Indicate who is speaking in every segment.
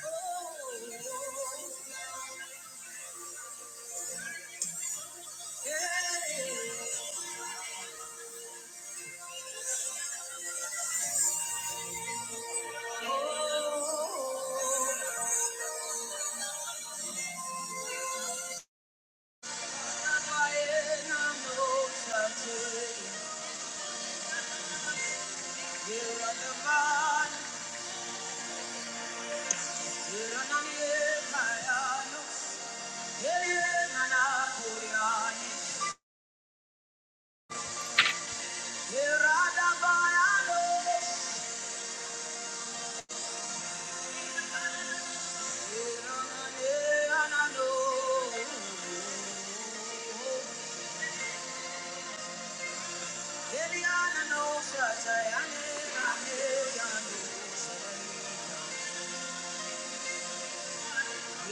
Speaker 1: Yeah. I know.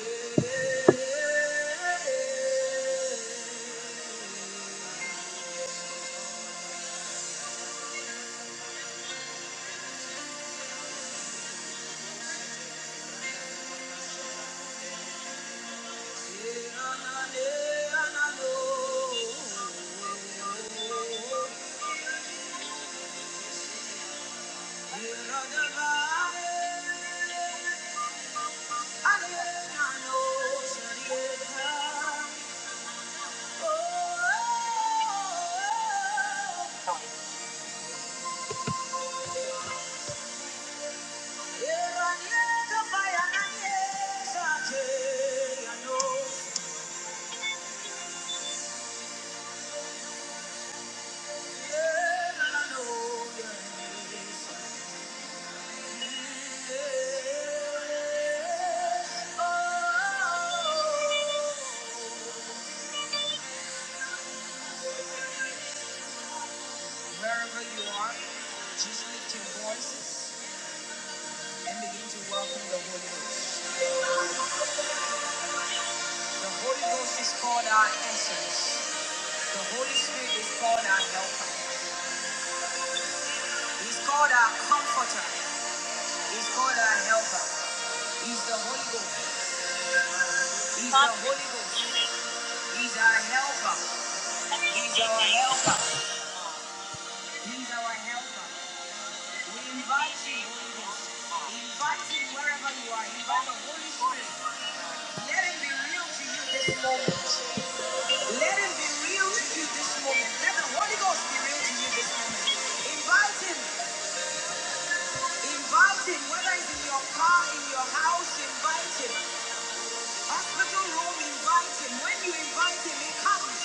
Speaker 1: Wherever you are, just lift your voices and begin to welcome the Holy Ghost. The Holy Ghost is called our essence. The Holy Spirit is called our helper. He's called our comforter. He's called our helper. He's the Holy Ghost. He's the Holy Ghost. He's our helper. He's our helper. He's our helper. We invite you, We invite him wherever you are. you Invite the Holy Spirit. Let him be real to you this moment. Let him be real to you this moment. Let the Holy Ghost be real to you this moment. Invite him. Invite him. Whether it's in your car, in your house, invite him. Hospital room, invite him. When you invite him, he comes.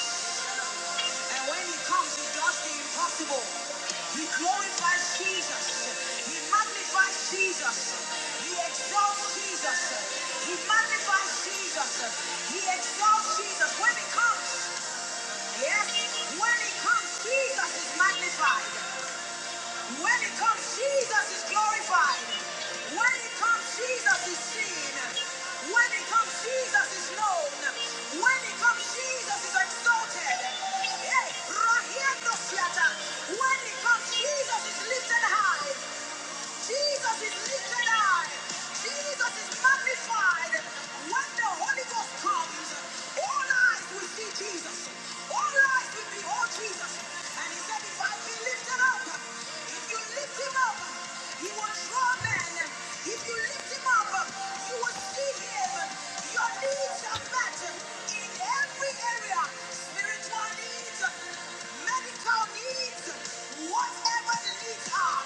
Speaker 1: And when he comes, he does the impossible. He glorifies Jesus. He magnifies Jesus. He exalts Jesus. He magnifies Jesus. He exalts Jesus. When he comes, yes, when he comes, Jesus is magnified. When it comes, Jesus is glorified. When it comes, Jesus is seen. When it comes, Jesus is known. When it comes, Jesus is exalted. Hey, Rahiendo Siata. When it comes, Jesus is lifted high. Jesus is lifted high. Jesus is magnified. When the Holy Ghost comes, all eyes will see Jesus. All eyes will behold Jesus. And he said, if I be lifted up, if you lift him up, he will draw men. If you lift him up, you will see him. Your needs are met in every area. Spiritual needs, medical needs, whatever the needs are.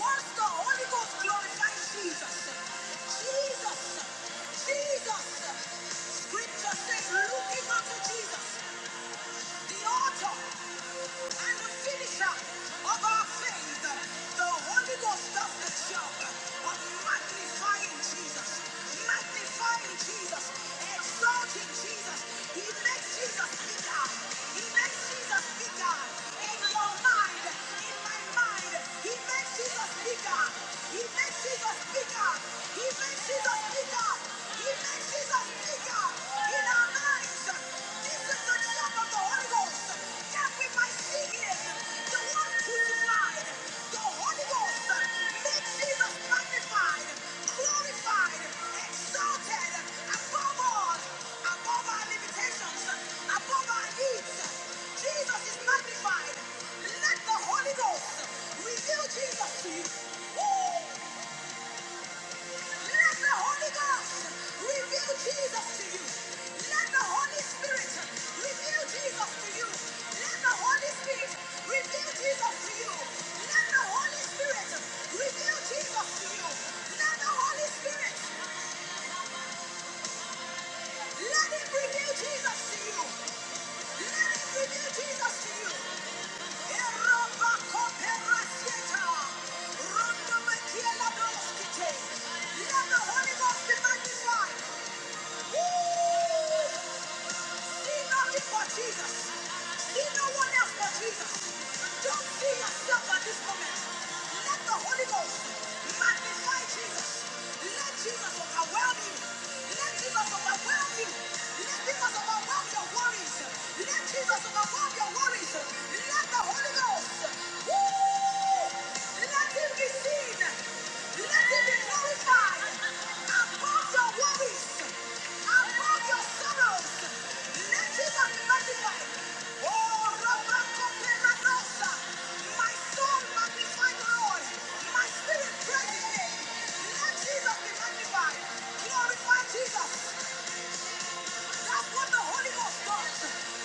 Speaker 1: Once the Holy Ghost glorifies Jesus, Jesus, Jesus. Scripture says, looking unto Jesus, the author. And the finisher of our faith. The Holy Ghost of the Church, of magnifying Jesus, magnifying Jesus, exalting Jesus. He makes Jesus bigger. He makes Jesus bigger in your mind, in my mind. He makes Jesus bigger. He makes Jesus bigger. He makes Jesus bigger. He makes Jesus bigger. Jesus is magnified. Let the Holy Ghost reveal Jesus to you. Woo! Let the Holy Ghost reveal Jesus to you. Let the Holy Spirit reveal Jesus to you. Let the Holy Spirit reveal Jesus to you. Let the Holy Spirit reveal Jesus to you. Let the Holy Spirit let him reveal Jesus to you. Let him reveal Jesus to you. Let the Holy Ghost be magnified. See nothing but Jesus. See no one else but Jesus. Don't see yourself at this moment. Let the Holy Ghost magnify Jesus. Let Jesus overwhelm you. Let Jesus overwhelm you. Let Jesus overwhelm your worries. Let Jesus overwhelm your worries. Let the Holy Ghost. Woo! Let him be seen. Let him be glorified. Above your worries, above your sorrows, let him be magnified. Oh, Rabba Kopera Rosa, my soul magnify the Lord. My spirit praise his name. Let Jesus be magnified. Glorify Jesus. That's what the Holy Ghost does.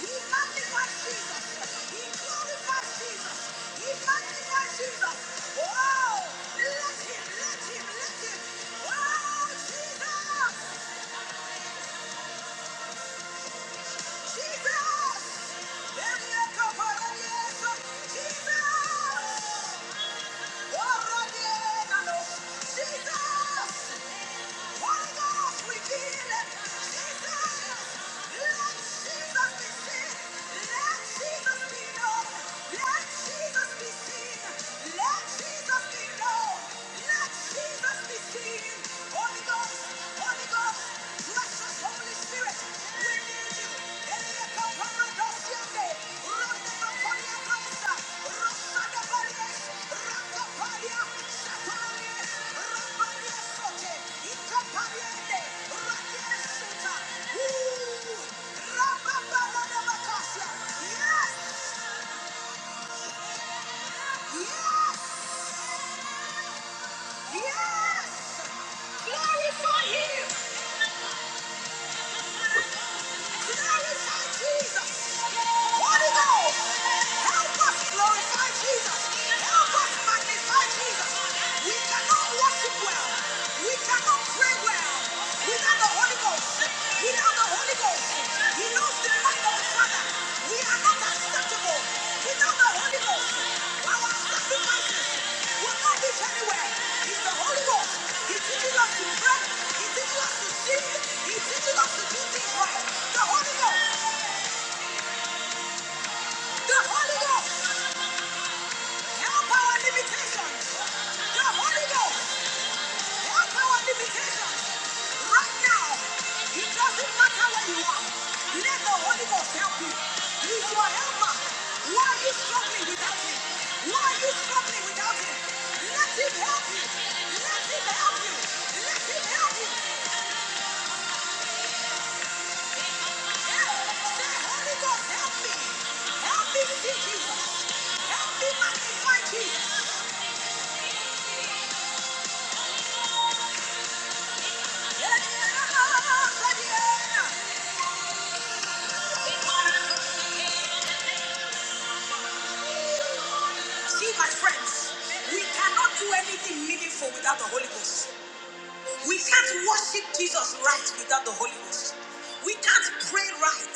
Speaker 1: He magnifies Jesus. He glorifies Jesus. He magnifies Jesus. Oh, let him, let him, let him. Oh, Jesus, Jesus. Elieka paradiesa, Jesus. Oh, radiena nos, Jesus. Holy Ghost, we need it. Jesus, let Jesus be seen. Let Jesus be known. Let Jesus be seen. Let Jesus be known. Let Jesus be seen. Holy Ghost, Holy Ghost, precious Holy Spirit. Yes! Yes! Yes! Glorify Him! Without the Holy Ghost, without the Holy Ghost, we are not acceptable without the Holy Ghost. Our sacrifices will not reach anywhere. It's the Holy Ghost. He teaches us to pray. He teaches us to sing. He teaches us to do things right. The Holy Ghost. The Holy Ghost. Help our limitations. The Holy Ghost. There are no Right now, it doesn't matter where you are. Let the Holy Ghost help you. He's your helper. Why are you struggling without him? Why are you struggling without him? Let him help you. Let him help you. Let him help you. Say, Holy Ghost, help me. Help me see Jesus. Help me magnify Jesus. Hey, Yeah, yeah, yeah, yeah, yeah. See, my friends, we cannot do anything meaningful without the Holy Ghost. We can't worship Jesus right without the Holy Ghost. We can't pray right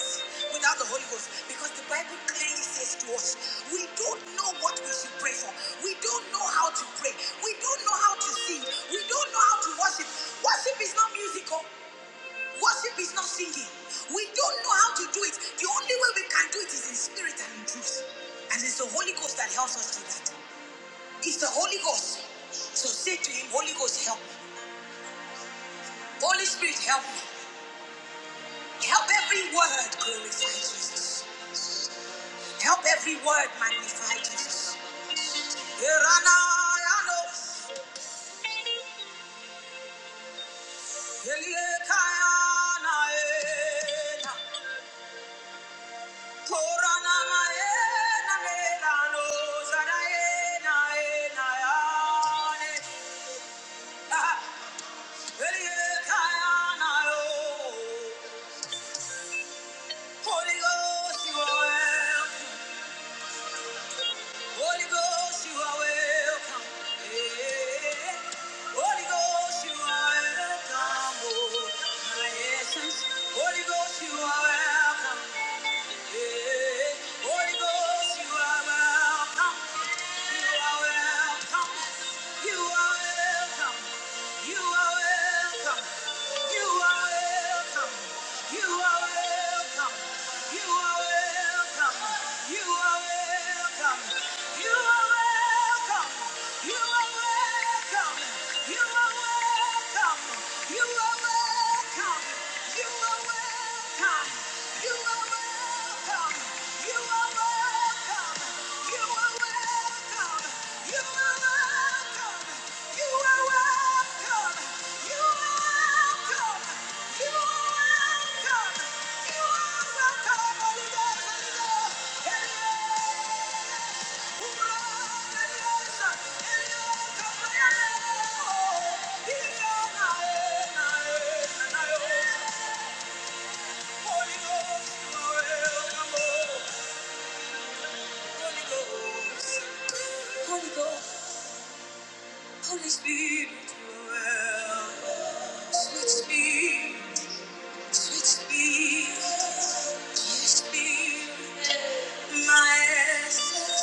Speaker 1: without the Holy Ghost because the Bible clearly says to us, we don't know what we should pray for. We don't know how to pray. We don't know how to sing. We don't know how to worship. Worship is not musical. Worship is not singing. We don't know how to do it. The only way we can do it is in spirit and in truth. And it's the Holy Ghost that helps us do that. It's the Holy Ghost. So say to him, Holy Ghost, help me. Holy Spirit, help me. Help every word glorify Jesus. Help every word magnify Jesus. Eranayano, eliekayanaena, koranamaenanelano, zaraenaenayane, ah, eliekayanayo. Holy Ghost, you are welcome. Holy Ghost, you are welcome. Yeah. Holy Ghost, you are welcome. Oh, my essence. Holy Ghost, you are welcome. Yeah. Holy Ghost, you are welcome. You are welcome. You are welcome. You are welcome. You are welcome. You are welcome. You are welcome. You are welcome. You are welcome. You are welcome. You are welcome. You are welcome. You are welcome. You are welcome. You are welcome. Holy Ghost, you are welcome. Holy Ghost, Holy Ghost, Holy Spirit, you are welcome. sweet Spirit, sweet Spirit, dear Spirit, my essence,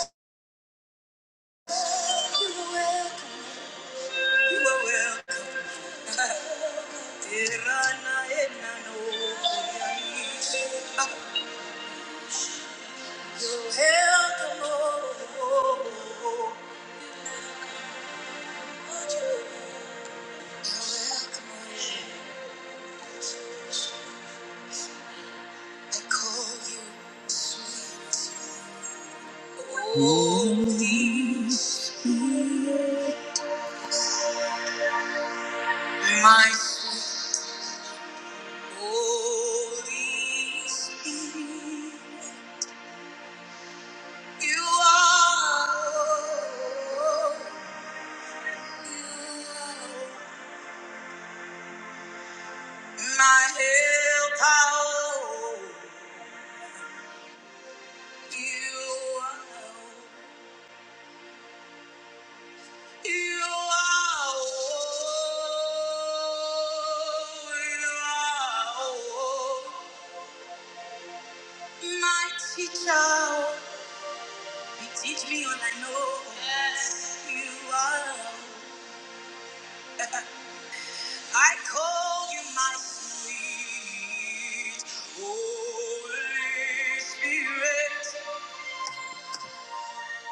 Speaker 1: you are welcome, you are welcome. Tirana enano, koyani. you're welcome, oh, oh, oh, oh. you're welcome, oh. I call you sweet. Holy Spirit, my Holy Spirit, you are my helper. You are, you are, you are my teacher. You teach me all I know. Yes. You are. love. I call you my sweet Holy Spirit.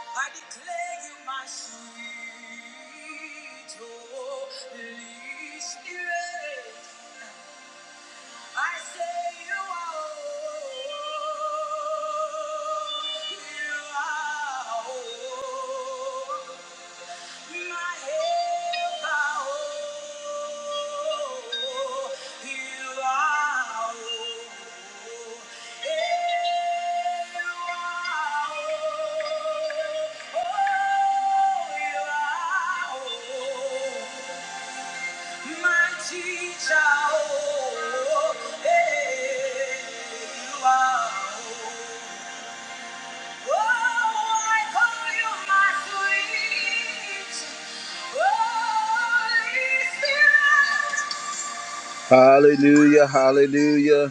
Speaker 1: I declare you my sweet Holy Spirit. I say you are. You are. Teacher, oh, hey, you are, oh. Hallelujah, hallelujah.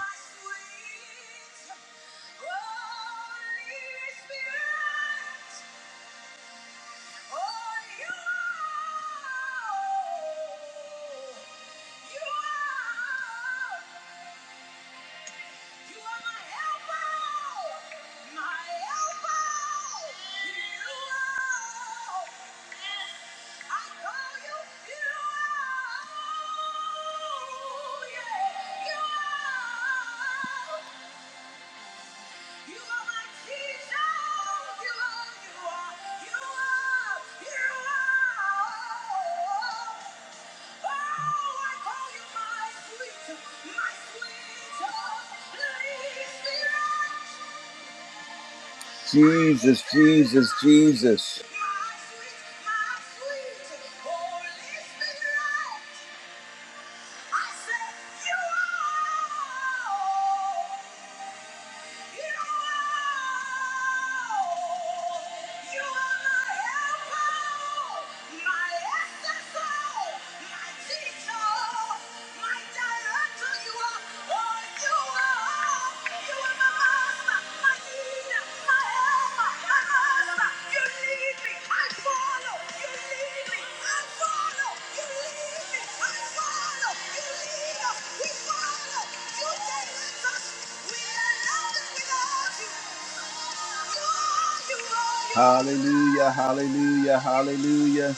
Speaker 1: You are my elbow, my elbow. You are. Yes, I call you, you are. Oh, Yeah, you are. Jesus. Oh, Jesus, Jesus, You are my helper, my leader, my helper. Hallelujah, hallelujah, hallelujah.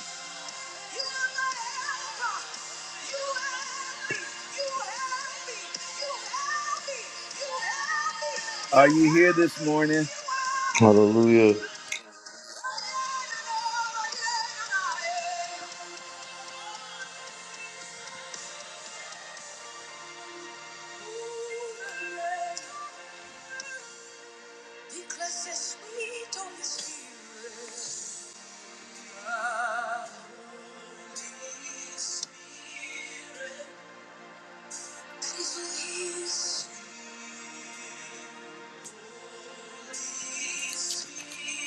Speaker 1: Are you here this morning?
Speaker 2: Hallelujah.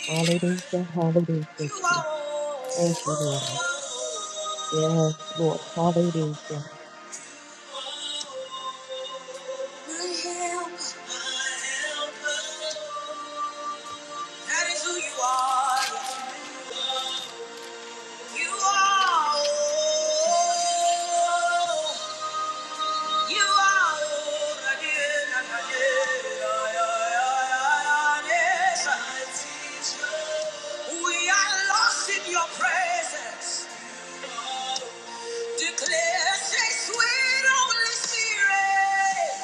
Speaker 3: Hallelujah, hallelujah,
Speaker 1: You
Speaker 3: Jesus.
Speaker 1: are
Speaker 3: Thank you, Lord. Yes, Lord,
Speaker 1: all.
Speaker 3: hallelujah.
Speaker 1: My help, that is who you are. You are, oh. you are. We are lost in your presence. Declare, say, sweet Holy Spirit.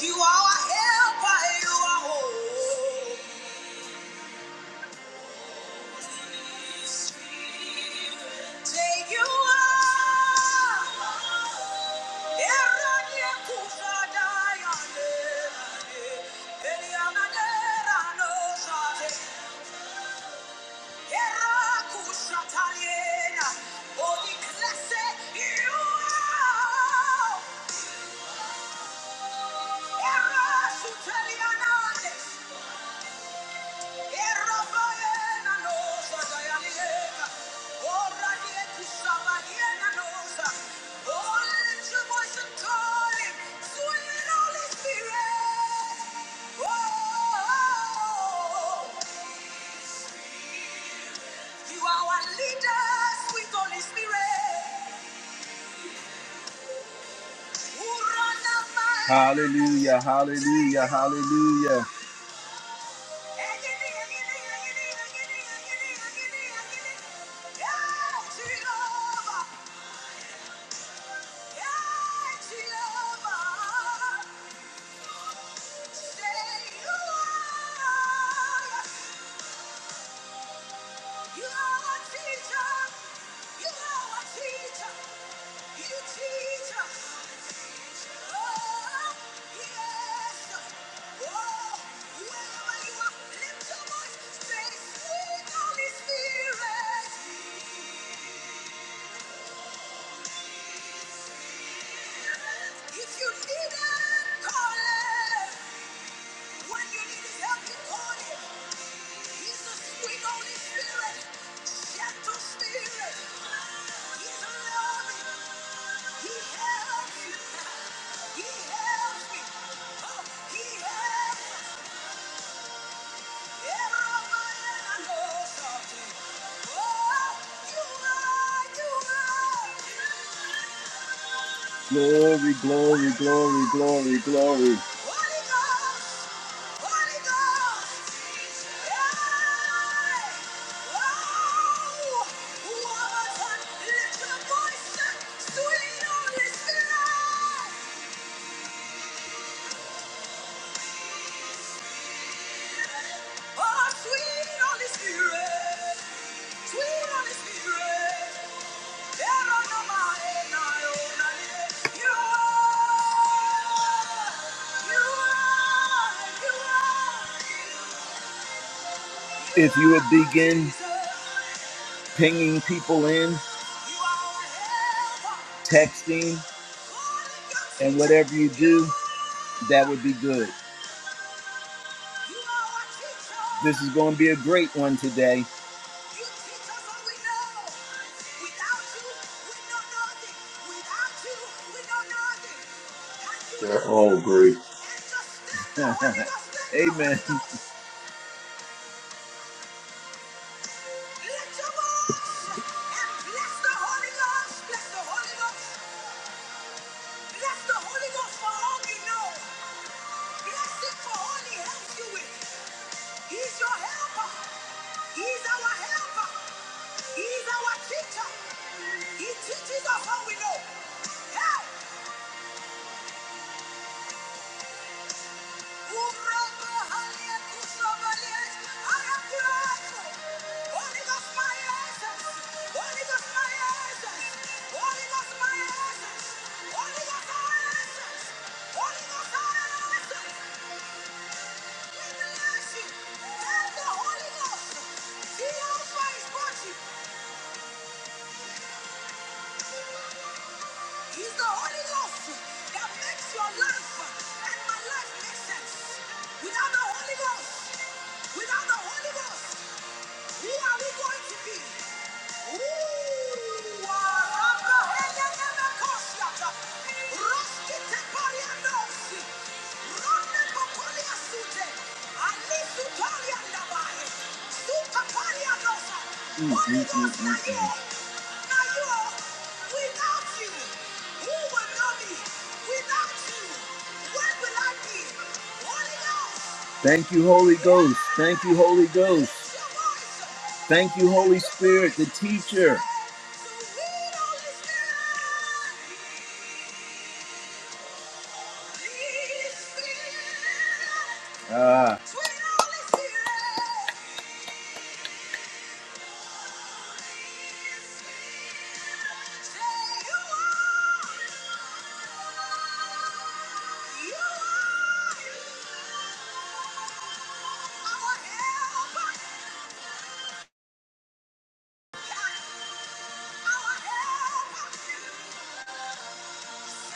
Speaker 1: You are a helper, you are hope. Take you are. Eranye kufada yande. Eliana dera no zate. Era kushataliena. Oni klese you are. Era suteliana. Hallelujah, hallelujah, hallelujah. If you need it, call it. When you need help, you call it. He's the sweet Holy Spirit, gentle spirit. He's loving. He helps you. He helps me. Oh, he helps. me. Glory, glory, glory, glory, glory. Sweet Holy Spirit, sweet Holy Spirit. If you would begin pinging people in, texting, and whatever you do, that would be good. This is going to be a great one today. You teach us all we know. Without you, we know nothing. Without you, we know nothing. And you
Speaker 2: They're all
Speaker 1: love
Speaker 2: great.
Speaker 1: so much. And just lift the Holy Ghost. Lift the Amen. Holy Ghost. Lift your voice. And bless the Holy Ghost. Bless the Holy Ghost. Bless the Holy Ghost for all you know. Bless it for all he helps you with. He's your helper. He's our helper. He's our teacher. He teaches us how we know. Hey! Umrebo halia kusobalia. I am grateful. Holy Ghost, my essence. Holy Ghost, my essence. Holy Ghost, my essence. Holy Ghost, our essence. Holy Ghost, our essence. We bless you. Tell the Holy Ghost. See how far is watching. He's the Holy Ghost that makes your life and my life make sense. Without the Holy Ghost, without the Holy Ghost, who are we going to be? Mm, Holy mm, Ghost, mm, mm, mm. now you, now you, without you, who will know me? Without you, where will I be? Holy Ghost. Thank you, Holy Ghost. Thank you, Holy Ghost. Thank you, Holy Spirit, the teacher. Ah. You Yeah!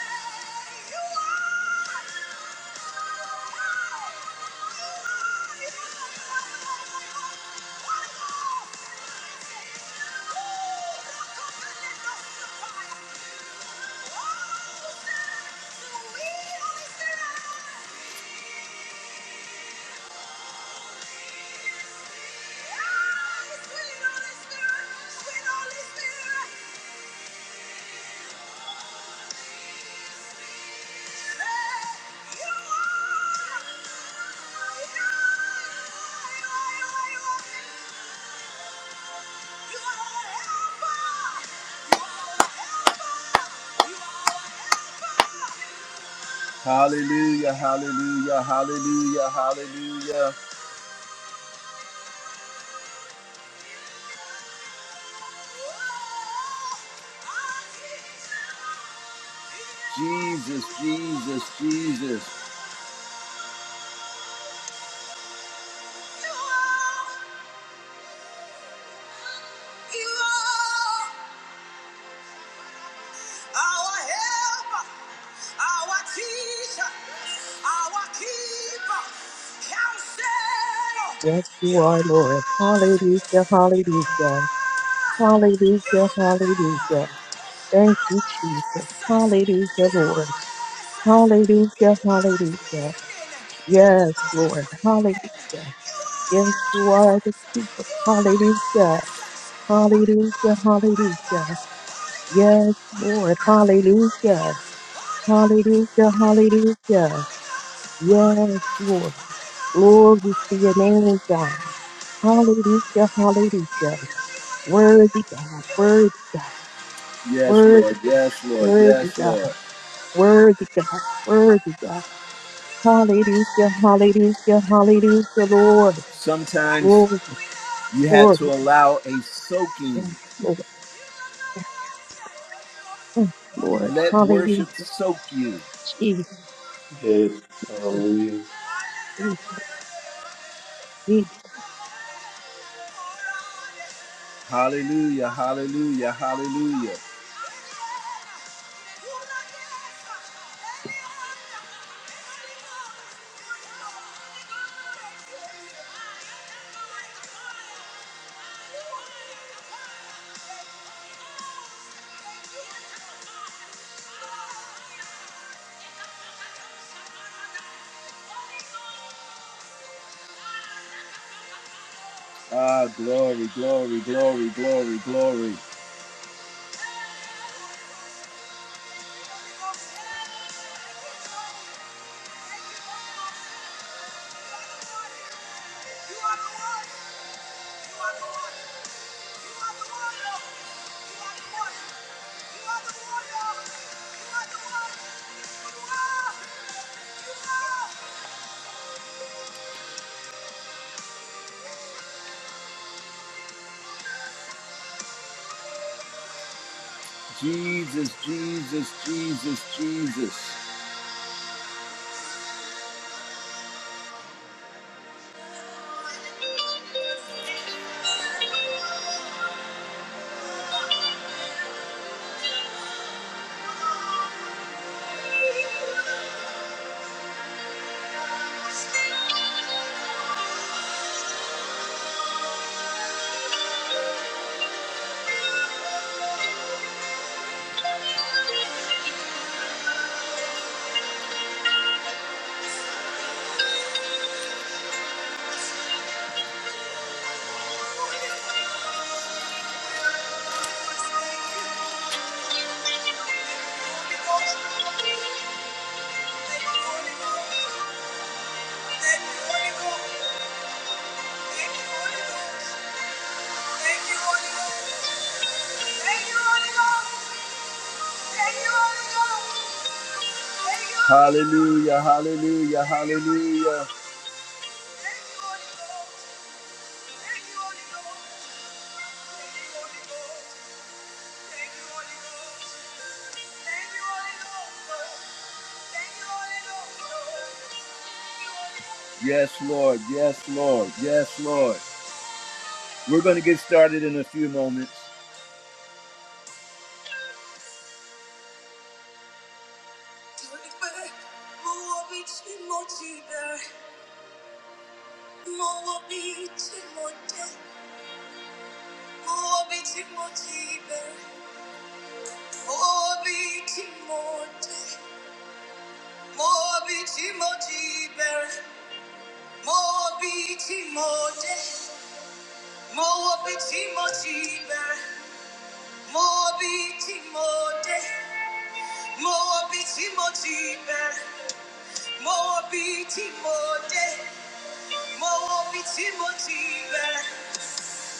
Speaker 1: Hallelujah, hallelujah, hallelujah, hallelujah. Jesus, Jesus, Jesus. our helper, our teacher, our keeper, counselor.
Speaker 3: Yes, you
Speaker 1: You
Speaker 3: are, Lord.
Speaker 1: are,
Speaker 3: Hallelujah,
Speaker 1: you
Speaker 3: hallelujah.
Speaker 1: are, you
Speaker 3: Hallelujah,
Speaker 1: are
Speaker 3: hallelujah. Thank you,
Speaker 1: our
Speaker 3: Jesus.
Speaker 1: essence.
Speaker 3: Hallelujah,
Speaker 1: You are
Speaker 3: Lord.
Speaker 1: our essence. You
Speaker 3: Hallelujah,
Speaker 1: give our life
Speaker 3: hallelujah.
Speaker 1: meaning. You give
Speaker 3: Yes,
Speaker 1: our life
Speaker 3: Lord.
Speaker 1: breathing.
Speaker 3: Hallelujah.
Speaker 1: You are
Speaker 3: Yes,
Speaker 1: our
Speaker 3: you are the keeper.
Speaker 1: essence. You are our
Speaker 3: Hallelujah.
Speaker 1: essence.
Speaker 3: Hallelujah, hallelujah. Yes, Lord. Hallelujah. Hallelujah, hallelujah. Yes, Lord. Glory to your name, God. Hallelujah, hallelujah. Worthy God, worthy God,
Speaker 1: Yes,
Speaker 3: worthy
Speaker 1: Lord.
Speaker 3: God,
Speaker 1: Yes, Lord.
Speaker 3: worthy
Speaker 1: Yes,
Speaker 3: God,
Speaker 1: Lord.
Speaker 3: worthy God, worthy God. Hallelujah, hallelujah, hallelujah, Lord.
Speaker 1: Sometimes
Speaker 3: Glory,
Speaker 1: you have
Speaker 3: glory,
Speaker 1: to
Speaker 3: God.
Speaker 1: allow a
Speaker 3: yes,
Speaker 1: soaking
Speaker 3: Lord, yes, yes, Lord.
Speaker 1: let worship
Speaker 3: Hallelujah,
Speaker 1: soak you.
Speaker 3: Jesus,
Speaker 2: Yes. Hallelujah.
Speaker 3: Jesus, Jesus.
Speaker 1: Hallelujah, hallelujah, hallelujah. Ah, glory, glory, glory, glory, glory. Jesus, Jesus, Jesus, Jesus. Hallelujah, hallelujah, hallelujah. Yes, Lord. Yes, Lord. Yes, Lord. We're going to get started in a few moments. Mo bi ti mo de, mo bi ti mo ti bẹ̀rẹ̀. Mo bi ti mo de, mo bi ti mo ti bẹ̀rẹ̀. Mo bi ti mo de, mo bi ti mo ti bẹ̀rẹ̀.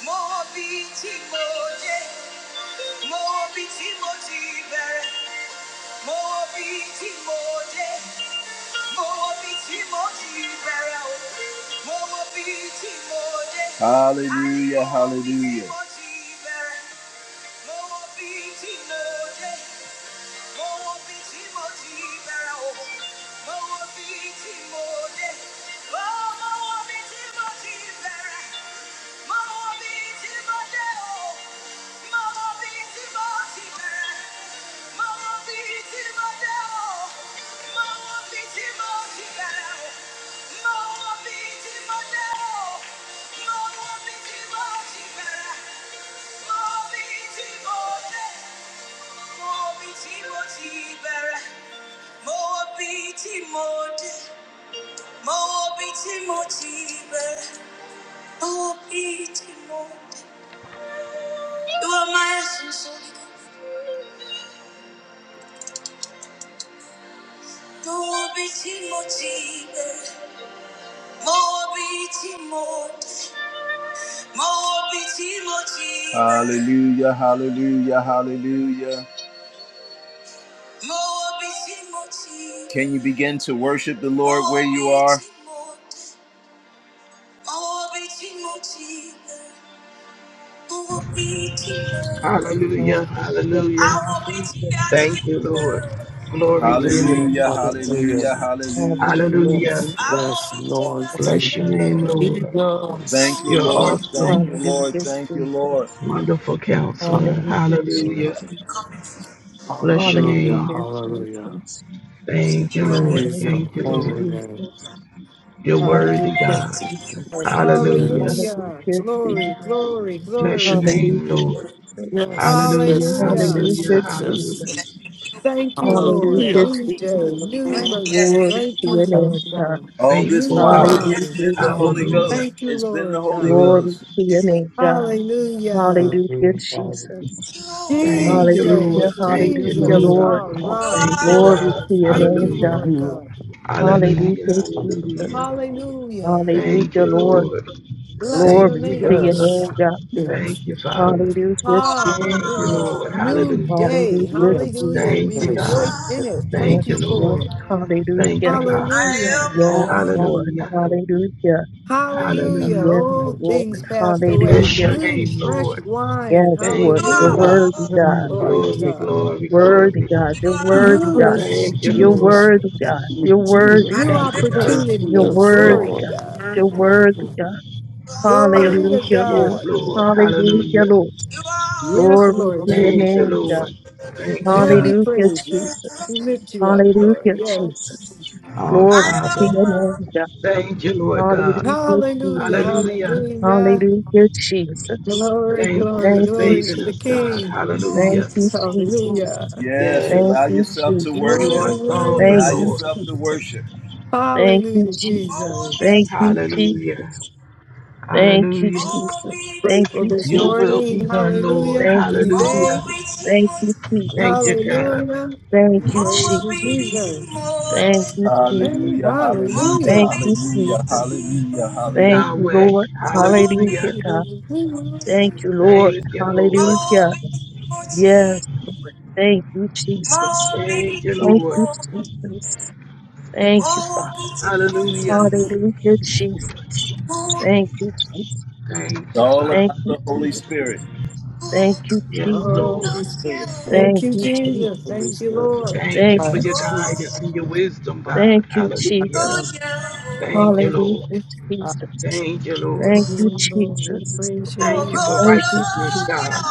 Speaker 1: Mo bi ti mo de, mo bi ti mo ti bẹ̀rẹ̀. Mo bi ti mo de, mo bi ti mo ti bẹ̀rẹ̀. o. Hallelujah, hallelujah. Mo wọ o. Mo wọ bí o mo wọ o, mo wọ o, mo wọ o. Mo bi ti mo mo bi mo dé, mo bi mo mo bi mo dé. Hallelujah, hallelujah, hallelujah. Mo bi mo ti Can you begin to worship the Lord where you are? Mo bi mo dé,
Speaker 4: Hallelujah.
Speaker 3: hallelujah,
Speaker 4: Hallelujah.
Speaker 3: hallelujah, Jesus,
Speaker 4: Thank you, Lord. Glory
Speaker 3: Thank
Speaker 4: to
Speaker 3: you,
Speaker 4: your
Speaker 5: Hallelujah.
Speaker 4: name.
Speaker 1: Hallelujah,
Speaker 3: Jesus,
Speaker 5: Hallelujah.
Speaker 1: hallelujah, hallelujah.
Speaker 3: hallelujah,
Speaker 4: Hallelujah.
Speaker 5: Yes.
Speaker 3: Jesus,
Speaker 5: Yes, Lord.
Speaker 4: Bless
Speaker 5: Thank
Speaker 4: your
Speaker 5: you,
Speaker 4: name, Lord.
Speaker 3: hallelujah, Jesus.
Speaker 1: Thank
Speaker 5: Jesus.
Speaker 1: you,
Speaker 4: You're
Speaker 1: Lord. Thank
Speaker 4: awesome.
Speaker 1: you,
Speaker 3: Hallelujah,
Speaker 1: Lord. Thank you, Lord.
Speaker 3: Jesus.
Speaker 4: Wonderful counselor.
Speaker 3: Hallelujah,
Speaker 4: Hallelujah.
Speaker 5: Hallelujah.
Speaker 3: Jesus.
Speaker 4: Bless your
Speaker 5: Hallelujah.
Speaker 3: Hallelujah,
Speaker 4: name.
Speaker 5: Hallelujah.
Speaker 3: Jesus.
Speaker 4: Thank you, Lord.
Speaker 5: Praise your
Speaker 4: Thank you,
Speaker 3: Hallelujah,
Speaker 4: Lord.
Speaker 5: holy name.
Speaker 3: Jesus.
Speaker 4: You're
Speaker 3: Hallelujah,
Speaker 4: worthy, God.
Speaker 3: Jesus.
Speaker 6: Yes,
Speaker 4: Hallelujah.
Speaker 3: Hallelujah,
Speaker 5: Yes.
Speaker 6: Hallelujah. Glory,
Speaker 3: Jesus.
Speaker 6: glory,
Speaker 4: Bless your
Speaker 6: glory.
Speaker 3: Hallelujah,
Speaker 4: name, Lord.
Speaker 3: Jesus.
Speaker 5: Yes.
Speaker 4: Hallelujah.
Speaker 5: Yes. Yes.
Speaker 6: Hallelujah.
Speaker 5: Yes.
Speaker 4: Hallelujah.
Speaker 3: Hallelujah,
Speaker 5: Yes.
Speaker 3: Jesus.
Speaker 5: yes.
Speaker 4: Hallelujah.
Speaker 6: Thank you, Lord.
Speaker 3: Hallelujah,
Speaker 5: Hallelujah.
Speaker 6: New day,
Speaker 3: Jesus.
Speaker 6: new mercy.
Speaker 3: Glory
Speaker 6: Thank
Speaker 3: to
Speaker 6: you,
Speaker 3: your
Speaker 6: Lord
Speaker 3: name, God.
Speaker 6: God.
Speaker 1: All this
Speaker 4: Faithful
Speaker 6: New
Speaker 1: while, it,
Speaker 4: God.
Speaker 3: Hallelujah,
Speaker 1: has
Speaker 6: wine.
Speaker 1: been the Holy
Speaker 6: Jim.
Speaker 3: Jesus.
Speaker 4: Hallelujah.
Speaker 1: Ghost.
Speaker 6: Thank you,
Speaker 1: It's been the
Speaker 6: Lord
Speaker 1: Holy
Speaker 6: God.
Speaker 5: Hallelujah.
Speaker 3: Glory
Speaker 1: Ghost.
Speaker 3: to your name, God.
Speaker 6: Hallelujah.
Speaker 3: Hallelujah,
Speaker 5: Hallelujah. Father.
Speaker 3: Jesus.
Speaker 1: You
Speaker 4: Thank
Speaker 1: are,
Speaker 4: you,
Speaker 3: Hallelujah,
Speaker 4: Lord.
Speaker 6: Jesus,
Speaker 4: Thank you,
Speaker 3: hallelujah,
Speaker 6: Jesus,
Speaker 4: Lord.
Speaker 3: Lord.
Speaker 5: You
Speaker 6: our
Speaker 1: you
Speaker 6: rock,
Speaker 4: Thank
Speaker 5: are
Speaker 4: you,
Speaker 3: Glory
Speaker 4: God.
Speaker 1: are,
Speaker 3: to
Speaker 6: fortress.
Speaker 3: your
Speaker 6: Thank you,
Speaker 3: name,
Speaker 4: Hallelujah.
Speaker 3: God.
Speaker 6: Lord
Speaker 5: you
Speaker 6: God.
Speaker 5: are our
Speaker 4: Hallelujah.
Speaker 3: Hallelujah,
Speaker 5: Father.
Speaker 3: Jesus.
Speaker 4: Hallelujah.
Speaker 6: Hallelujah.
Speaker 4: Thank
Speaker 3: Hallelujah,
Speaker 4: you,
Speaker 3: Lord.
Speaker 4: Lord.
Speaker 6: Bless your
Speaker 4: Thank
Speaker 3: Glory
Speaker 4: you,
Speaker 3: to
Speaker 6: name,
Speaker 3: your
Speaker 6: Lord
Speaker 4: God.
Speaker 5: Yes.
Speaker 3: name,
Speaker 6: God.
Speaker 3: God.
Speaker 5: Yes.
Speaker 4: Thank you, Father.
Speaker 5: Yes.
Speaker 3: Hallelujah,
Speaker 6: Oh, my
Speaker 3: Jesus.
Speaker 4: Thank you,
Speaker 6: goodness.
Speaker 4: Lord.
Speaker 6: New
Speaker 4: Hallelujah.
Speaker 6: day.
Speaker 3: Hallelujah,
Speaker 5: Yes.
Speaker 6: Hallelujah.
Speaker 4: Thank
Speaker 6: We
Speaker 3: Jesus.
Speaker 4: you,
Speaker 5: Yes.
Speaker 4: God.
Speaker 6: rejoice in
Speaker 5: yes,
Speaker 6: it.
Speaker 3: Yes,
Speaker 4: Thank
Speaker 6: Thank you
Speaker 4: you,
Speaker 6: for
Speaker 3: Lord.
Speaker 4: Lord.
Speaker 6: it.
Speaker 4: Thank you,
Speaker 3: Hallelujah.
Speaker 4: God.
Speaker 5: You
Speaker 1: I
Speaker 6: Hallelujah.
Speaker 3: Yes,
Speaker 5: are
Speaker 1: am
Speaker 5: one
Speaker 3: Lord.
Speaker 4: Hallelujah.
Speaker 5: Father.
Speaker 3: Hallelujah.
Speaker 5: that
Speaker 6: Hallelujah.
Speaker 5: we
Speaker 3: Yes,
Speaker 4: Hallelujah.
Speaker 5: know
Speaker 6: Old
Speaker 5: just
Speaker 3: Lord.
Speaker 6: things
Speaker 5: you.
Speaker 6: passed away.
Speaker 4: Bless
Speaker 3: Hallelujah.
Speaker 4: your
Speaker 6: New,
Speaker 4: name,
Speaker 6: fresh
Speaker 4: Lord.
Speaker 6: wine.
Speaker 3: Yes,
Speaker 4: Thank
Speaker 3: Lord.
Speaker 1: you
Speaker 4: you,
Speaker 3: You're
Speaker 5: I
Speaker 4: Lord.
Speaker 6: Hallelujah.
Speaker 3: worthy,
Speaker 1: are,
Speaker 3: God.
Speaker 5: am
Speaker 6: Glory to
Speaker 5: righteous
Speaker 4: Glory,
Speaker 5: of
Speaker 6: God.
Speaker 5: you.
Speaker 4: glory,
Speaker 3: Worthy,
Speaker 4: glory.
Speaker 3: God.
Speaker 1: you
Speaker 3: You're
Speaker 5: In
Speaker 3: worthy, God.
Speaker 1: are.
Speaker 6: Newness,
Speaker 5: Christ
Speaker 4: Thank you,
Speaker 3: You're
Speaker 4: Lord.
Speaker 5: Jesus,
Speaker 3: worthy, God. You're
Speaker 5: in
Speaker 3: worthy,
Speaker 1: I
Speaker 5: Jesus
Speaker 6: new
Speaker 3: God.
Speaker 4: Thank you,
Speaker 1: am
Speaker 4: God.
Speaker 5: Christ,
Speaker 3: You're
Speaker 6: opportunities.
Speaker 5: yes,
Speaker 6: Glory
Speaker 3: worthy,
Speaker 6: to
Speaker 5: Lord.
Speaker 3: God.
Speaker 6: God.
Speaker 3: You're worthy, God.
Speaker 6: Glory to
Speaker 3: Hallelujah, Lord.
Speaker 4: Yes,
Speaker 6: God.
Speaker 4: Lord.
Speaker 3: Hallelujah,
Speaker 4: Hallelujah.
Speaker 3: Lord.
Speaker 1: you
Speaker 6: Yes,
Speaker 3: Glory
Speaker 1: are.
Speaker 3: to
Speaker 6: Lord
Speaker 3: your
Speaker 4: Thank you,
Speaker 6: Jesus.
Speaker 3: name, God.
Speaker 4: Lord. Thank you,
Speaker 6: And we
Speaker 4: God.
Speaker 3: Hallelujah,
Speaker 6: praise you.
Speaker 3: Jesus.
Speaker 6: We lift you up, Lord.
Speaker 3: Hallelujah, Jesus.
Speaker 6: Yes.
Speaker 4: Our
Speaker 1: I
Speaker 3: Glory to
Speaker 4: Father.
Speaker 3: your
Speaker 1: am
Speaker 3: name, God.
Speaker 4: Thank you, Lord God.
Speaker 3: Hallelujah,
Speaker 6: Hallelujah.
Speaker 3: Jesus.
Speaker 4: Hallelujah.
Speaker 6: Hallelujah.
Speaker 3: Hallelujah, Jesus.
Speaker 6: Glory,
Speaker 4: Thank you
Speaker 6: glory,
Speaker 4: for
Speaker 3: Thank you,
Speaker 6: glory to
Speaker 4: saving
Speaker 6: the
Speaker 4: us,
Speaker 3: Jesus.
Speaker 4: God.
Speaker 6: King.
Speaker 3: Thank
Speaker 4: Hallelujah.
Speaker 3: you, Jesus.
Speaker 6: Hallelujah.
Speaker 1: Yes,
Speaker 4: Yes,
Speaker 3: Thank
Speaker 1: allow
Speaker 3: you,
Speaker 1: yourself to
Speaker 4: you
Speaker 3: Jesus.
Speaker 1: worship.
Speaker 6: Word
Speaker 4: are
Speaker 6: is
Speaker 3: Thank
Speaker 4: sovereign,
Speaker 1: Allow
Speaker 6: worthy.
Speaker 3: you,
Speaker 4: Lord.
Speaker 1: yourself to
Speaker 3: Jesus.
Speaker 1: worship.
Speaker 3: Thank you,
Speaker 6: Hallelujah,
Speaker 3: Jesus. Thank
Speaker 6: Jesus.
Speaker 3: you,
Speaker 4: Hallelujah.
Speaker 3: Jesus. Thank you,
Speaker 4: Hallelujah.
Speaker 3: Jesus. Thank
Speaker 6: Grateful
Speaker 3: you,
Speaker 6: this
Speaker 4: Your will
Speaker 3: Jesus.
Speaker 4: be
Speaker 6: morning.
Speaker 4: done, Lord.
Speaker 6: Hallelujah.
Speaker 3: Thank
Speaker 6: This
Speaker 3: you,
Speaker 4: Hallelujah.
Speaker 6: day.
Speaker 3: Jesus. Thank you,
Speaker 4: Thank
Speaker 3: Jesus.
Speaker 4: you, God.
Speaker 6: Hallelujah.
Speaker 3: Thank
Speaker 6: We
Speaker 3: you,
Speaker 1: Hallelujah,
Speaker 6: praise you,
Speaker 3: Jesus.
Speaker 6: Jesus.
Speaker 3: Thank you, Jesus.
Speaker 6: And
Speaker 1: hallelujah,
Speaker 6: hallelujah.
Speaker 3: Thank you,
Speaker 1: hallelujah,
Speaker 3: Jesus.
Speaker 1: hallelujah,
Speaker 3: Thank
Speaker 1: hallelujah.
Speaker 3: you,
Speaker 4: Yahweh.
Speaker 3: Lord.
Speaker 4: Hallelujah.
Speaker 3: Hallelujah, God. Thank you, Lord.
Speaker 4: Thank you, Lord.
Speaker 3: Hallelujah. Yes, Lord. Thank you, Jesus.
Speaker 4: Thank you,
Speaker 3: Thank
Speaker 4: Lord.
Speaker 3: you, Jesus. Thank you, Father.
Speaker 4: Hallelujah.
Speaker 3: Hallelujah, Jesus. Thank you, Jesus.
Speaker 4: Thank
Speaker 1: It's
Speaker 4: you,
Speaker 1: all
Speaker 4: Father.
Speaker 3: Thank
Speaker 1: about
Speaker 3: you,
Speaker 1: the Holy
Speaker 3: Jesus.
Speaker 1: Spirit.
Speaker 3: Thank you,
Speaker 4: Yes,
Speaker 3: Jesus.
Speaker 4: Lord.
Speaker 6: Holy Spirit. Thank
Speaker 3: Thank
Speaker 6: you,
Speaker 3: you,
Speaker 5: Righteousness
Speaker 6: Jesus.
Speaker 5: and
Speaker 3: Jesus.
Speaker 6: Thank
Speaker 5: this
Speaker 6: you,
Speaker 5: earth.
Speaker 6: Lord.
Speaker 4: Thank you
Speaker 3: Thank
Speaker 4: for
Speaker 5: I,
Speaker 3: you,
Speaker 4: your
Speaker 3: Jesus.
Speaker 4: guidance and your wisdom,
Speaker 5: uh,
Speaker 4: God.
Speaker 3: Thank you,
Speaker 5: I
Speaker 4: Hallelujah.
Speaker 5: am
Speaker 3: Jesus.
Speaker 4: Thank
Speaker 6: Oh,
Speaker 4: you,
Speaker 3: Hallelujah,
Speaker 4: Lord.
Speaker 5: I
Speaker 3: Jesus.
Speaker 4: Thank you, Lord.
Speaker 3: Thank you,
Speaker 6: Lord. We
Speaker 3: Jesus.
Speaker 6: praise your
Speaker 4: Thank you
Speaker 6: name.
Speaker 4: for
Speaker 3: Thank you,
Speaker 4: righteousness,
Speaker 3: Jesus.
Speaker 4: God.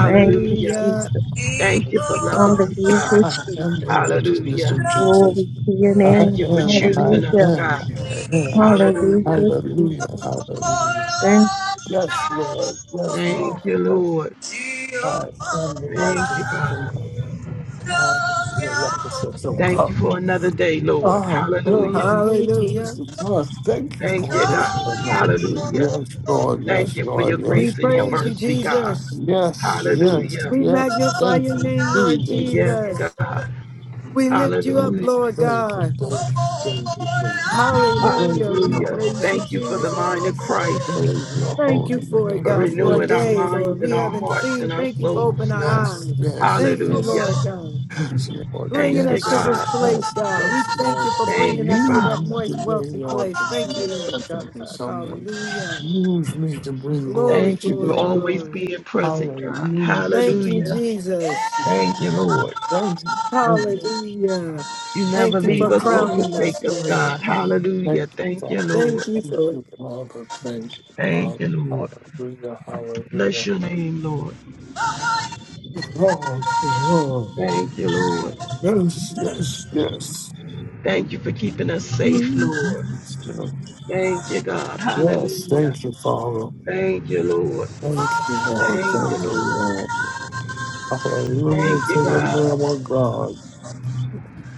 Speaker 3: Thank you, Jesus.
Speaker 4: Thank you for loving us,
Speaker 3: Hallelujah,
Speaker 4: God.
Speaker 5: I am the
Speaker 3: Jesus.
Speaker 5: righteousness
Speaker 4: Hallelujah.
Speaker 5: of
Speaker 1: Oh,
Speaker 5: Jesus.
Speaker 3: Glory to your
Speaker 5: I
Speaker 4: Thank
Speaker 3: name.
Speaker 4: you for
Speaker 5: am, I
Speaker 4: choosing us,
Speaker 3: Hallelujah.
Speaker 5: am,
Speaker 4: God.
Speaker 5: I am.
Speaker 3: Hallelujah,
Speaker 4: Hallelujah.
Speaker 5: Hallelujah,
Speaker 3: Jesus.
Speaker 5: hallelujah.
Speaker 3: Thank
Speaker 5: Yes, Lord, yes, Lord,
Speaker 4: Thank you,
Speaker 5: yes,
Speaker 4: Lord.
Speaker 5: I am the
Speaker 4: Thank you,
Speaker 5: righteousness of
Speaker 4: Father.
Speaker 5: God. I am the righteousness of
Speaker 4: Thank
Speaker 5: God.
Speaker 4: you for another day, Lord.
Speaker 5: I am the
Speaker 4: Hallelujah.
Speaker 6: Hallelujah.
Speaker 5: righteousness of God. Thank you
Speaker 4: Thank
Speaker 5: for
Speaker 4: you,
Speaker 5: this
Speaker 4: God.
Speaker 5: another day.
Speaker 4: Hallelujah.
Speaker 5: Yes, Lord.
Speaker 4: Thank
Speaker 5: Yes,
Speaker 4: you for your
Speaker 5: Lord.
Speaker 6: We
Speaker 5: Yes,
Speaker 4: grace and your
Speaker 5: Lord.
Speaker 6: praise you,
Speaker 4: mercy, God.
Speaker 6: Jesus.
Speaker 5: Yes, yes,
Speaker 4: Hallelujah.
Speaker 6: We
Speaker 5: yes.
Speaker 6: magnify your
Speaker 5: Thank you,
Speaker 6: name, Lord
Speaker 4: Yes,
Speaker 5: Jesus.
Speaker 6: Jesus.
Speaker 4: God.
Speaker 6: We lift you up,
Speaker 4: Hallelujah.
Speaker 6: Lord
Speaker 5: Thank you,
Speaker 6: God.
Speaker 5: thank you, thank you, thank
Speaker 6: Hallelujah.
Speaker 5: you. Praise
Speaker 6: We
Speaker 5: your
Speaker 4: Hallelujah.
Speaker 5: holy
Speaker 6: praise you,
Speaker 4: Thank you for the
Speaker 5: name.
Speaker 4: mind of
Speaker 6: Jesus.
Speaker 4: Christ.
Speaker 5: Praise your
Speaker 6: Thank you
Speaker 5: holy
Speaker 6: for it,
Speaker 4: for
Speaker 5: name.
Speaker 6: God, for a
Speaker 4: renewing our
Speaker 5: Praise
Speaker 6: day,
Speaker 5: you.
Speaker 4: minds
Speaker 6: Lord.
Speaker 4: and
Speaker 6: We
Speaker 4: our
Speaker 6: haven't
Speaker 4: hearts
Speaker 6: seen.
Speaker 4: and our
Speaker 6: Thank you for
Speaker 4: souls,
Speaker 6: opening
Speaker 4: God.
Speaker 6: our
Speaker 5: Yes,
Speaker 6: eyes.
Speaker 5: yes,
Speaker 6: Thank you,
Speaker 5: yes.
Speaker 4: Hallelujah.
Speaker 6: Lord God.
Speaker 5: Yes, Lord.
Speaker 6: Bringing
Speaker 4: Thank you,
Speaker 6: us to
Speaker 5: Yes.
Speaker 6: this
Speaker 4: God.
Speaker 6: place,
Speaker 5: Yes,
Speaker 6: God. We
Speaker 5: yes,
Speaker 6: thank
Speaker 5: Lord.
Speaker 6: you for
Speaker 4: Thank
Speaker 6: bringing
Speaker 4: you,
Speaker 6: us to
Speaker 5: Use
Speaker 6: that
Speaker 5: me
Speaker 4: Father.
Speaker 6: moist,
Speaker 5: today,
Speaker 6: wealthy
Speaker 5: Lord,
Speaker 6: place.
Speaker 5: to
Speaker 6: Thank
Speaker 5: be
Speaker 6: you,
Speaker 5: a
Speaker 6: Lord
Speaker 5: present
Speaker 6: God.
Speaker 5: to someone.
Speaker 6: Hallelujah.
Speaker 5: Use me to bring glory
Speaker 6: Glory,
Speaker 4: Thank you
Speaker 5: to
Speaker 4: for
Speaker 5: your
Speaker 6: glory,
Speaker 4: always
Speaker 5: name.
Speaker 6: glory.
Speaker 4: being present, God.
Speaker 5: Hallelujah,
Speaker 6: Thank you,
Speaker 5: Jesus.
Speaker 4: Hallelujah.
Speaker 1: Oh,
Speaker 6: Jesus.
Speaker 4: Thank you, Lord.
Speaker 5: Thank you, thank you,
Speaker 6: Hallelujah.
Speaker 4: You never
Speaker 6: Thank you
Speaker 5: thank
Speaker 4: leave
Speaker 6: for
Speaker 4: us
Speaker 5: you,
Speaker 4: or
Speaker 5: Father.
Speaker 6: crowning us,
Speaker 4: forsake us,
Speaker 6: Lord.
Speaker 4: God.
Speaker 6: God.
Speaker 4: Hallelujah.
Speaker 5: Thank you,
Speaker 4: Thank you,
Speaker 5: Father.
Speaker 4: Lord.
Speaker 6: Thank you
Speaker 5: Thank
Speaker 6: for it.
Speaker 5: you, Father. Thank you,
Speaker 4: Thank you,
Speaker 5: Father.
Speaker 4: Lord.
Speaker 5: Hallelujah,
Speaker 4: Bless
Speaker 5: hallelujah.
Speaker 4: your name, Lord.
Speaker 5: Lord, Lord.
Speaker 4: Thank you, Lord.
Speaker 5: Yes, yes, yes.
Speaker 4: Thank you for keeping us safe,
Speaker 6: Mm,
Speaker 4: Lord.
Speaker 6: mm,
Speaker 5: Yes, yes.
Speaker 4: Thank you, God.
Speaker 5: Yes,
Speaker 4: Hallelujah.
Speaker 5: thank you, Father.
Speaker 4: Thank you, Lord.
Speaker 5: Thank you, Lord.
Speaker 4: Thank you,
Speaker 5: Thank you,
Speaker 4: Lord.
Speaker 5: Lord. Hallelujah
Speaker 4: Thank
Speaker 5: to
Speaker 4: you,
Speaker 5: the
Speaker 4: God.
Speaker 5: Lamb of God.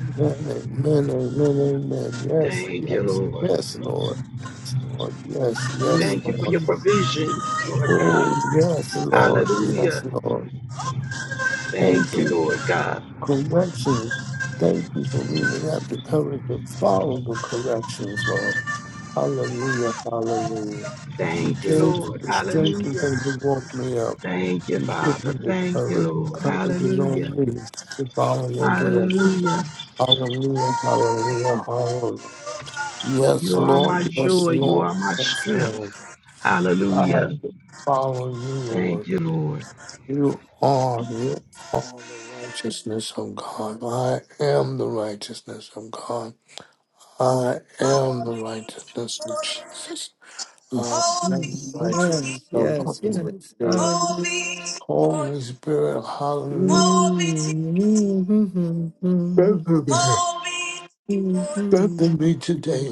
Speaker 5: Amen, amen, amen, amen. Yes,
Speaker 4: Thank you,
Speaker 5: yes,
Speaker 4: Lord.
Speaker 5: yes, Lord. Yes, Lord. Yes, yes,
Speaker 4: Thank
Speaker 6: mm,
Speaker 4: you for
Speaker 5: Lord.
Speaker 4: your
Speaker 6: mm,
Speaker 4: provisions, Lord God.
Speaker 5: Oh, yes, Lord. Yes,
Speaker 4: Hallelujah.
Speaker 5: Lord.
Speaker 4: Thank
Speaker 5: Thank
Speaker 4: you,
Speaker 5: you
Speaker 4: Lord God.
Speaker 5: for corrections. Thank you for me to have the courage to follow the corrections, Lord. Hallelujah, hallelujah. You
Speaker 4: Thank you,
Speaker 5: gave me
Speaker 4: Lord.
Speaker 5: the strength
Speaker 4: Hallelujah.
Speaker 5: because you woke me up.
Speaker 4: Thank you,
Speaker 5: You give
Speaker 4: Father.
Speaker 5: me the
Speaker 4: Thank you,
Speaker 5: courage.
Speaker 4: Lord.
Speaker 5: Courage is
Speaker 4: Hallelujah.
Speaker 5: on me to follow your direction.
Speaker 4: Hallelujah.
Speaker 5: Hallelujah, hallelujah, hallelujah. Yes,
Speaker 4: You are
Speaker 5: Lord,
Speaker 4: my
Speaker 5: yes,
Speaker 4: joy. You
Speaker 5: Lord,
Speaker 4: are my
Speaker 5: yes,
Speaker 4: strength.
Speaker 5: Lord. I have
Speaker 4: Hallelujah.
Speaker 5: to follow you,
Speaker 4: Thank
Speaker 5: Lord.
Speaker 4: you, Lord.
Speaker 5: You are, you are the righteousness of God. I am the righteousness of God. I am the righteousness of Jesus.
Speaker 6: mm. mm.
Speaker 5: I am the righteousness
Speaker 6: Yes,
Speaker 5: of the
Speaker 6: yes,
Speaker 5: Holy
Speaker 6: yes.
Speaker 5: Spirit.
Speaker 6: Hallelujah.
Speaker 5: Holy Spirit, hallelujah.
Speaker 6: Mm, mm, mm, mm, mm, mm,
Speaker 5: Strengthen me today.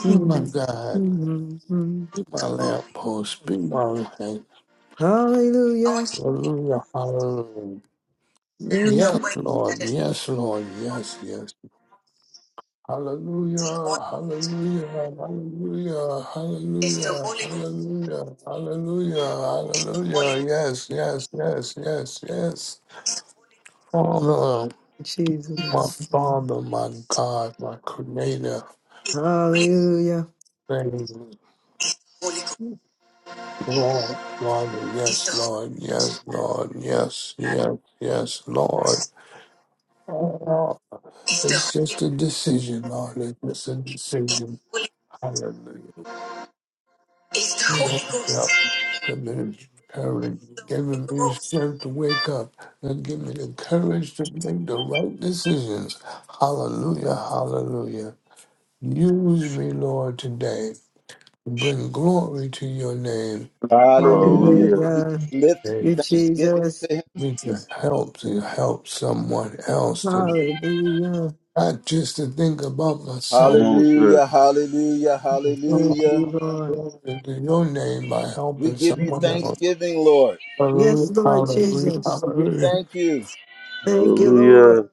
Speaker 5: Be my
Speaker 6: mm, mm,
Speaker 5: God.
Speaker 6: mm. mm.
Speaker 5: Be my lamppost. Be my light.
Speaker 1: I
Speaker 6: Hallelujah.
Speaker 1: want you to take one
Speaker 5: Hallelujah.
Speaker 1: minute
Speaker 5: Hallelujah.
Speaker 1: and look
Speaker 6: Thank
Speaker 5: Yes,
Speaker 1: at
Speaker 6: you,
Speaker 1: where you
Speaker 5: Lord.
Speaker 1: started from.
Speaker 5: Yes, Lord. Yes, yes.
Speaker 1: Take one
Speaker 5: Hallelujah.
Speaker 1: minute.
Speaker 5: Hallelujah. Hallelujah.
Speaker 1: It's the
Speaker 5: Hallelujah.
Speaker 1: Holy Ghost.
Speaker 5: Hallelujah. Hallelujah.
Speaker 1: It's the Holy
Speaker 5: Hallelujah.
Speaker 1: Ghost.
Speaker 5: Yes, yes, yes, yes, yes.
Speaker 1: It's the Holy Ghost.
Speaker 5: Father, my
Speaker 6: Jesus.
Speaker 1: It's the
Speaker 5: Father,
Speaker 1: Holy
Speaker 5: my
Speaker 1: Ghost.
Speaker 5: God, my Creator.
Speaker 1: It's the Holy Ghost.
Speaker 6: Hallelujah.
Speaker 5: Thank you.
Speaker 1: It's the Holy Ghost.
Speaker 5: Lord, Lord,
Speaker 1: It's the
Speaker 5: yes,
Speaker 1: Holy
Speaker 5: Lord,
Speaker 1: Ghost. It's the
Speaker 5: yes, Lord, yes, yes, yes,
Speaker 1: Holy
Speaker 5: Lord.
Speaker 1: Ghost.
Speaker 5: Oh,
Speaker 1: It's
Speaker 5: it's just
Speaker 1: the
Speaker 5: a decision, Lord. It's just a
Speaker 1: Holy It's
Speaker 5: decision. Hallelujah.
Speaker 1: it's the Holy
Speaker 5: Woke me
Speaker 1: Ghost.
Speaker 5: up. Give me the courage.
Speaker 1: It's the
Speaker 5: Give me the
Speaker 1: Holy Ghost.
Speaker 5: strength to wake up. And give me the courage to make the right decisions. Hallelujah, hallelujah. Use me, Lord, today. Bring glory to your name. Use
Speaker 1: Hallelujah.
Speaker 2: Hallelujah.
Speaker 1: Can you
Speaker 6: Hallelujah.
Speaker 1: lift
Speaker 5: me.
Speaker 6: You
Speaker 1: thanksgiving
Speaker 6: Jesus.
Speaker 1: to Him?
Speaker 5: me to help to help someone else to
Speaker 6: Hallelujah.
Speaker 5: not just to think about
Speaker 2: Come
Speaker 5: myself.
Speaker 2: on, sir.
Speaker 1: Hallelujah. Hallelujah.
Speaker 5: It's not my
Speaker 6: Thank you,
Speaker 1: Hallelujah.
Speaker 6: Lord.
Speaker 5: Glory to your name by
Speaker 1: We
Speaker 5: helping
Speaker 1: give you
Speaker 5: someone else.
Speaker 1: thanksgiving, Lord.
Speaker 6: Yes,
Speaker 5: Hallelujah,
Speaker 6: Lord
Speaker 5: hallelujah,
Speaker 6: Jesus.
Speaker 1: We
Speaker 5: hallelujah.
Speaker 1: thank you.
Speaker 6: Thank you,
Speaker 2: Hallelujah.
Speaker 6: Lord.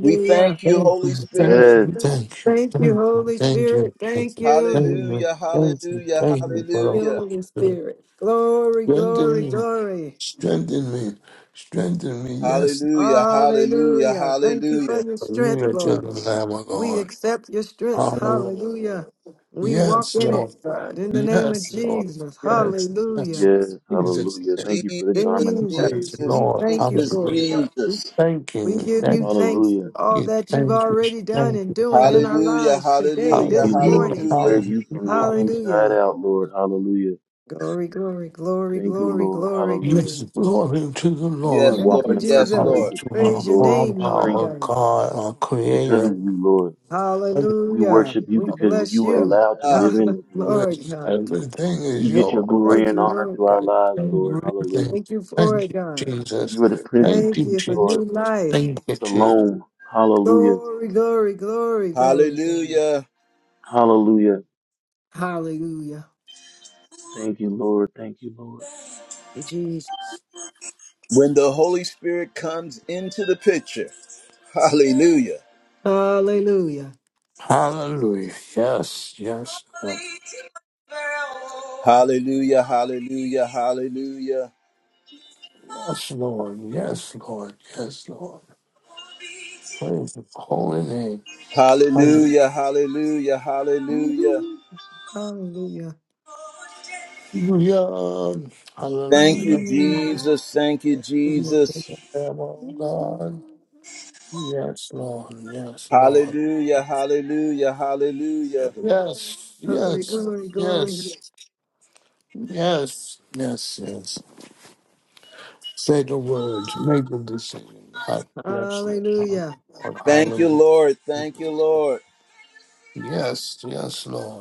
Speaker 1: We thank you,
Speaker 5: Thank
Speaker 1: Holy
Speaker 5: you, thank
Speaker 1: Spirit.
Speaker 2: Yes.
Speaker 5: you, thank you,
Speaker 6: Thank you,
Speaker 5: thank you,
Speaker 6: Holy
Speaker 5: thank
Speaker 6: Spirit.
Speaker 5: you, thank
Speaker 6: Thank
Speaker 5: you,
Speaker 6: you,
Speaker 5: thank you,
Speaker 1: Hallelujah.
Speaker 5: thank you,
Speaker 1: Hallelujah.
Speaker 5: thank you for
Speaker 6: you
Speaker 5: all
Speaker 1: Hallelujah.
Speaker 5: you
Speaker 6: Holy
Speaker 5: do.
Speaker 6: Spirit. Glory,
Speaker 5: Strengthen
Speaker 6: glory,
Speaker 5: me,
Speaker 6: glory.
Speaker 5: strengthen me, strengthen me, yes.
Speaker 1: Hallelujah. Hallelujah.
Speaker 6: Hallelujah. Thank you for
Speaker 1: Hallelujah.
Speaker 6: your strength,
Speaker 5: Hallelujah to
Speaker 6: Lord.
Speaker 5: the Lamb of
Speaker 6: We
Speaker 5: God.
Speaker 6: accept your strength.
Speaker 5: Hallelujah.
Speaker 6: Hallelujah. We walk
Speaker 5: Yes,
Speaker 6: in
Speaker 5: Lord.
Speaker 6: it, God, in the name of
Speaker 5: Yes, Lord.
Speaker 6: Jesus.
Speaker 5: Yes, yes.
Speaker 6: Hallelujah.
Speaker 2: Yes.
Speaker 5: Jesus,
Speaker 2: Hallelujah.
Speaker 5: name.
Speaker 2: Thank you for the garment
Speaker 1: Jesus,
Speaker 2: of
Speaker 5: yes,
Speaker 2: praise,
Speaker 6: Jesus,
Speaker 1: Jesus,
Speaker 2: Lord.
Speaker 6: we
Speaker 5: Lord.
Speaker 6: thank you
Speaker 1: Jesus,
Speaker 6: for it,
Speaker 5: Hallelujah.
Speaker 6: God.
Speaker 1: Jesus.
Speaker 5: Thank
Speaker 6: We
Speaker 5: you.
Speaker 6: give you
Speaker 5: Thank
Speaker 6: thanks
Speaker 2: Hallelujah.
Speaker 6: all
Speaker 5: you.
Speaker 6: that you've
Speaker 5: Thank you.
Speaker 6: already done
Speaker 5: Thank
Speaker 6: and
Speaker 5: you.
Speaker 6: doing in
Speaker 5: Thank
Speaker 6: our
Speaker 5: you.
Speaker 1: Hallelujah.
Speaker 6: lives today,
Speaker 2: Thank
Speaker 1: Hallelujah.
Speaker 6: this
Speaker 2: you, Lord.
Speaker 5: Hallelujah.
Speaker 2: We
Speaker 6: morning.
Speaker 2: wear
Speaker 1: Hallelujah.
Speaker 2: you from the
Speaker 5: Hallelujah.
Speaker 2: inside
Speaker 6: Hallelujah.
Speaker 2: out, Lord. Hallelujah.
Speaker 6: Glory, glory, glory,
Speaker 2: Thank you,
Speaker 6: glory,
Speaker 2: Lord.
Speaker 6: glory,
Speaker 2: Hallelujah.
Speaker 5: Yes,
Speaker 6: glory.
Speaker 5: glory to the
Speaker 2: We
Speaker 1: Yes,
Speaker 5: Lord.
Speaker 2: walk
Speaker 6: Thank
Speaker 2: in
Speaker 6: you,
Speaker 2: the
Speaker 1: Lord. Yes,
Speaker 2: perfect
Speaker 5: Glory
Speaker 2: place
Speaker 1: Lord.
Speaker 6: Jesus.
Speaker 2: of
Speaker 5: to
Speaker 2: peace,
Speaker 6: Praise
Speaker 5: our
Speaker 6: your
Speaker 2: Lord.
Speaker 5: Father,
Speaker 6: name, Lord
Speaker 2: Strength
Speaker 5: our
Speaker 6: God.
Speaker 5: God, our
Speaker 2: because of
Speaker 5: Creator.
Speaker 2: you, Lord. We
Speaker 6: Hallelujah.
Speaker 2: worship you
Speaker 6: We
Speaker 2: because
Speaker 6: bless
Speaker 2: you are
Speaker 6: you,
Speaker 2: allowed to
Speaker 1: Ah,
Speaker 2: live in
Speaker 6: Hallelujah,
Speaker 2: us, Lord.
Speaker 6: Lord God.
Speaker 5: Everything is
Speaker 2: You get your
Speaker 5: yours.
Speaker 2: glory
Speaker 6: Thank
Speaker 2: and
Speaker 6: you,
Speaker 2: honor
Speaker 6: Lord
Speaker 2: through our
Speaker 6: God.
Speaker 2: lives, Lord.
Speaker 5: Everything.
Speaker 2: Hallelujah.
Speaker 6: Thank you for
Speaker 5: Thank
Speaker 6: it,
Speaker 5: you,
Speaker 6: God.
Speaker 5: Jesus.
Speaker 2: You are the Prince of
Speaker 5: Thank
Speaker 6: Thank
Speaker 5: you,
Speaker 6: you
Speaker 2: Peace,
Speaker 6: for
Speaker 5: Jesus.
Speaker 6: new
Speaker 2: Lord.
Speaker 6: life.
Speaker 5: Thank you, Jesus.
Speaker 2: Shalom. Hallelujah.
Speaker 6: Glory, glory, glory, glory, God.
Speaker 1: hallelujah.
Speaker 2: Hallelujah.
Speaker 6: Hallelujah.
Speaker 2: Thank you, Lord. Thank you, Lord.
Speaker 6: Jesus.
Speaker 1: When the Holy Spirit comes into the picture, hallelujah.
Speaker 6: Hallelujah.
Speaker 5: Hallelujah. Yes, yes, yes,
Speaker 1: Hallelujah, hallelujah, hallelujah.
Speaker 5: yes, Lord. Yes, Lord. Yes, Lord. Praise the holy name. Hallelujah.
Speaker 1: Hallelujah, hallelujah, hallelujah.
Speaker 6: Mhm. Hallelujah.
Speaker 1: Thank
Speaker 5: Hallelujah.
Speaker 1: you,
Speaker 6: Mm.
Speaker 1: Jesus. Thank you,
Speaker 5: Hallelujah to
Speaker 1: Jesus.
Speaker 5: the Lamb of God. Yes, Lord. Yes, Lord.
Speaker 1: Hallelujah, hallelujah, hallelujah.
Speaker 5: Yes,
Speaker 6: Glory,
Speaker 5: yes,
Speaker 6: glory, glory.
Speaker 5: yes, yes, yes, yes. Say the words. Make the decision. God bless you. God.
Speaker 6: Hallelujah.
Speaker 5: Lord.
Speaker 1: Thank you, Lord. Thank you,
Speaker 5: Hallelujah.
Speaker 1: Lord.
Speaker 5: Yes, yes, Lord!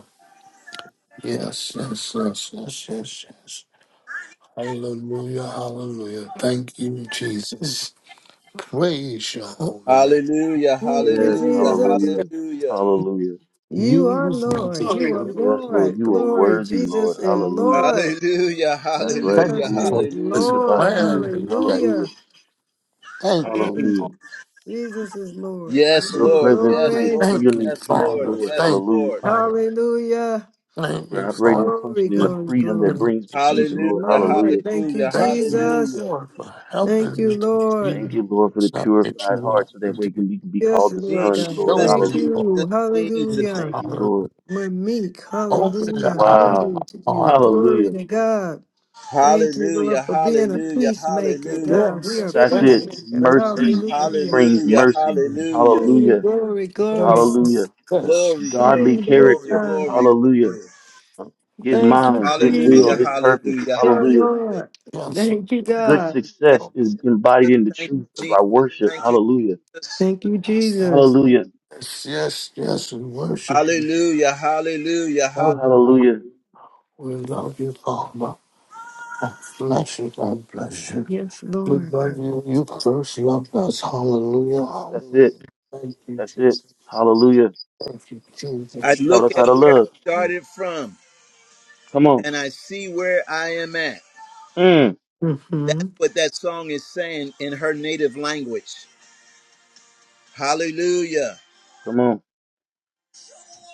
Speaker 5: Yes, yes, yes, yes, yes, yes. Hallelujah, hallelujah. Thank you, Jesus. Praise your holy name.
Speaker 1: Hallelujah,
Speaker 6: Thank you,
Speaker 2: Yes.
Speaker 1: hallelujah,
Speaker 6: Jesus.
Speaker 2: Hallelujah.
Speaker 1: hallelujah,
Speaker 2: Hallelujah.
Speaker 6: You are
Speaker 5: You thank
Speaker 6: Lord. You are
Speaker 5: you.
Speaker 2: Yes, Lord.
Speaker 6: Lord.
Speaker 2: You are
Speaker 6: Glory.
Speaker 2: worthy, Lord.
Speaker 6: Jesus is
Speaker 2: Hallelujah.
Speaker 6: Lord.
Speaker 1: hallelujah,
Speaker 2: That's right.
Speaker 5: Thank
Speaker 1: hallelujah,
Speaker 6: Jesus
Speaker 2: Come
Speaker 5: you
Speaker 2: on.
Speaker 5: for
Speaker 6: is
Speaker 5: this
Speaker 2: It's
Speaker 1: hallelujah.
Speaker 2: about
Speaker 6: Lord.
Speaker 2: you,
Speaker 5: brand
Speaker 2: Lord.
Speaker 5: new day.
Speaker 2: Hallelujah.
Speaker 6: Hallelujah.
Speaker 5: Thank you.
Speaker 1: Mm.
Speaker 2: Hallelujah.
Speaker 6: Jesus is Lord.
Speaker 1: Yes,
Speaker 2: Your
Speaker 6: Glory,
Speaker 1: Lord,
Speaker 2: presence
Speaker 1: yes,
Speaker 2: brings
Speaker 6: glory.
Speaker 1: Lord,
Speaker 5: Thank
Speaker 2: freedom and
Speaker 5: you,
Speaker 1: yes,
Speaker 2: peace,
Speaker 1: Lord,
Speaker 5: Father.
Speaker 2: Lord.
Speaker 1: yes,
Speaker 5: Thank you,
Speaker 2: Hallelujah.
Speaker 1: Lord.
Speaker 5: Father.
Speaker 6: Hallelujah.
Speaker 5: Thank
Speaker 2: We're
Speaker 5: you,
Speaker 2: operating and
Speaker 5: Father.
Speaker 6: Glory,
Speaker 2: functioning in a
Speaker 5: For
Speaker 6: glory,
Speaker 2: freedom that
Speaker 5: giving me.
Speaker 6: glory.
Speaker 2: brings the
Speaker 6: This
Speaker 2: peace,
Speaker 6: is
Speaker 1: Hallelujah,
Speaker 2: Lord. Hallelujah.
Speaker 6: Lord. Thank you,
Speaker 1: hallelujah,
Speaker 5: Thank you,
Speaker 6: Jesus.
Speaker 1: hallelujah.
Speaker 5: Lord, for
Speaker 6: Thank
Speaker 5: helping
Speaker 6: you,
Speaker 5: me to see
Speaker 6: Lord.
Speaker 2: Thank you,
Speaker 5: the
Speaker 2: Lord, for the
Speaker 5: stuff that you
Speaker 2: purified heart
Speaker 5: want
Speaker 2: so that
Speaker 5: me to
Speaker 2: we can be, be
Speaker 6: Yes,
Speaker 2: called the
Speaker 6: Lord
Speaker 1: Jesus,
Speaker 2: sons,
Speaker 6: God.
Speaker 2: Lord.
Speaker 5: show
Speaker 6: Thank
Speaker 5: me,
Speaker 2: Hallelujah.
Speaker 6: you.
Speaker 1: Jesus,
Speaker 5: Lord.
Speaker 1: Jesus.
Speaker 6: Hallelujah.
Speaker 2: Thank you,
Speaker 5: Hallelujah.
Speaker 2: Lord.
Speaker 6: We're meek.
Speaker 5: Open the
Speaker 6: Hallelujah.
Speaker 5: eyes of
Speaker 2: Wow.
Speaker 5: my
Speaker 6: Humble to you.
Speaker 5: heart.
Speaker 6: Glory
Speaker 2: Hallelujah.
Speaker 6: to God. Thank you, Lord,
Speaker 1: Hallelujah,
Speaker 6: for being a
Speaker 1: hallelujah,
Speaker 6: peacemaker.
Speaker 1: hallelujah,
Speaker 6: God, we
Speaker 5: Yes,
Speaker 6: are
Speaker 5: yes,
Speaker 2: That's it.
Speaker 5: yes,
Speaker 6: peacemakers.
Speaker 2: Mercy
Speaker 5: yes,
Speaker 6: Hallelujah.
Speaker 2: brings
Speaker 1: hallelujah,
Speaker 2: mercy.
Speaker 1: hallelujah.
Speaker 6: Glory,
Speaker 2: Hallelujah.
Speaker 6: glory, glory.
Speaker 5: yes,
Speaker 2: Hallelujah.
Speaker 1: Glory,
Speaker 6: Thank
Speaker 2: Godly
Speaker 6: you,
Speaker 1: glory,
Speaker 6: Lord
Speaker 1: glory,
Speaker 2: character.
Speaker 6: God.
Speaker 1: glory,
Speaker 2: Hallelujah.
Speaker 1: glory.
Speaker 2: His
Speaker 6: Thank you,
Speaker 2: mind, his
Speaker 1: Hallelujah,
Speaker 2: will,
Speaker 6: Jesus.
Speaker 2: his purpose.
Speaker 1: hallelujah,
Speaker 6: Yeah,
Speaker 2: Hallelujah.
Speaker 1: hallelujah.
Speaker 6: Lord. Thank you,
Speaker 2: Good
Speaker 6: God.
Speaker 1: Thank
Speaker 2: success is
Speaker 1: you,
Speaker 2: embodied in the
Speaker 1: thank you,
Speaker 2: truth of our
Speaker 1: Jesus.
Speaker 2: worship.
Speaker 1: Thank you,
Speaker 2: Hallelujah.
Speaker 6: Thank you, Jesus.
Speaker 2: Hallelujah.
Speaker 5: yes, yes, yes, yes, we worship you.
Speaker 1: Hallelujah. Hallelujah. Hallelujah.
Speaker 5: Hallelujah.
Speaker 2: Hallelujah.
Speaker 5: We love you, Father. I Bless you, God bless you.
Speaker 6: Yes,
Speaker 5: We
Speaker 6: Lord.
Speaker 5: love you. You first loved us. Hallelujah.
Speaker 2: That's
Speaker 5: Hallelujah.
Speaker 2: it.
Speaker 5: Thank you,
Speaker 2: That's it.
Speaker 5: Jesus.
Speaker 2: Hallelujah.
Speaker 5: Thank you,
Speaker 1: I
Speaker 2: He
Speaker 5: Jesus.
Speaker 2: taught
Speaker 1: look
Speaker 2: us how
Speaker 1: at
Speaker 2: to
Speaker 1: where I
Speaker 2: love.
Speaker 1: started from
Speaker 2: Come on.
Speaker 1: and I see where I am at.
Speaker 2: Mm.
Speaker 1: That's
Speaker 6: hmm
Speaker 1: what that song is saying in her native language. Hallelujah.
Speaker 2: Come on.
Speaker 1: Thank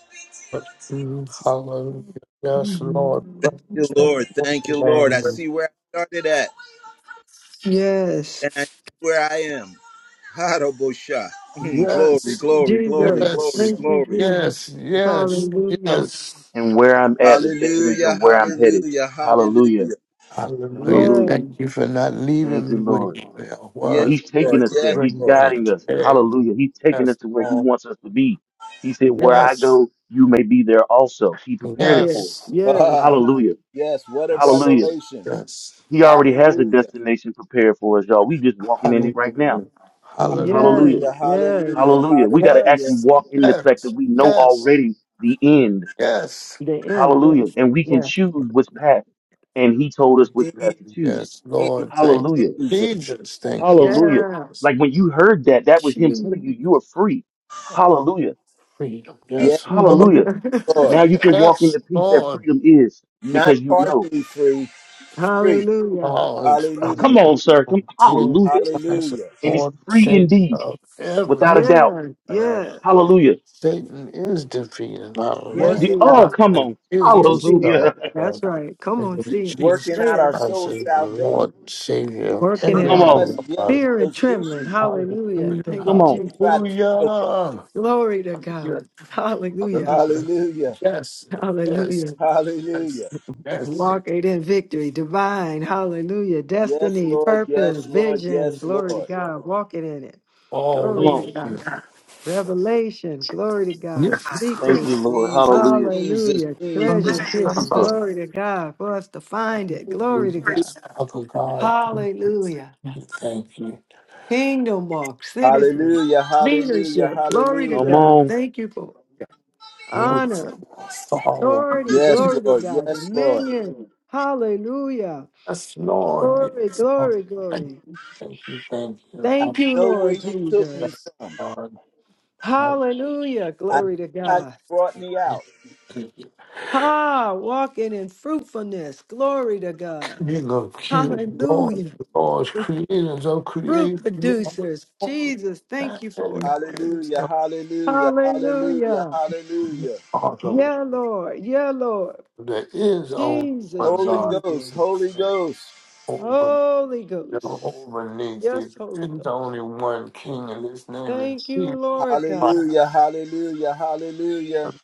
Speaker 6: Yes.
Speaker 5: Hallelujah. Yes, Lord. Praise
Speaker 1: you,
Speaker 5: your
Speaker 6: Mhm.
Speaker 1: Lord. Thank
Speaker 5: holy
Speaker 1: you, Lord. I
Speaker 5: name.
Speaker 1: see where I started at
Speaker 6: Yes.
Speaker 1: and I see where I am. Harabosha. Mm, glory,
Speaker 5: Yes,
Speaker 1: glory, glory,
Speaker 6: Jesus.
Speaker 1: glory,
Speaker 5: yes,
Speaker 6: Thank you,
Speaker 1: glory.
Speaker 5: yes,
Speaker 6: Jesus.
Speaker 5: yes,
Speaker 6: Hallelujah.
Speaker 5: yes.
Speaker 2: And where I'm at is evidence of
Speaker 1: Hallelujah.
Speaker 2: where I'm headed.
Speaker 1: Hallelujah.
Speaker 2: Hallelujah.
Speaker 1: Hallelujah.
Speaker 5: Hallelujah.
Speaker 2: Hallelujah.
Speaker 6: Yes,
Speaker 5: Thank you for not
Speaker 2: Thank
Speaker 5: leaving me
Speaker 2: you,
Speaker 5: where
Speaker 2: Lord.
Speaker 5: you- where I
Speaker 2: No,
Speaker 1: Yes,
Speaker 5: was.
Speaker 2: He's taking
Speaker 5: That's
Speaker 1: Lord.
Speaker 2: us
Speaker 5: to
Speaker 2: there.
Speaker 1: Yes,
Speaker 2: He's
Speaker 5: bring
Speaker 1: Lord.
Speaker 5: me
Speaker 2: guiding us.
Speaker 5: again.
Speaker 2: Hallelujah. He's taking us
Speaker 5: Yes,
Speaker 2: to where He
Speaker 5: Lord.
Speaker 2: wants us to be. He said, Where I
Speaker 5: Yes,
Speaker 2: go, you may be there also. He prepared it
Speaker 6: yes,
Speaker 2: for us.
Speaker 5: yes,
Speaker 6: yes,
Speaker 1: Ah,
Speaker 2: Hallelujah.
Speaker 1: yes, what a
Speaker 5: yes,
Speaker 2: Hallelujah.
Speaker 1: revelation.
Speaker 5: yes.
Speaker 2: He already has the
Speaker 1: Hallelujah.
Speaker 2: destination prepared for us, y'all. We just walking in it right now.
Speaker 5: Hallelujah.
Speaker 6: yes,
Speaker 2: Hallelujah.
Speaker 5: Hallelujah.
Speaker 1: Hallelujah.
Speaker 6: yes.
Speaker 2: Hallelujah. We got to actually
Speaker 1: Hallelujah.
Speaker 5: Yes,
Speaker 2: walk in the fact that
Speaker 5: yes,
Speaker 2: we know
Speaker 5: yes,
Speaker 2: already the end.
Speaker 5: yes.
Speaker 6: The end,
Speaker 2: Hallelujah.
Speaker 6: yes,
Speaker 2: And we can
Speaker 6: yes,
Speaker 2: choose which path. And he told us
Speaker 5: Hallelujah.
Speaker 2: which
Speaker 1: Hallelujah.
Speaker 2: path to choose.
Speaker 5: Yes, Lord. Thank you.
Speaker 2: Hallelujah.
Speaker 1: Jesus.
Speaker 5: Jesus, thank you.
Speaker 2: Hallelujah.
Speaker 6: yeah.
Speaker 2: Like when you heard that, that was him telling you
Speaker 6: Jesus.
Speaker 2: you are free.
Speaker 5: Oh,
Speaker 2: Hallelujah.
Speaker 5: Freedom. Yes,
Speaker 1: Yes, Lord,
Speaker 2: Hallelujah. Now
Speaker 1: Lord.
Speaker 2: you can walk in
Speaker 5: Yes,
Speaker 2: the peace that
Speaker 5: Lord.
Speaker 2: freedom is
Speaker 1: Not
Speaker 2: because you know.
Speaker 1: partially free, free.
Speaker 6: Hallelujah.
Speaker 5: Oh, it's
Speaker 2: Uh, Come
Speaker 1: Hallelujah.
Speaker 2: on, sir. Come,
Speaker 5: Jesus
Speaker 2: hallelujah.
Speaker 5: Christ, is
Speaker 1: Hallelujah.
Speaker 2: And he's
Speaker 5: Lord,
Speaker 2: free
Speaker 5: Savior
Speaker 2: indeed,
Speaker 5: of
Speaker 2: without a
Speaker 5: everything.
Speaker 2: doubt.
Speaker 6: Yeah,
Speaker 5: All right.
Speaker 6: yeah.
Speaker 2: Hallelujah.
Speaker 5: Satan is defeated, not
Speaker 2: D-
Speaker 6: Yes, he
Speaker 2: d-
Speaker 5: Lord.
Speaker 1: Working out
Speaker 6: is.
Speaker 2: Oh,
Speaker 5: God
Speaker 2: come on.
Speaker 5: is
Speaker 6: Yes, he is.
Speaker 2: Hallelujah.
Speaker 5: dispelled,
Speaker 6: That's
Speaker 5: Lord.
Speaker 6: right. Come on,
Speaker 5: Because
Speaker 6: see it.
Speaker 1: working
Speaker 5: Jesus
Speaker 6: Say
Speaker 1: out our
Speaker 6: it.
Speaker 5: Christ
Speaker 1: soul
Speaker 5: is the
Speaker 1: salvation
Speaker 5: Lord, Savior of
Speaker 6: Working
Speaker 1: is
Speaker 5: every
Speaker 6: it
Speaker 2: Come
Speaker 6: out.
Speaker 1: us
Speaker 2: on.
Speaker 5: heaven.
Speaker 1: dealing with
Speaker 6: Fear and
Speaker 1: those
Speaker 6: trembling.
Speaker 1: issues
Speaker 5: Hallelujah,
Speaker 6: Hallelujah. Thank
Speaker 2: Come
Speaker 6: you,
Speaker 5: hallelujah,
Speaker 2: on.
Speaker 1: that
Speaker 6: Jesus.
Speaker 1: try to keep us from
Speaker 6: Glory to God.
Speaker 5: hallelujah,
Speaker 6: Hallelujah.
Speaker 1: our
Speaker 5: hallelujah.
Speaker 1: freedom. Hallelujah.
Speaker 5: Yes,
Speaker 6: Hallelujah.
Speaker 5: yes, yes,
Speaker 1: Hallelujah.
Speaker 5: yes.
Speaker 6: Walking in victory, divine, hallelujah,
Speaker 1: Yes,
Speaker 6: destiny,
Speaker 1: Lord.
Speaker 6: purpose,
Speaker 1: Yes, Lord.
Speaker 6: vision,
Speaker 1: Yes,
Speaker 6: glory to
Speaker 1: Lord.
Speaker 6: God, walking in it,
Speaker 2: Come
Speaker 5: Oh,
Speaker 6: glory to
Speaker 2: on.
Speaker 6: God, revelation, glory to God,
Speaker 5: yes.
Speaker 2: Thank
Speaker 6: victory,
Speaker 2: you, Lord.
Speaker 1: Jesus,
Speaker 2: Hallelujah.
Speaker 1: Jesus,
Speaker 6: hallelujah,
Speaker 1: Jesus,
Speaker 6: treasures hidden,
Speaker 1: Jesus.
Speaker 5: Yes.
Speaker 6: glory to God, for us to find it, glory to God,
Speaker 5: Father God, we
Speaker 6: hallelujah,
Speaker 5: thank you.
Speaker 6: kingdom walk, citizen,
Speaker 1: Hallelujah, hallelujah,
Speaker 6: leadership, glory to
Speaker 2: Come
Speaker 1: hallelujah.
Speaker 6: God,
Speaker 2: on.
Speaker 6: thank you for
Speaker 5: Lord,
Speaker 6: honor,
Speaker 5: follow
Speaker 6: authority,
Speaker 1: Yes,
Speaker 6: glory to
Speaker 1: Lord,
Speaker 6: God,
Speaker 1: yes, Lord.
Speaker 6: dominion, hallelujah.
Speaker 5: us, Lord.
Speaker 6: Glory,
Speaker 5: Yes,
Speaker 6: glory,
Speaker 5: Lord. Thank you, thank you.
Speaker 6: glory.
Speaker 5: thank you. Thank you,
Speaker 1: I
Speaker 6: Thank you,
Speaker 1: know where
Speaker 6: Lord
Speaker 1: you took me
Speaker 6: Jesus.
Speaker 1: from.
Speaker 5: Lord,
Speaker 6: Hallelujah.
Speaker 1: I know
Speaker 6: Glory to
Speaker 1: how you
Speaker 6: God.
Speaker 1: brought me out.
Speaker 5: hallelujah.
Speaker 6: Ah, walking in fruitfulness. Glory to God.
Speaker 5: King of kings, Lord,
Speaker 6: Hallelujah.
Speaker 5: Lord,
Speaker 6: The
Speaker 5: creators of
Speaker 6: fruit
Speaker 5: creation, you
Speaker 6: producers.
Speaker 5: are
Speaker 6: Jesus,
Speaker 5: Lord,
Speaker 6: thank
Speaker 5: that
Speaker 6: you for it.
Speaker 5: is
Speaker 1: Hallelujah,
Speaker 5: of
Speaker 1: hallelujah, hallelujah,
Speaker 6: Hallelujah.
Speaker 5: you
Speaker 1: hallelujah.
Speaker 5: are the- Lord.
Speaker 6: Yeah, Lord. Yeah, Lord.
Speaker 5: There is only
Speaker 6: Jesus,
Speaker 5: one
Speaker 1: Holy
Speaker 5: God.
Speaker 1: Ghost,
Speaker 6: Jesus.
Speaker 1: Holy Ghost.
Speaker 5: Over
Speaker 6: Holy
Speaker 5: You're
Speaker 6: Ghost.
Speaker 5: over
Speaker 6: Yes,
Speaker 5: naked.
Speaker 6: Holy
Speaker 5: There's
Speaker 6: Ghost.
Speaker 5: only one king, and his name
Speaker 6: Thank
Speaker 5: is
Speaker 6: you,
Speaker 5: Jesus
Speaker 6: Lord
Speaker 5: Christ.
Speaker 6: God.
Speaker 1: Hallelujah, hallelujah, hallelujah.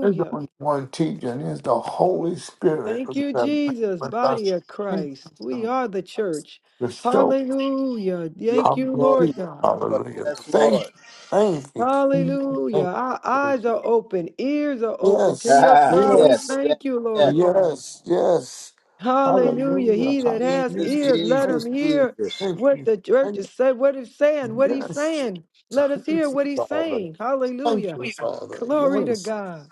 Speaker 5: There's only one teacher, and it's the Holy Spirit
Speaker 6: Thank
Speaker 5: who has
Speaker 6: you,
Speaker 5: been
Speaker 6: Jesus,
Speaker 5: with
Speaker 6: body
Speaker 5: us
Speaker 6: of
Speaker 5: in
Speaker 6: Christ. We
Speaker 5: wisdom
Speaker 6: are the church.
Speaker 5: to show
Speaker 6: Hallelujah.
Speaker 1: Yes,
Speaker 6: Thank
Speaker 5: how
Speaker 6: you,
Speaker 5: we
Speaker 1: Lord,
Speaker 5: do.
Speaker 6: Lord
Speaker 1: yes,
Speaker 6: God.
Speaker 1: Lord,
Speaker 5: Hallelujah.
Speaker 1: yes,
Speaker 5: Thank you.
Speaker 1: Lord.
Speaker 5: Thank you. Thank you.
Speaker 6: Hallelujah.
Speaker 5: Thank
Speaker 6: Our eyes
Speaker 5: you.
Speaker 6: are open, ears are open to
Speaker 5: Yes.
Speaker 6: your
Speaker 1: Ah,
Speaker 6: cry. We
Speaker 1: yes,
Speaker 5: Yes.
Speaker 1: yes,
Speaker 6: thank you,
Speaker 1: yes.
Speaker 6: Lord God.
Speaker 5: Yes. Yes.
Speaker 6: Hallelujah.
Speaker 5: Hallelujah.
Speaker 6: He that has
Speaker 1: Jesus,
Speaker 5: Hallelujah.
Speaker 6: ears, let
Speaker 5: Thank
Speaker 6: him
Speaker 1: Jesus,
Speaker 5: you.
Speaker 6: hear
Speaker 1: Jesus.
Speaker 5: Thank
Speaker 6: what
Speaker 5: you.
Speaker 6: the church
Speaker 5: Thank
Speaker 6: is saying, what it's saying,
Speaker 5: you.
Speaker 6: what he's
Speaker 5: Yes.
Speaker 6: saying. Let us
Speaker 5: Thank
Speaker 6: hear
Speaker 5: you,
Speaker 6: what he's
Speaker 5: Father.
Speaker 6: saying.
Speaker 5: Thank
Speaker 6: Hallelujah.
Speaker 5: you, Father.
Speaker 6: Glory to
Speaker 5: Yes,
Speaker 6: God.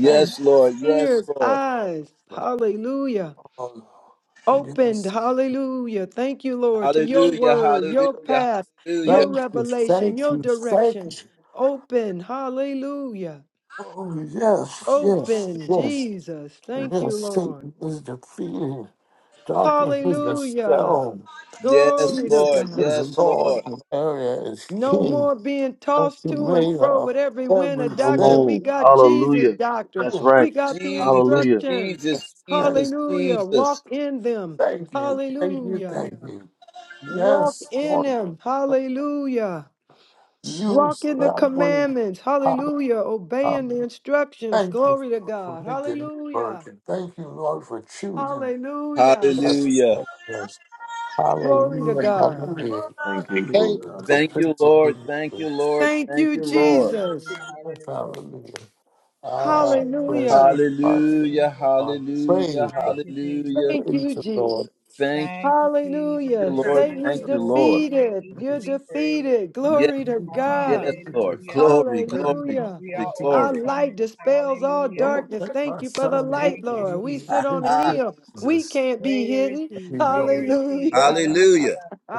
Speaker 5: thank you.
Speaker 1: Lord. Yes,
Speaker 6: Ears,
Speaker 1: Lord.
Speaker 6: eyes. Hallelujah.
Speaker 5: Oh,
Speaker 6: opened.
Speaker 5: yes,
Speaker 6: Hallelujah. Thank you, Lord, to your
Speaker 1: Hallelujah.
Speaker 6: word, your
Speaker 1: Hallelujah.
Speaker 6: path,
Speaker 1: Hallelujah.
Speaker 6: your
Speaker 5: thank you,
Speaker 6: revelation,
Speaker 5: thank
Speaker 6: your
Speaker 5: you, thank
Speaker 6: direction.
Speaker 5: you.
Speaker 6: Open. Hallelujah.
Speaker 5: Oh, yes, yes,
Speaker 6: Open,
Speaker 5: yes.
Speaker 6: Jesus. Thank you,
Speaker 5: Yes,
Speaker 6: Lord.
Speaker 5: Satan is defeated. Darkness is
Speaker 6: Hallelujah.
Speaker 5: dispelled.
Speaker 1: Yes,
Speaker 6: Glory to
Speaker 5: Jesus
Speaker 1: Lord.
Speaker 6: God.
Speaker 5: is
Speaker 1: Yes,
Speaker 5: Lord
Speaker 1: Lord.
Speaker 5: and area is
Speaker 6: No
Speaker 5: King.
Speaker 6: more being tossed to and
Speaker 5: Ultimator
Speaker 6: fro
Speaker 5: of
Speaker 6: with every wind of
Speaker 2: Come
Speaker 6: doctrine.
Speaker 5: everything.
Speaker 6: We
Speaker 2: on.
Speaker 6: got Jesus'
Speaker 2: Hallelujah.
Speaker 6: doctrine.
Speaker 2: That's right.
Speaker 6: We got the
Speaker 1: Jesus,
Speaker 2: Hallelujah.
Speaker 6: instruction.
Speaker 1: Jesus,
Speaker 5: Yes, yes,
Speaker 1: Jesus,
Speaker 6: Hallelujah. Walk
Speaker 1: Jesus.
Speaker 6: in them.
Speaker 5: thank you, thank you,
Speaker 6: Hallelujah.
Speaker 5: thank you.
Speaker 6: Walk
Speaker 5: Yes,
Speaker 6: in
Speaker 5: Lord,
Speaker 6: them. Hallelujah.
Speaker 5: you
Speaker 6: Walk
Speaker 5: say
Speaker 6: in the
Speaker 5: I'm going
Speaker 6: commandments.
Speaker 5: to
Speaker 6: Hallelujah. Obeying
Speaker 5: be
Speaker 6: the instructions.
Speaker 5: Thank you
Speaker 6: Glory to
Speaker 5: for
Speaker 6: God.
Speaker 5: making me work,
Speaker 6: Hallelujah.
Speaker 5: and thank you, Lord, for choosing.
Speaker 6: Hallelujah.
Speaker 5: Yes,
Speaker 1: Hallelujah.
Speaker 5: yes, yes.
Speaker 6: Glory to
Speaker 5: Hallelujah,
Speaker 6: God.
Speaker 5: hallelujah.
Speaker 2: Thank you,
Speaker 5: Thank
Speaker 2: Lord.
Speaker 5: you for
Speaker 1: Thank
Speaker 2: Hallelujah.
Speaker 1: you,
Speaker 5: picking
Speaker 1: Lord. Thank
Speaker 5: me.
Speaker 1: you, Lord.
Speaker 6: Thank
Speaker 1: Thank
Speaker 6: you,
Speaker 1: you, Lord.
Speaker 6: Jesus.
Speaker 5: Yes,
Speaker 7: Hallelujah. Hallelujah.
Speaker 5: Hallelujah.
Speaker 7: Bless
Speaker 5: Oh,
Speaker 7: your wonderful
Speaker 5: praise
Speaker 6: Hallelujah.
Speaker 7: name. Thank
Speaker 5: God.
Speaker 7: you,
Speaker 1: Hallelujah.
Speaker 7: Jesus.
Speaker 5: I
Speaker 1: Hallelujah.
Speaker 5: praise
Speaker 7: Thank
Speaker 5: the
Speaker 7: you, Jesus.
Speaker 1: Hallelujah.
Speaker 6: Thank
Speaker 5: praise
Speaker 6: you,
Speaker 5: the
Speaker 6: Jesus.
Speaker 5: Lord.
Speaker 1: Thank
Speaker 7: Thank you, Jesus.
Speaker 1: you,
Speaker 6: Hallelujah.
Speaker 5: Yes,
Speaker 7: Great
Speaker 1: Lord.
Speaker 7: is
Speaker 6: Satan is
Speaker 5: yes,
Speaker 1: Thank
Speaker 7: the
Speaker 1: you,
Speaker 7: Lord
Speaker 1: Lord.
Speaker 7: and
Speaker 6: defeated.
Speaker 7: greatly to
Speaker 6: You're
Speaker 7: be
Speaker 5: yes,
Speaker 7: praised.
Speaker 6: defeated.
Speaker 1: Yes,
Speaker 6: Glory to God.
Speaker 1: yes,
Speaker 5: yes,
Speaker 1: Lord.
Speaker 5: yes.
Speaker 7: Hallelujah.
Speaker 1: Glory,
Speaker 5: Very
Speaker 1: glory,
Speaker 6: Hallelujah.
Speaker 7: We
Speaker 1: glory,
Speaker 7: are
Speaker 5: anointing to
Speaker 6: Our
Speaker 1: glory.
Speaker 5: keep.
Speaker 6: light
Speaker 7: overcomers.
Speaker 6: dispels all
Speaker 7: Hallelujah.
Speaker 5: Don't
Speaker 6: darkness.
Speaker 5: let
Speaker 6: Thank
Speaker 5: my
Speaker 6: you for the
Speaker 5: son make
Speaker 6: light,
Speaker 7: Thank you,
Speaker 5: me
Speaker 6: Lord. We
Speaker 5: use
Speaker 6: sit
Speaker 1: Ah,
Speaker 7: Jesus.
Speaker 6: on a
Speaker 5: his
Speaker 1: ah.
Speaker 6: hill. We
Speaker 5: Jesus.
Speaker 6: can't be
Speaker 7: Greater is
Speaker 6: hidden.
Speaker 7: He.
Speaker 5: He
Speaker 7: Greater
Speaker 5: done
Speaker 7: is He.
Speaker 6: Hallelujah.
Speaker 1: Hallelujah.
Speaker 7: Hallelujah.
Speaker 5: it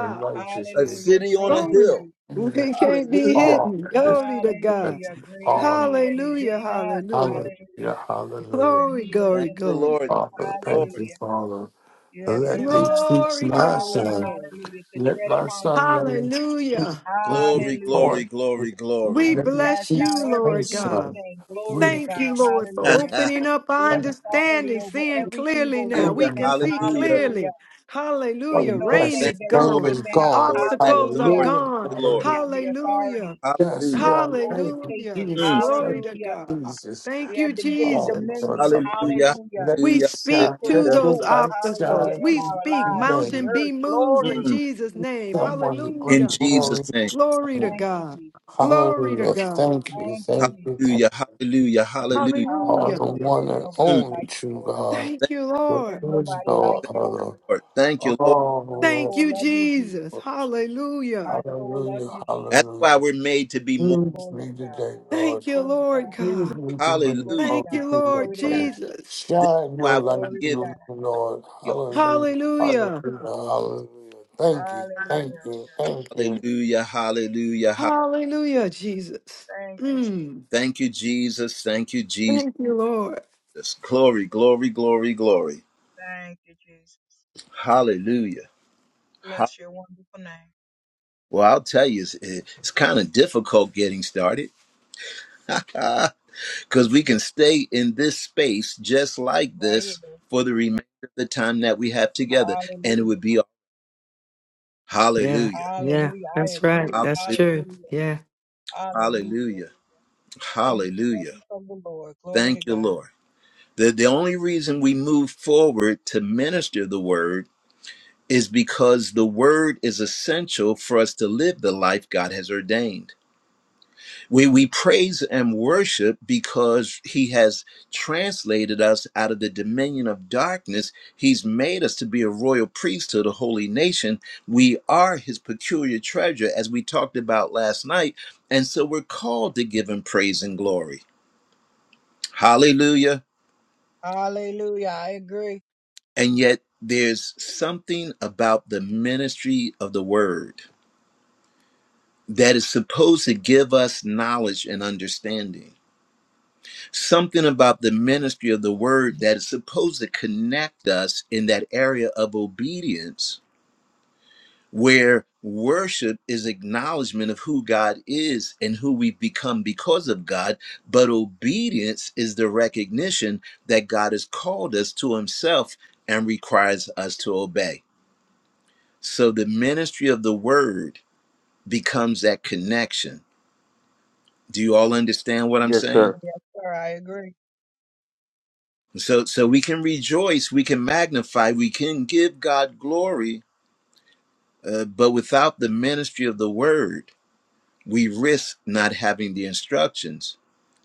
Speaker 1: A
Speaker 5: righteously.
Speaker 7: Hallelujah.
Speaker 1: city on a
Speaker 7: Greater is
Speaker 6: Glory.
Speaker 1: hill.
Speaker 7: He.
Speaker 5: that
Speaker 6: We can't be
Speaker 1: Hallelujah.
Speaker 5: all
Speaker 6: hidden.
Speaker 5: is
Speaker 6: Glory to
Speaker 5: that
Speaker 6: God.
Speaker 7: Hallelujah. Greater is
Speaker 5: all.
Speaker 7: He that is
Speaker 6: Hallelujah.
Speaker 7: in us.
Speaker 6: Hallelujah.
Speaker 5: Hallelujah,
Speaker 7: Hallelujah.
Speaker 5: hallelujah.
Speaker 7: Than
Speaker 6: Glory,
Speaker 7: He that's
Speaker 1: Thank
Speaker 6: glory,
Speaker 7: in
Speaker 1: you,
Speaker 7: this
Speaker 6: glory.
Speaker 1: Lord.
Speaker 7: world.
Speaker 1: Thank
Speaker 5: Father,
Speaker 1: you,
Speaker 5: thank
Speaker 1: Lord.
Speaker 5: you,
Speaker 7: Hallelujah.
Speaker 5: Father.
Speaker 7: You have
Speaker 5: Let
Speaker 7: given
Speaker 5: me
Speaker 7: us the
Speaker 5: teach
Speaker 6: Glory,
Speaker 5: my
Speaker 6: glory,
Speaker 7: power,
Speaker 5: son.
Speaker 6: glory.
Speaker 7: hallelujah, to
Speaker 5: Let
Speaker 7: tread
Speaker 5: my
Speaker 7: upon
Speaker 5: son
Speaker 7: serpents,
Speaker 5: learn
Speaker 6: Hallelujah.
Speaker 5: what you
Speaker 1: Glory,
Speaker 5: taught.
Speaker 1: glory,
Speaker 7: hallelujah,
Speaker 5: me.
Speaker 1: glory, glory.
Speaker 6: We
Speaker 7: and to
Speaker 5: Let me
Speaker 7: cast
Speaker 6: bless
Speaker 5: teach
Speaker 7: down
Speaker 6: you,
Speaker 7: every
Speaker 5: my
Speaker 6: Lord
Speaker 7: evil
Speaker 6: God.
Speaker 5: son.
Speaker 7: thing. Glory
Speaker 5: We
Speaker 7: to
Speaker 6: Thank
Speaker 7: God,
Speaker 6: you,
Speaker 5: bless
Speaker 6: Lord, for
Speaker 5: you. thank
Speaker 7: hallelujah.
Speaker 5: you,
Speaker 1: hallelujah.
Speaker 6: opening up
Speaker 7: We
Speaker 6: our
Speaker 7: have
Speaker 5: thank
Speaker 7: authority
Speaker 6: understanding,
Speaker 7: over
Speaker 6: seeing
Speaker 5: you,
Speaker 7: every
Speaker 6: clearly
Speaker 7: evil,
Speaker 6: now.
Speaker 5: thank
Speaker 7: wicked
Speaker 6: We
Speaker 5: you,
Speaker 6: can
Speaker 7: thing,
Speaker 6: see
Speaker 5: thank you.
Speaker 1: Hallelujah.
Speaker 7: hallelujah.
Speaker 6: clearly. Hallelujah.
Speaker 7: Even
Speaker 5: Oh,
Speaker 7: those
Speaker 6: Rain
Speaker 5: yes, the
Speaker 7: things
Speaker 1: Thank
Speaker 6: is
Speaker 7: that
Speaker 1: you,
Speaker 7: work
Speaker 5: pain
Speaker 1: Lord.
Speaker 6: gone,
Speaker 5: is
Speaker 7: within us,
Speaker 5: gone.
Speaker 1: Lord. Thank
Speaker 6: obstacles
Speaker 1: you,
Speaker 6: are
Speaker 7: hallelujah.
Speaker 1: Lord.
Speaker 5: Hallelujah,
Speaker 1: Thank
Speaker 6: gone.
Speaker 1: you, Lord.
Speaker 7: We
Speaker 5: hallelujah.
Speaker 7: have the
Speaker 6: Hallelujah.
Speaker 7: authority
Speaker 5: Yes,
Speaker 1: Hallelujah.
Speaker 7: to
Speaker 5: Lord, thank you,
Speaker 7: overtake it,
Speaker 6: Hallelujah.
Speaker 1: Mm.
Speaker 5: Jesus.
Speaker 6: Glory
Speaker 5: Thank
Speaker 6: to
Speaker 5: you,
Speaker 7: hallelujah.
Speaker 6: God.
Speaker 5: Jesus.
Speaker 6: Thank
Speaker 7: We
Speaker 6: you,
Speaker 7: have been given
Speaker 5: Oh
Speaker 6: Jesus.
Speaker 5: Lord,
Speaker 7: dominion,
Speaker 5: something.
Speaker 1: Hallelujah.
Speaker 7: hallelujah,
Speaker 5: Let
Speaker 6: We
Speaker 5: it
Speaker 1: Hallelujah.
Speaker 5: shine.
Speaker 6: speak
Speaker 7: to
Speaker 6: to
Speaker 5: Let
Speaker 1: Hallelujah.
Speaker 5: your
Speaker 6: those
Speaker 7: rule,
Speaker 5: light
Speaker 7: hallelujah,
Speaker 6: obstacles.
Speaker 5: shine
Speaker 7: in
Speaker 6: We
Speaker 5: through
Speaker 7: our
Speaker 6: speak,
Speaker 7: lives,
Speaker 5: today.
Speaker 7: in the
Speaker 6: mountain be
Speaker 7: earth.
Speaker 6: moved in
Speaker 7: Glory.
Speaker 1: Mm.
Speaker 6: Jesus' name.
Speaker 7: Thank you,
Speaker 5: Someone to
Speaker 7: Jesus.
Speaker 5: bring
Speaker 1: In
Speaker 6: Hallelujah.
Speaker 1: Jesus'
Speaker 5: glory to
Speaker 1: name.
Speaker 6: Glory
Speaker 5: your
Speaker 6: to
Speaker 5: name.
Speaker 7: Thank you,
Speaker 6: God.
Speaker 7: Jesus.
Speaker 6: Glory to
Speaker 5: Hallelujah.
Speaker 6: God.
Speaker 5: Thank you.
Speaker 7: Thank you,
Speaker 5: Thank you.
Speaker 7: Jesus.
Speaker 5: Thank
Speaker 1: Hallelujah. Hallelujah.
Speaker 5: you.
Speaker 1: Hallelujah.
Speaker 5: All
Speaker 6: Hallelujah.
Speaker 5: the
Speaker 7: Hallelujah.
Speaker 5: one
Speaker 7: There's
Speaker 5: and
Speaker 7: nobody
Speaker 1: Mm.
Speaker 5: only
Speaker 7: like you,
Speaker 5: true
Speaker 7: Lord.
Speaker 5: God.
Speaker 6: Thank
Speaker 1: Thank
Speaker 6: you, Lord.
Speaker 7: There's
Speaker 5: There is
Speaker 7: nobody like
Speaker 5: no
Speaker 7: you,
Speaker 5: other.
Speaker 7: Lord.
Speaker 1: you, Lord. Thank
Speaker 5: Oh,
Speaker 1: you, Lord.
Speaker 7: My
Speaker 5: Lord.
Speaker 6: Thank
Speaker 7: soul
Speaker 6: you,
Speaker 7: love you,
Speaker 6: Jesus.
Speaker 7: Jesus.
Speaker 5: Lord.
Speaker 6: Hallelujah.
Speaker 7: My soul love
Speaker 5: Hallelujah.
Speaker 7: you, Jesus.
Speaker 1: That's
Speaker 5: Hallelujah.
Speaker 1: why we're made to be more.
Speaker 5: Use
Speaker 7: Glory to
Speaker 5: me
Speaker 7: God.
Speaker 5: today, Lord.
Speaker 6: Thank you,
Speaker 7: Glory to
Speaker 6: Lord
Speaker 7: God.
Speaker 6: God.
Speaker 5: Use me to bring
Speaker 7: Glory
Speaker 1: Hallelujah.
Speaker 7: to
Speaker 5: all
Speaker 6: Thank
Speaker 5: the
Speaker 7: God.
Speaker 6: you,
Speaker 5: people
Speaker 6: Lord
Speaker 7: Glory to
Speaker 5: in.
Speaker 7: God.
Speaker 6: Jesus.
Speaker 1: This is
Speaker 5: Shine your
Speaker 1: why we
Speaker 5: light
Speaker 1: can
Speaker 7: Glory to
Speaker 1: give
Speaker 5: through me,
Speaker 7: God.
Speaker 5: Lord.
Speaker 1: God
Speaker 5: Hallelujah.
Speaker 1: thanks.
Speaker 5: Hallelujah.
Speaker 6: Hallelujah.
Speaker 5: Hallelujah. Thank you. Thank
Speaker 7: Hallelujah.
Speaker 5: you. Thank you.
Speaker 1: Hallelujah. Hallelujah. Hallelujah.
Speaker 6: Hallelujah, Jesus.
Speaker 7: Thank you, Jesus.
Speaker 6: Mm.
Speaker 1: Thank you, Jesus. Thank you, Jesus.
Speaker 6: Thank you, Lord.
Speaker 1: Glory, glory, glory, glory.
Speaker 7: Thank you, Jesus.
Speaker 1: Hallelujah. Ha-
Speaker 7: Bless your wonderful name.
Speaker 1: Well, I'll tell you, it's, it's kind of difficult getting started because we can stay in this space just like
Speaker 7: Right here.
Speaker 1: this for the remainder of the time that we have together. And it
Speaker 7: Hallelujah.
Speaker 1: would be
Speaker 6: Yeah,
Speaker 1: hallelujah.
Speaker 6: yeah,
Speaker 7: Hallelujah. I
Speaker 6: that's right.
Speaker 7: agree.
Speaker 6: That's
Speaker 1: Hallelujah.
Speaker 6: true.
Speaker 7: Hallelujah.
Speaker 6: Yeah.
Speaker 7: Hallelujah.
Speaker 1: Hallelujah.
Speaker 7: In the
Speaker 1: Hallelujah.
Speaker 7: presence of the Lord. Glory to
Speaker 1: Thank you,
Speaker 7: God.
Speaker 1: Lord. The, the only reason we move forward to minister the word is because the word is essential for us to live the life God has ordained. We, we praise and worship because he has translated us out of the dominion of darkness. He's made us to be a royal priesthood, a holy nation. We are his peculiar treasure, as we talked about last night. And so we're called to give him praise and glory. Hallelujah.
Speaker 7: Hallelujah. I agree.
Speaker 1: And yet there's something about the ministry of the word that is supposed to give us knowledge and understanding. Something about the ministry of the word that is supposed to connect us in that area of obedience where worship is acknowledgement of who God is and who we've become because of God, but obedience is the recognition that God has called us to himself and requires us to obey. So the ministry of the word becomes that connection. Do you all understand what I'm
Speaker 2: Yes, sir.
Speaker 1: saying?
Speaker 7: Yes, sir. I agree.
Speaker 1: So, so we can rejoice, we can magnify, we can give God glory, uh, but without the ministry of the word, we risk not having the instructions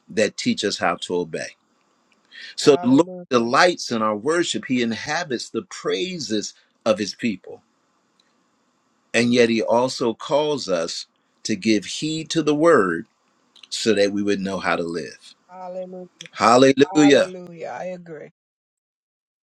Speaker 1: that teach us how to obey. So, the Lord
Speaker 7: Hallelujah.
Speaker 1: delights in our worship, He inhabits the praises of His people. And yet, He also calls us to give heed to the word so that we would know how to live.
Speaker 7: Hallelujah.
Speaker 1: Hallelujah.
Speaker 7: Hallelujah. I agree. Thank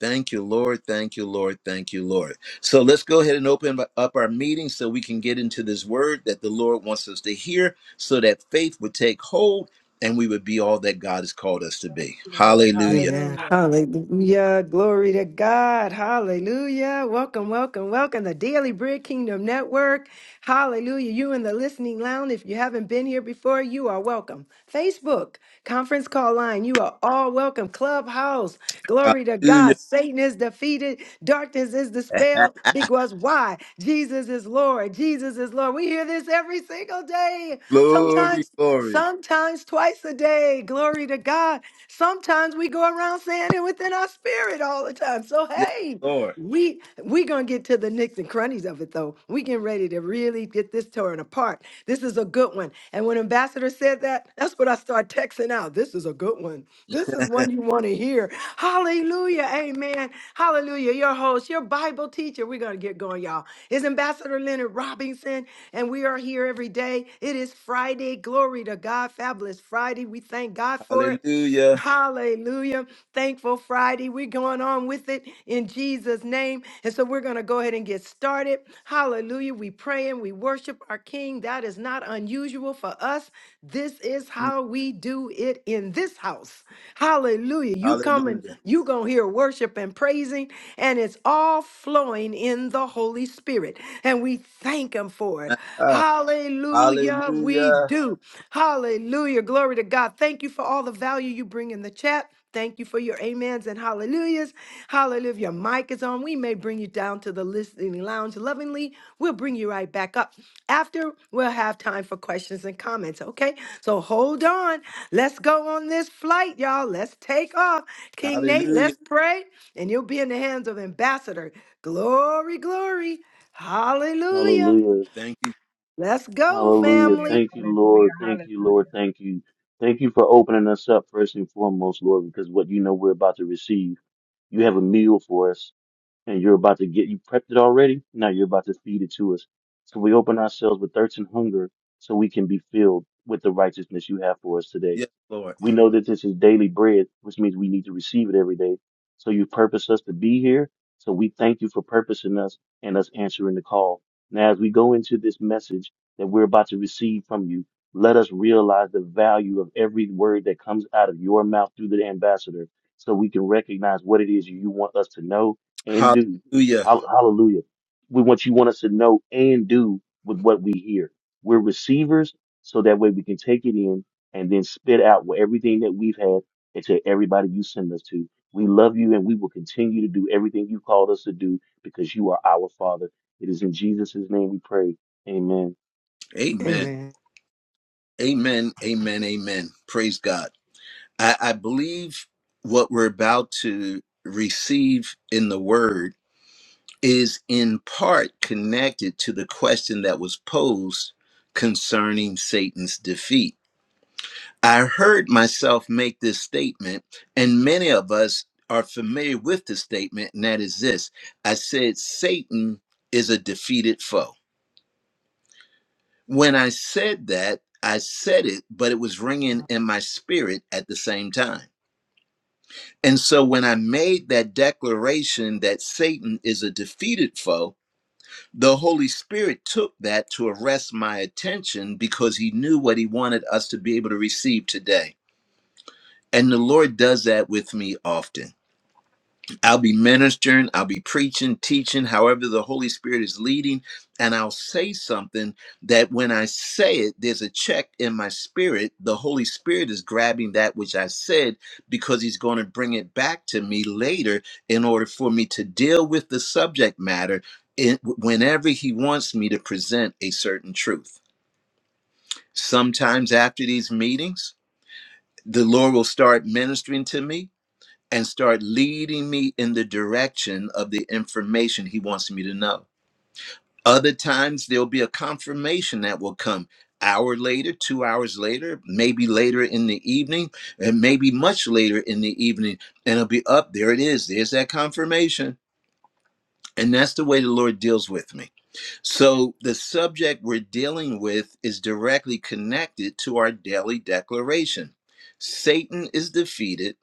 Speaker 1: Thank you, Lord. Thank you, Lord. Thank you, Lord. So let's go ahead and open up our meeting so we can get into this word that the Lord wants us to hear so that faith would take hold and we would be all that God has called us to be.
Speaker 7: you, Lord.
Speaker 1: Hallelujah.
Speaker 6: Amen.
Speaker 7: Hallelujah.
Speaker 6: Hallelujah. Glory to God. Hallelujah. Welcome, welcome, welcome. The Daily Bread Kingdom Network. Hallelujah. You in the listening lounge. If you haven't been here before, you are welcome. Facebook, conference call line. You are all welcome. Clubhouse. Glory to God.
Speaker 1: Hallelujah.
Speaker 6: Satan is defeated. Darkness is dispelled. Because why? Jesus is Lord. Jesus is Lord. We hear this every single day.
Speaker 1: Glory,
Speaker 6: Sometimes
Speaker 1: glory.
Speaker 6: sometimes twice a day. Glory to God. Sometimes we go around saying it within our spirit all the time. So
Speaker 1: Yes,
Speaker 6: hey,
Speaker 1: Lord.
Speaker 6: we we gonna get to the nicks and crunnies of it though. We getting ready to really get this torn apart. This is a good one. And when Ambassador said that, that's what I start texting out. This is a good one. This is one you want to hear. Hallelujah. Amen. Hallelujah. Your host, your Bible teacher. We're gonna get going, y'all. Is Ambassador Leonard Robinson, and we are here every day. It is Friday. Glory to God. Fabulous Friday. We thank God for it.
Speaker 1: Hallelujah.
Speaker 6: Hallelujah. Thankful Friday. We're going on with it in Jesus' name. And so we're going to go ahead and get started. Hallelujah. We pray and we worship our King. That is not unusual for us. This is
Speaker 1: Mm,
Speaker 6: how we do it in this house. Hallelujah. You coming,
Speaker 1: Hallelujah.
Speaker 6: you gonna on here worship and praising, and it's all flowing in the Holy Spirit. And we thank Him for it.
Speaker 1: Ah,
Speaker 6: Hallelujah, we
Speaker 1: Hallelujah.
Speaker 6: do. Hallelujah, glory to God. Thank you for all the value you bring in the chat. Thank you for your amens and hallelujahs. Hallelujah. If Your mic is on. We may bring you down to the listening lounge lovingly. We'll bring you right back up. After, we'll have time for questions and comments, okay? So hold on. Let's go on this flight, y'all. Let's take off. King Nate,
Speaker 1: Hallelujah.
Speaker 6: let's pray, and you'll be in the hands of Ambassador. Glory, glory. Hallelujah.
Speaker 2: Hallelujah.
Speaker 1: Thank you.
Speaker 6: Let's go,
Speaker 2: Hallelujah.
Speaker 7: Hallelujah.
Speaker 6: family.
Speaker 2: Thank you, Lord.
Speaker 7: Hallelujah.
Speaker 2: Thank you, Lord.
Speaker 7: Hallelujah.
Speaker 2: Thank you. Thank you for opening us up first and foremost, Lord, because what you know we're about to receive. You have a meal for us and you're about to get you prepped it already. Now you're about to feed it to us. So we open ourselves with thirst and hunger so we can be filled with the righteousness you have for us today.
Speaker 1: Yes, Lord.
Speaker 2: We know that this is daily bread, which means we need to receive it every day. So you purpose us to be here. So we thank you for purposing us and us answering the call. Now, as we go into this message that we're about to receive from you, let us realize the value of every word that comes out of your mouth through the ambassador so we can recognize what it is you want us to know and do.
Speaker 1: Hallelujah.
Speaker 2: Hall- Hallelujah. We want you want us to know and do with what we hear. We're receivers, so that way we can take it in and then spit out what- everything that we've had into everybody you send us to. We love you and we will continue to do everything you called us to do because you are our Father. It is in Jesus' name we pray. Amen.
Speaker 1: Amen.
Speaker 6: Amen.
Speaker 1: Amen. Amen. Amen. Praise God. I, I believe what we're about to receive in the word is in part connected to the question that was posed concerning Satan's defeat. I heard myself make this statement, and many of us are familiar with the statement, and that is this I said, Satan is a defeated foe. When I said that, I said it, but it was ringing in my spirit at the same time And so when I made that declaration that Satan is a defeated foe, the Holy Spirit took that to arrest my attention because he knew what he wanted us to be able to receive today. And the Lord does that with me often. I'll be ministering, I'll be preaching, teaching, however the Holy Spirit is leading, and I'll say something that when I say it, there's a check in my spirit. The Holy Spirit is grabbing that which I said because He's going to bring it back to me later in order for me to deal with the subject matter in, whenever He wants me to present a certain truth. Sometimes after these meetings, the Lord will start ministering to me and start leading me in the direction of the information he wants me to know. Other times, there'll be a confirmation that will come hour later, two hours later, maybe later in the evening, and maybe much later in the evening. And it'll be up there it is. There's that confirmation. And that's the way the Lord deals with me. So the subject we're dealing with is directly connected to our daily declaration. Satan is defeated,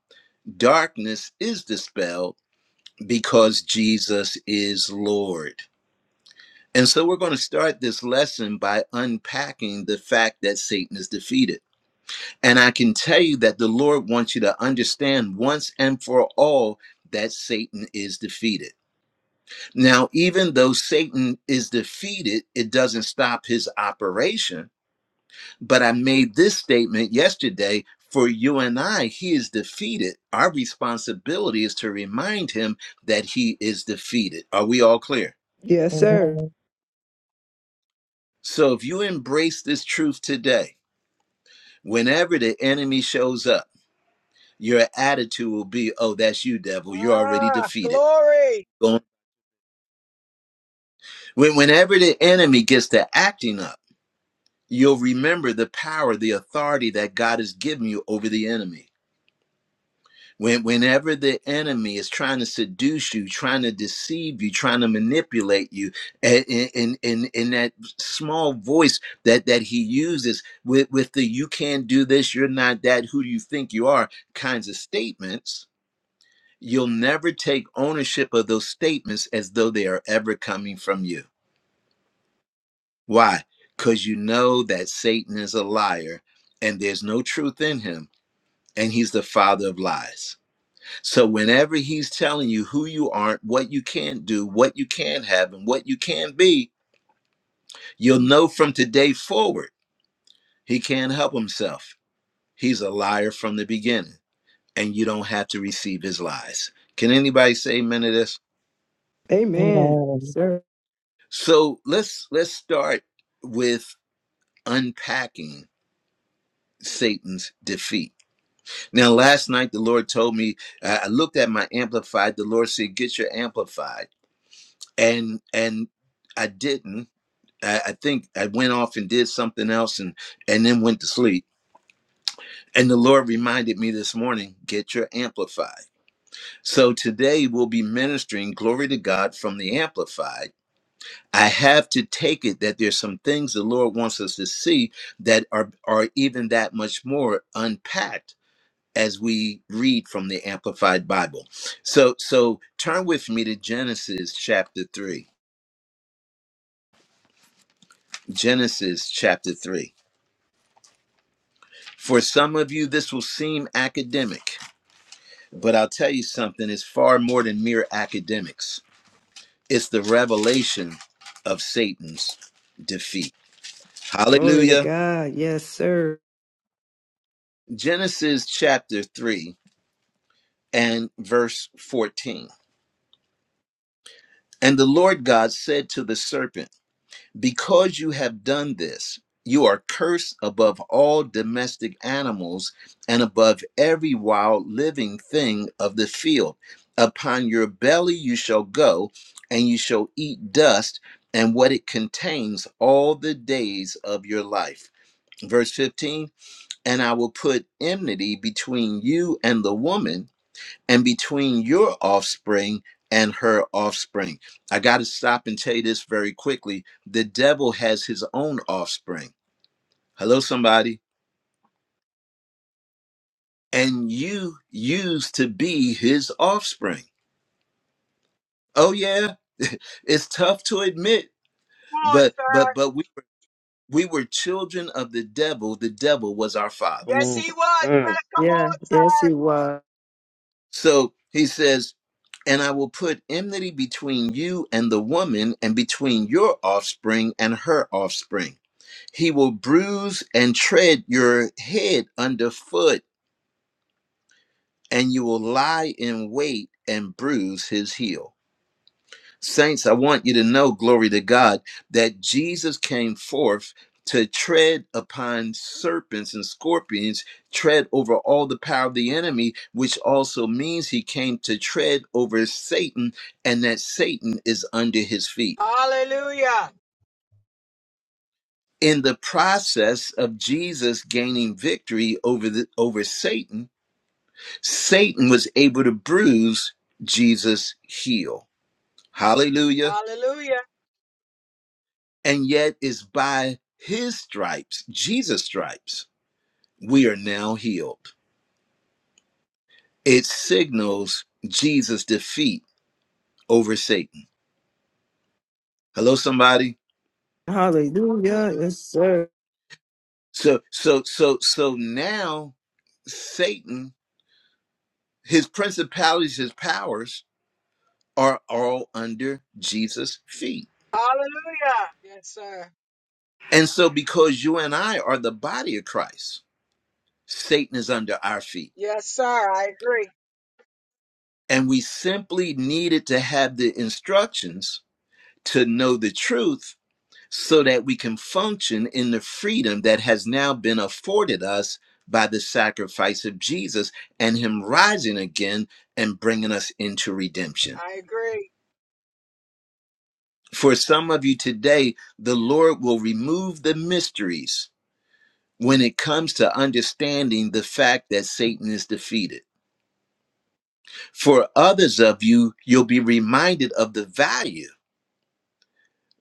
Speaker 1: darkness is dispelled because Jesus is Lord. And so we're going to start this lesson by unpacking the fact that Satan is defeated. And I can tell you that the Lord wants you to understand once and for all that Satan is defeated. Now, even though Satan is defeated, it doesn't stop his operation. But I made this statement yesterday for you and I, he is defeated. Our responsibility is to remind him that he is defeated. Are we all clear?
Speaker 6: Yes,
Speaker 3: Amen.
Speaker 6: sir.
Speaker 1: So if you embrace this truth today, whenever the enemy shows up, your attitude will be, oh, that's you, devil. You're already
Speaker 7: Ah,
Speaker 1: defeated.
Speaker 7: glory.
Speaker 1: Going- When, whenever the enemy gets to acting up, you'll remember the power, the authority that God has given you over the enemy. When, whenever the enemy is trying to seduce you, trying to deceive you, trying to manipulate you, and in in in that small voice that that he uses with with the "you can't do this," "you're not that," "who do you think you are" kinds of statements, you'll never take ownership of those statements as though they are ever coming from you. Why? Because you know that Satan is a liar, and there's no truth in him, and he's the father of lies So whenever he's telling you who you aren't, what you can't do, what you can not have, and what you can be, you'll know from today forward he can't help himself. He's a liar from the beginning, and you don't have to receive his lies. Can anybody say amen to this?
Speaker 6: Amen. Yes,
Speaker 3: Amen.
Speaker 6: Sir.
Speaker 1: So let's let's start with unpacking Satan's defeat. Now, last night the Lord told me I I looked at my amplified. The Lord said, "Get your amplified," and and I didn't I, I think I went off and did something else and and then went to sleep. And the Lord reminded me this morning, get your amplified. So today we'll be ministering glory to God from the amplified. I have to take it that there's some things the Lord wants us to see that are are even that much more unpacked as we read from the amplified Bible. So so turn with me to Genesis chapter 3. Genesis chapter 3 For some of you, this will seem academic, but I'll tell you something, it's far more than mere academics. It's the revelation of Satan's defeat.
Speaker 6: Glory to
Speaker 1: Hallelujah.
Speaker 6: God. Yes, sir.
Speaker 1: Genesis chapter 3 and verse 14. And the Lord God said to the serpent, Because you have done this, you are cursed above all domestic animals and above every wild living thing of the field. Upon your belly you shall go, and you shall eat dust and what it contains all the days of your life. Verse 15 And I will put enmity between you and the woman and between your offspring and her offspring. I got to stop and tell you this very quickly. The devil has his own offspring. Hello, somebody. And you used to be his offspring. Oh, yeah. it's tough to admit,
Speaker 7: Come on,
Speaker 1: but, but,
Speaker 7: sir.
Speaker 1: but we, we were children of the devil. The devil was our father.
Speaker 2: Come
Speaker 7: Yes,
Speaker 2: on.
Speaker 7: he was. You
Speaker 2: Mm.
Speaker 7: better
Speaker 6: Yeah. Yes, he was.
Speaker 1: So he says, and I will put enmity between you and the woman, and between your offspring and her offspring. He will bruise and tread your head underfoot, and you will lie in wait and bruise his heel. Saints, I want you to know, glory to God, that Jesus came forth to tread upon serpents and scorpions, tread over all the power of the enemy, which also means he came to tread over Satan, and that Satan is under his feet.
Speaker 7: come on, sir. Hallelujah.
Speaker 1: In the process of Jesus gaining victory over the, over Satan, Satan was able to bruise Jesus' heel. Hallelujah.
Speaker 7: Hallelujah.
Speaker 1: And yet it's by his stripes, Jesus' stripes, we are now healed. It signals Jesus' defeat over Satan. Hello, somebody.
Speaker 6: Hallelujah. Yes, sir.
Speaker 1: So, so, so, so now Satan, his principalities, his powers are all under Jesus' feet.
Speaker 7: Hallelujah. Yes, sir.
Speaker 1: And so, because you and I are the body of Christ, Satan is under our feet.
Speaker 7: Yes, sir. I agree.
Speaker 1: And we simply needed to have the instructions to know the truth so that we can function in the freedom that has now been afforded us by the sacrifice of Jesus and Him rising again and bringing us into redemption.
Speaker 7: I agree.
Speaker 1: For some of you today, the Lord will remove the mysteries when it comes to understanding the fact that Satan is defeated. For others of you, you'll be reminded of the value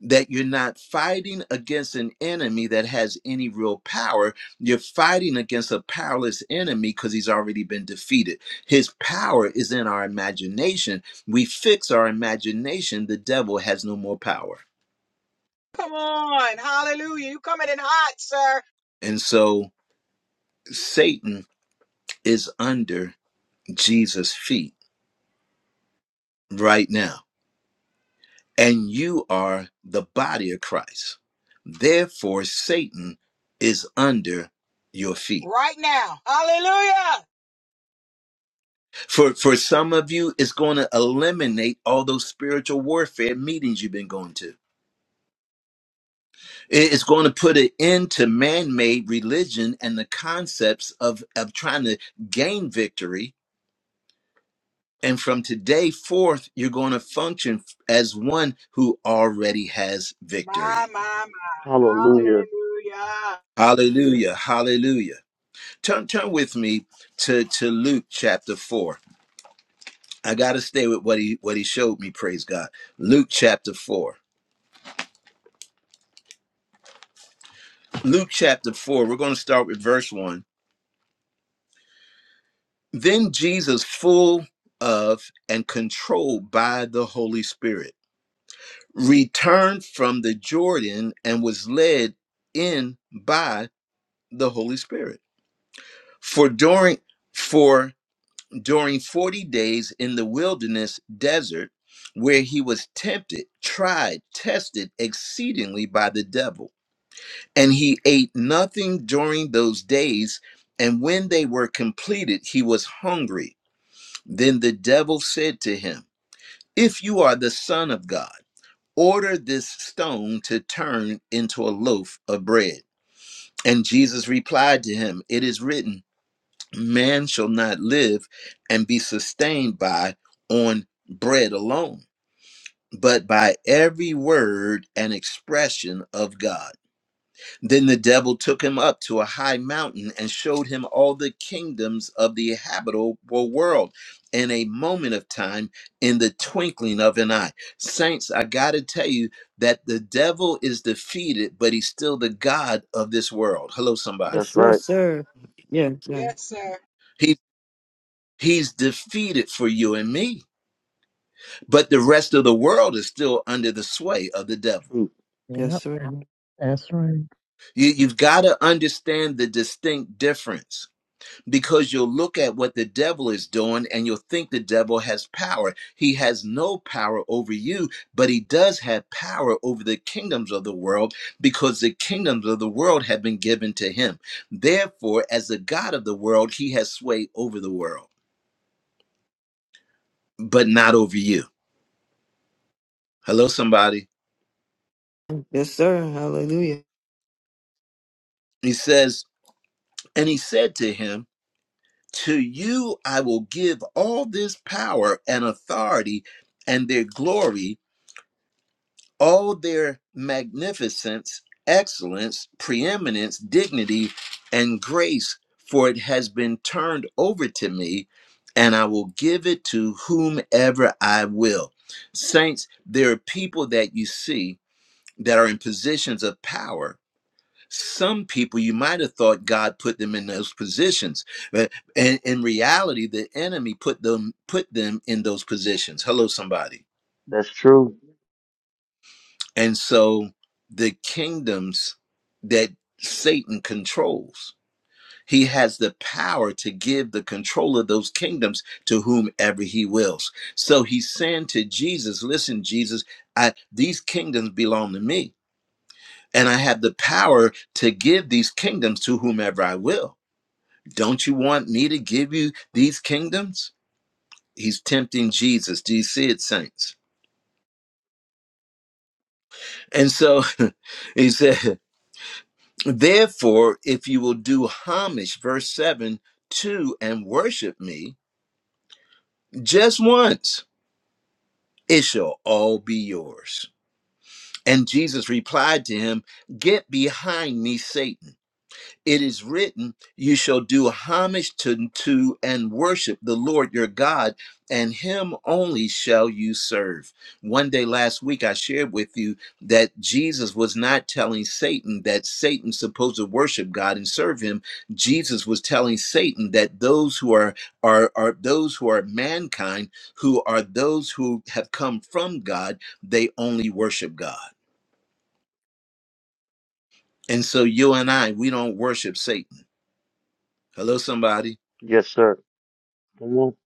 Speaker 1: that you're not fighting against an enemy that has any real power. You're fighting against a powerless enemy because he's already been defeated. His power is in our imagination. We fix our imagination, the devil has no more power.
Speaker 7: Come on. Hallelujah. You coming in hot, sir.
Speaker 1: And so Satan is under Jesus' feet right now. And you are the body of Christ. Therefore, Satan is under your feet.
Speaker 7: Right now. Hallelujah.
Speaker 1: For for some of you, it's going to eliminate all those spiritual warfare meetings you've been going to. It- It's going to put an end to man-made religion and the concepts of, of trying to gain victory. And from today forth, you're going to function as one who already has
Speaker 7: My,
Speaker 1: victory.
Speaker 7: my,
Speaker 2: Hallelujah.
Speaker 7: my. Hallelujah.
Speaker 1: Hallelujah. Hallelujah. Turn turn with me to, to Luke chapter four. I gotta stay with what he what he showed me, praise God. Luke chapter four. Luke chapter 4, we're going to start with verse 1. Then Jesus, full of and controlled by the Holy Spirit, returned from the Jordan and was led in by the Holy Spirit. For during for during 40 days in the wilderness desert where he was tempted, tried, tested exceedingly by the devil. And he ate nothing during those days. And when they were completed, he was hungry. Then the devil said to him, If you are the Son of God, order this stone to turn into a loaf of bread. And Jesus replied to him, It is written, Man shall not live and be sustained by on bread alone, but by every word and expression of God. Then the devil took him up to a high mountain and showed him all the kingdoms of the habitable world in a moment of time, in the twinkling of an eye. Saints, I got to tell you that the devil is defeated, but he's still the God of this world. Hello, somebody.
Speaker 2: That's
Speaker 6: Yes, yes,
Speaker 2: right.
Speaker 6: sir. Yes, sir.
Speaker 7: Yes, sir.
Speaker 1: He, he's defeated for you and me, but the rest of the world is still under the sway of the devil.
Speaker 2: True.
Speaker 6: Yes,
Speaker 3: Yep,
Speaker 6: sir.
Speaker 3: that's right.
Speaker 1: You, you've got to understand the distinct difference because you'll look at what the devil is doing and you'll think the devil has power. He has no power over you, but he does have power over the kingdoms of the world because the kingdoms of the world have been given to him. Therefore, as the God of the world, he has sway over the world, but not over you. Hello, somebody.
Speaker 6: Yes, sir. Hallelujah.
Speaker 1: He says, and he said to him, To you I will give all this power and authority and their glory all their magnificence, excellence, preeminence, dignity, and grace, for it has been turned over to me, and I will give it to whomever I will. Saints, there are people that you see that are in positions of power. Some people you might have thought God put them in those positions, but in, in reality, the enemy put them put them in those positions. Hello, somebody.
Speaker 2: That's true.
Speaker 1: And so the kingdoms that Satan controls, he has the power to give the control of those kingdoms to whomever he wills. So he's saying to Jesus, listen, Jesus, I, these kingdoms belong to me, and I have the power to give these kingdoms to whomever I will. Don't you want me to give you these kingdoms? He's tempting Jesus. Do you see it, saints? And so he said. Therefore, if you will do homage, verse 7, to and worship me just once, it shall all be yours. And Jesus replied to him, Get behind me, Satan. it is written, You shall do homage to, to and worship the Lord your God, and him only shall you serve. One day last week, I shared with you that Jesus was not telling Satan that Satan's supposed to worship God and serve him. Jesus was telling Satan that those who are, are, are those who are mankind, who are those who have come from God, they only worship God. And so you and I, we don't worship Satan. Hello, somebody.
Speaker 2: Yes, sir. Come on.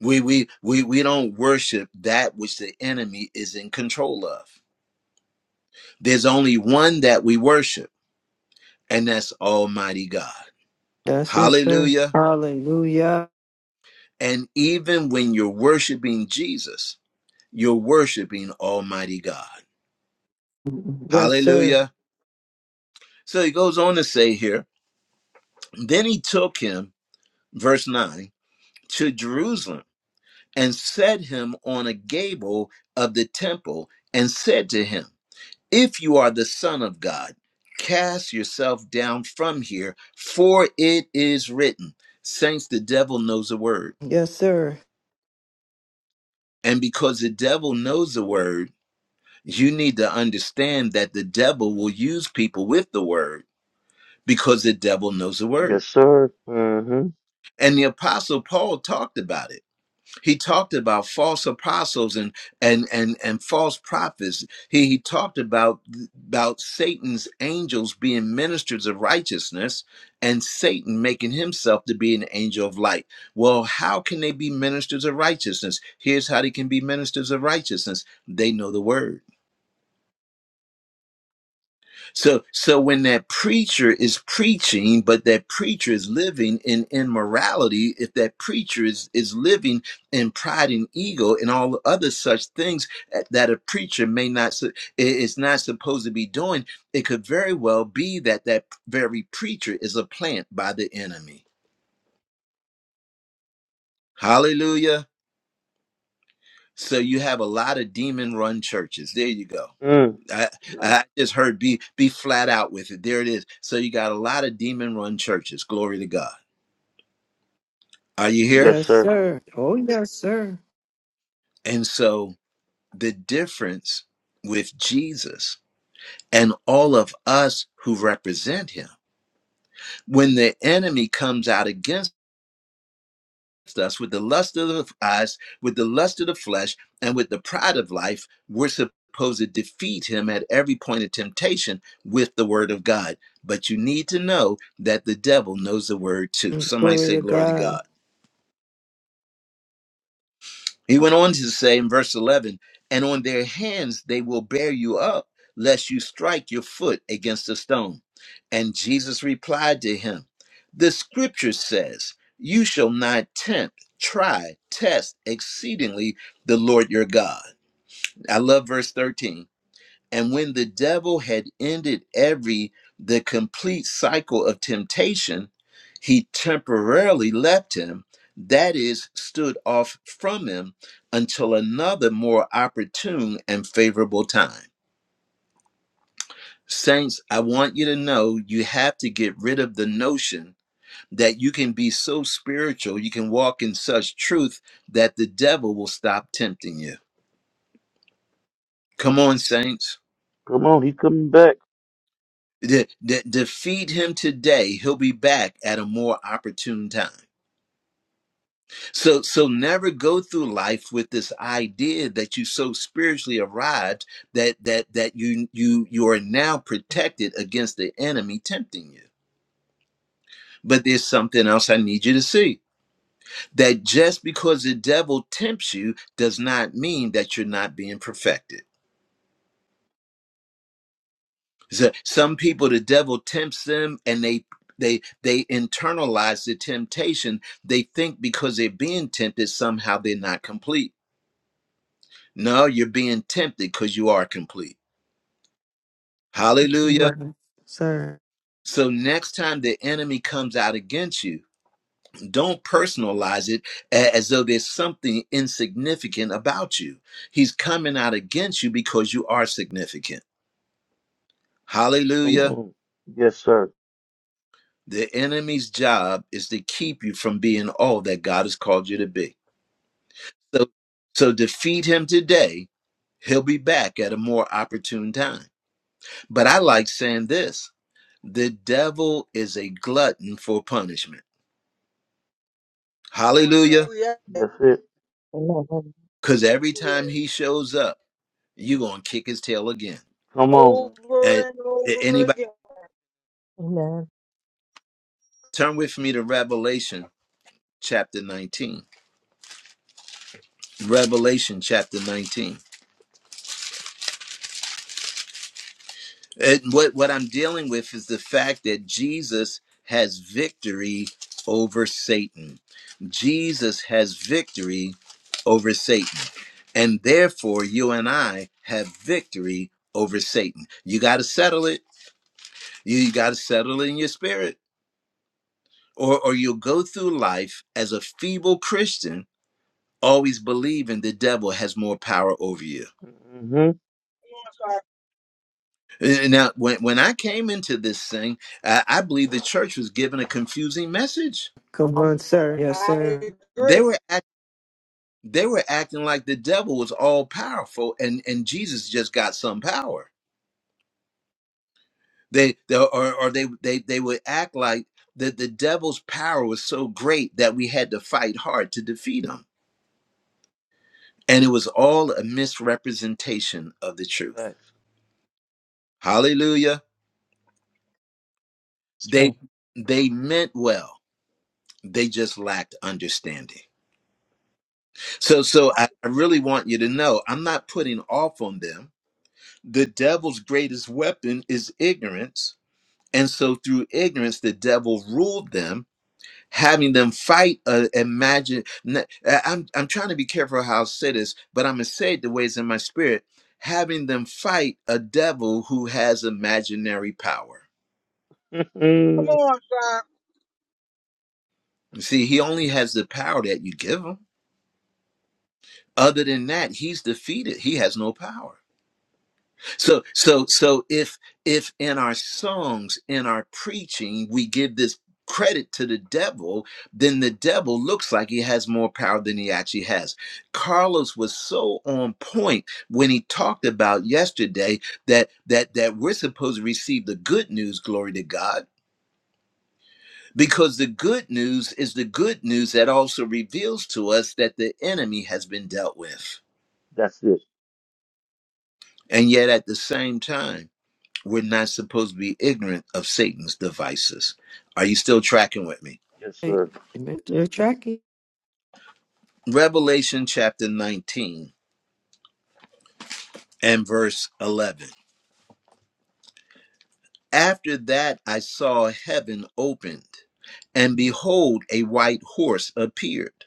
Speaker 1: We we we we don't worship that which the enemy is in control of. There's only one that we worship, and that's Almighty God.
Speaker 6: That's it, sir.
Speaker 1: Hallelujah.
Speaker 6: Hallelujah.
Speaker 1: And even when you're worshiping Jesus, you're worshiping Almighty God.
Speaker 6: Yes, sir.
Speaker 1: Hallelujah. So he goes on to say here, then he took him, verse 9, to Jerusalem and set him on a gable of the temple and said to him, If you are the Son of God, cast yourself down from here, for it is written. Saints, the devil knows a word.
Speaker 6: Yes, sir.
Speaker 1: And because the devil knows the word, you need to understand that the devil will use people with the word because the devil knows the
Speaker 2: Yes,
Speaker 1: word.
Speaker 2: sir. hmm
Speaker 1: And the apostle Paul talked about it He talked about false apostles and and and and false prophets. He, he talked about about Satan's angels being ministers of righteousness and Satan making himself to be an angel of light. Well, how can they be ministers of righteousness? Here's how they can be ministers of righteousness. They know the word so so when that preacher is preaching, but that preacher is living in immorality, if that preacher is, is living in pride and ego and all other such things that a preacher may not su- is not supposed to be doing, it could very well be that that very preacher is a plant by the enemy. Hallelujah. So you have a lot of demon run churches. There you go.
Speaker 2: Mm.
Speaker 1: I,
Speaker 2: Yeah.
Speaker 1: I just heard be be flat out with it. There it is. So you got a lot of demon run churches. Glory to God. Are you here?
Speaker 2: Yes,
Speaker 6: Yes,
Speaker 2: sir.
Speaker 6: sir. Oh, yes, sir.
Speaker 1: And so the difference with Jesus and all of us who represent him, when the enemy comes out against us with the lust of the eyes, with the lust of the flesh, and with the pride of life, we're supposed to defeat him at every point of temptation with the word of God. But you need to know that the devil knows the word too. Somebody
Speaker 6: Glory
Speaker 1: say,
Speaker 6: to
Speaker 1: Glory to
Speaker 6: God.
Speaker 1: God. He went on to say in verse 11, and on their hands they will bear you up, lest you strike your foot against a stone. And Jesus replied to him, The scripture says, You shall not tempt, try, test exceedingly the Lord your God. I love verse 13 and when the devil had ended every the complete cycle of temptation, he temporarily left him, that is, stood off from him until another more opportune and favorable time. Saints, I want you to know you have to get rid of the notion that you can be so spiritual, you can walk in such truth that the devil will stop tempting you. Come on, Saints.
Speaker 2: Come on. He's coming back.
Speaker 1: De- de- defeat him today he'll be back at a more opportune time so so never go through life with this idea that you so spiritually arrived that that that you you you are now protected against the enemy tempting you but there's something else i need you to see that just because the devil tempts you does not mean that you're not being perfected So some people the devil tempts them and they they they internalize the temptation. They think because they're being tempted somehow they're not complete. No, you're being tempted because you are complete. Hallelujah.
Speaker 6: Right. Sir.
Speaker 1: So next time the enemy comes out against you, don't personalize it a- as though there's something insignificant about you. He's coming out against you because you are significant.
Speaker 2: Come
Speaker 1: Hallelujah.
Speaker 2: on. Yes, sir.
Speaker 1: The enemy's job is to keep you from being all that God has called you to be. So, so defeat him today. He'll be back at a more opportune time. But I like saying this the devil is a glutton for punishment.
Speaker 7: Come on, sir.
Speaker 1: Hallelujah.
Speaker 7: Yes,
Speaker 2: That's it.
Speaker 3: Amen.
Speaker 1: Because
Speaker 7: yes,
Speaker 1: every
Speaker 7: he
Speaker 1: time
Speaker 7: is.
Speaker 1: he shows up, you're going to kick his tail again.
Speaker 2: Come on.
Speaker 7: Over
Speaker 1: And
Speaker 7: and
Speaker 1: a-
Speaker 7: over
Speaker 1: anybody
Speaker 7: again.
Speaker 3: Amen.
Speaker 1: turn with me to Revelation chapter 19. Revelation chapter 19. And what what I'm dealing with is the fact that Jesus has victory over Satan. Jesus has victory over Satan. And therefore you and I have victory over Satan. You got to settle it. You, you got to settle it in your spirit or or you'll go through life as a feeble Christian always believing the devil has more power over you.
Speaker 2: hmm
Speaker 7: Come on, sir.
Speaker 1: Uh, Now, when, when I came into this thing, I, I believe the church was given a confusing message.
Speaker 6: Come on, sir. Yes,
Speaker 7: I
Speaker 6: sir.
Speaker 1: They
Speaker 7: agree.
Speaker 1: were act, they were acting like the devil was all powerful, and and Jesus just got some power. They, they or or they they they would act like that the devil's power was so great that we had to fight hard to defeat him, and it was all a misrepresentation of the truth.
Speaker 2: Facts.
Speaker 1: Hallelujah!
Speaker 3: That's
Speaker 1: They
Speaker 3: right.
Speaker 1: they meant well. They just lacked understanding. So, so I, I really want you to know I'm not putting off on them. The devil's greatest weapon is ignorance. And so, through ignorance, the devil ruled them, having them fight. Uh, imagine, n- I- I'm, I'm trying to be careful how I say this, but I'm going to say it the ways in my spirit, having them fight a devil who has imaginary power.
Speaker 7: Come on, sir.
Speaker 1: You See, he only has the power that you give him. Other than that, he's defeated, he has no power. So so so if if in our songs, in our preaching, we give this credit to the devil, then the devil looks like he has more power than he actually has. Carlos was so on point when he talked about yesterday that that that we're supposed to receive the good news, glory to God, because the good news is the good news that also reveals to us that the enemy has been dealt with.
Speaker 2: That's it.
Speaker 1: And yet at the same time we're not supposed to be ignorant of Satan's devices. Are you still tracking with me?
Speaker 2: Yes,
Speaker 6: Hey,
Speaker 2: sir.
Speaker 6: admit You're tracking.
Speaker 1: Revelation chapter 19 and verse 11. After that, I saw heaven opened, and behold, a white horse appeared.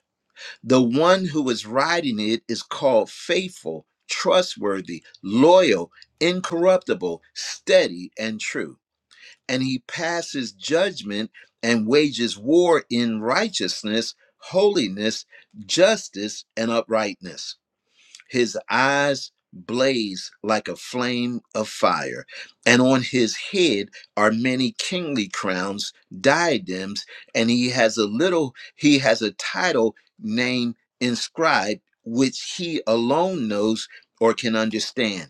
Speaker 1: The one who was riding it is called faithful, trustworthy, loyal, incorruptible, steady, and true and he passes judgment and wages war in righteousness, holiness, justice, and uprightness. His eyes blaze like a flame of fire, and on his head are many kingly crowns, diadems, and he has a little, he has a title name inscribed, which he alone knows or can understand.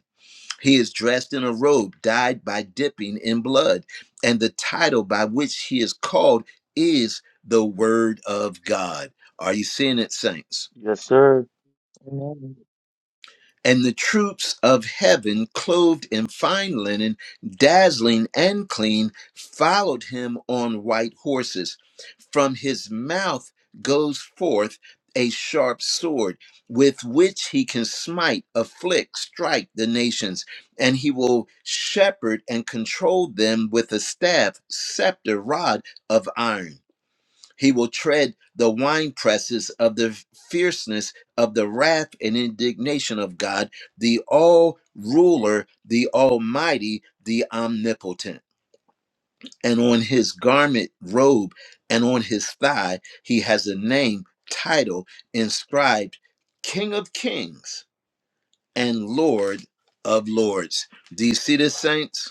Speaker 1: He is dressed in a robe dyed by dipping in blood, and the title by which he is called is the Word of God. Are you seeing it, saints?
Speaker 2: Yes, sir.
Speaker 3: Amen.
Speaker 1: and the troops of heaven, clothed in fine linen, dazzling and clean, followed him on white horses. From his mouth goes forth a sharp sword, with which he can smite, afflict, strike the nations, and he will shepherd and control them with a staff, scepter, rod of iron. He will tread the wine presses of the fierceness of the wrath and indignation of God, the all ruler, the almighty, the omnipotent. And on his garment, robe, and on his thigh, he has a name, title inscribed King of Kings and Lord of Lords. Do you see this, saints?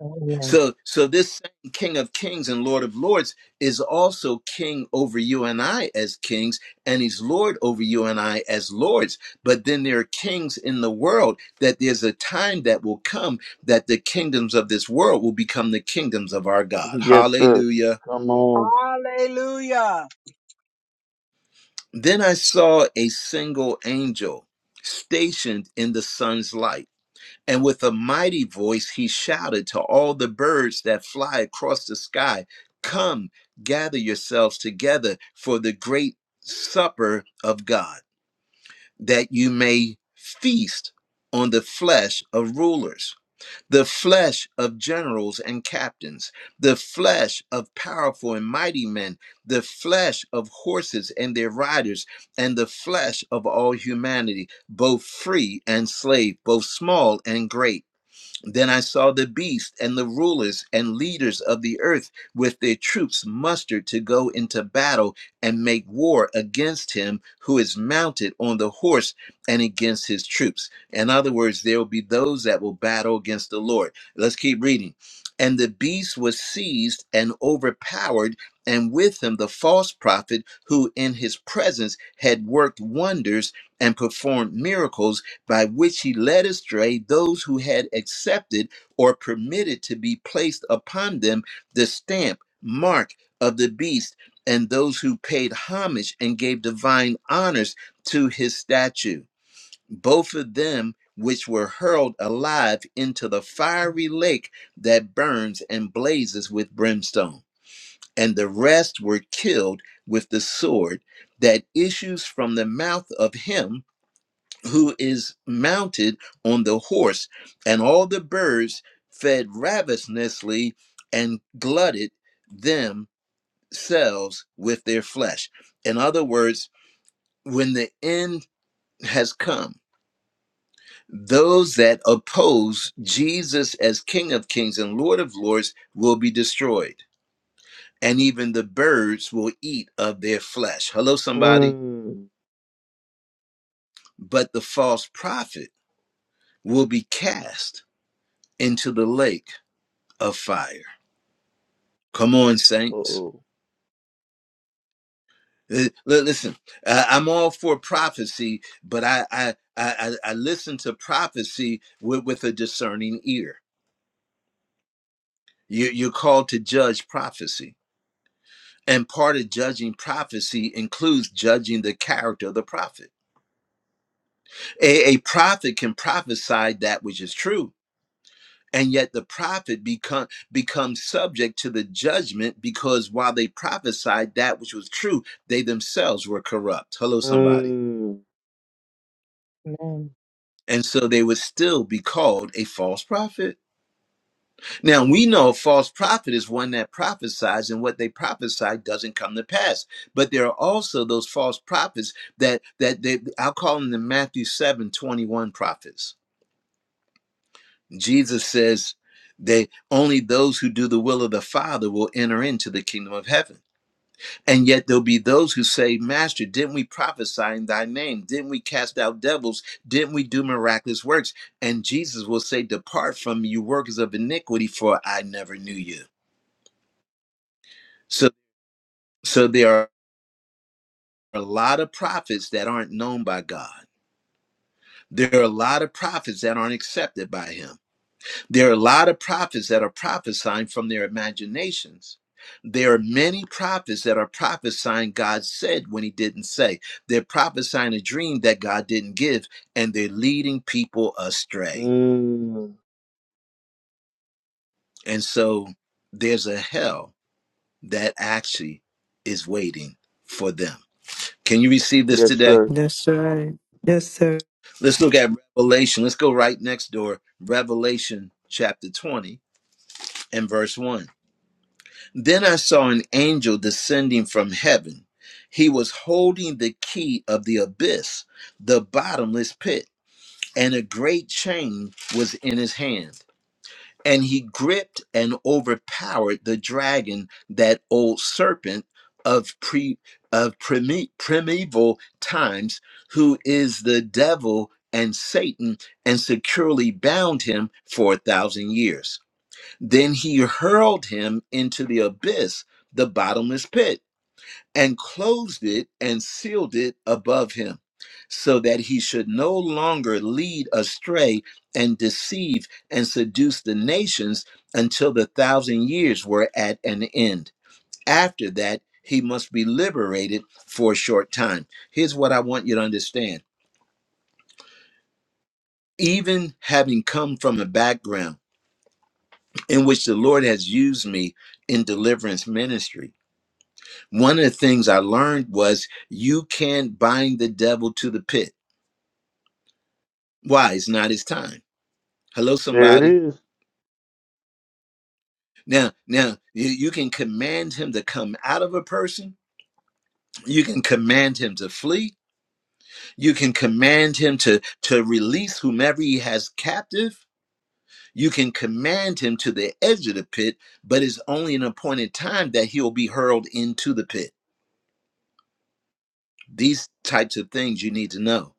Speaker 3: Amen.
Speaker 1: So, so this same King of Kings and Lord of Lords is also King over you and I as kings, and He's Lord over you and I as lords. But then there are kings in the world that there's a time that will come that the kingdoms of this world will become the kingdoms of our God.
Speaker 2: Yes, sir.
Speaker 1: Hallelujah.
Speaker 2: Come on.
Speaker 7: Hallelujah.
Speaker 1: Then I saw a single angel stationed in the sun's light And with a mighty voice, he shouted to all the birds that fly across the sky Come, gather yourselves together for the great supper of God, that you may feast on the flesh of rulers, the flesh of generals and captains, the flesh of powerful and mighty men, the flesh of horses and their riders, and the flesh of all humanity, both free and slave, both small and great then I saw the beast and the rulers and leaders of the earth with their troops mustered to go into battle and make war against him who is mounted on the horse and against his troops. In other words, there will be those that will battle against the Lord. Let's keep reading. And the beast was seized and overpowered, and with him the false prophet who in his presence had worked wonders and performed miracles by which he led astray those who had accepted or permitted to be placed upon them the stamp, mark of the beast, and those who paid homage and gave divine honors to his statue. Both of them which were hurled alive into the fiery lake that burns and blazes with brimstone. And the rest were killed with the sword that issues from the mouth of him who is mounted on the horse, and all the birds fed ravenously and glutted themselves with their flesh. In other words, when the end has come, those that oppose Jesus as King of Kings and Lord of Lords will be destroyed, and even the birds will eat of their flesh. Hello, somebody.
Speaker 2: Mm.
Speaker 1: But the false prophet will be cast into the lake of fire. Come on, saints.
Speaker 2: Uh-oh.
Speaker 1: Uh, li- Listen, I- I'm all for prophecy, but I I I, I I listen to prophecy with, with a discerning ear. You, you're called to judge prophecy. And part of judging prophecy includes judging the character of the prophet. A, a prophet can prophesy that which is true, and yet the prophet become becomes subject to the judgment because while they prophesied that which was true, they themselves were corrupt. Hello, somebody.
Speaker 2: Mm.
Speaker 3: Amen.
Speaker 1: And so they would still be called a false prophet. Now we know a false prophet is one that prophesies and what they prophesy doesn't come to pass. But there are also those false prophets that that they I'll call them the Matthew 7 21 prophets. Jesus says they only those who do the will of the Father will enter into the kingdom of heaven. And yet there'll be those who say, Master, didn't we prophesy in thy name? Didn't we cast out devils? Didn't we do miraculous works? And Jesus will say, Depart from me, you workers of iniquity, for I never knew you. So so there are a lot of prophets that aren't known by God. There are a lot of prophets that aren't accepted by him There are a lot of prophets that are prophesying from their imaginations. There are many prophets that are prophesying God said when he didn't say. They're prophesying a dream that God didn't give, and they're leading people astray.
Speaker 2: Mm.
Speaker 1: And so there's a hell that actually is waiting for them. Can you receive this
Speaker 2: Yes,
Speaker 1: today?
Speaker 2: sir.
Speaker 6: That's right. Yes, sir.
Speaker 1: Let's look at Revelation. Let's go right next door. Revelation chapter 20 and verse 1. Then I saw an angel descending from heaven. He was holding the key of the abyss, the bottomless pit, and a great chain was in his hand. And he gripped and overpowered the dragon, that old serpent of pre of prime, primeval times, who is the devil and Satan, and securely bound him for a thousand years. Then he hurled him into the abyss, the bottomless pit, and closed it and sealed it above him, so that he should no longer lead astray and deceive and seduce the nations until the thousand years were at an end. After that, he must be liberated for a short time. Here's what I want you to understand. Even having come from a background in which the Lord has used me in deliverance ministry, One of the things I learned was you can't bind the devil to the pit. Why? It's not his time. Hello,
Speaker 2: There it
Speaker 1: somebody.
Speaker 2: is.
Speaker 1: Now, now you you can command him to come out of a person. You can command him to flee. You can command him to to release whomever he has captive. You can command him to the edge of the pit, but it's only an appointed time that he'll be hurled into the pit. These types of things you need to know.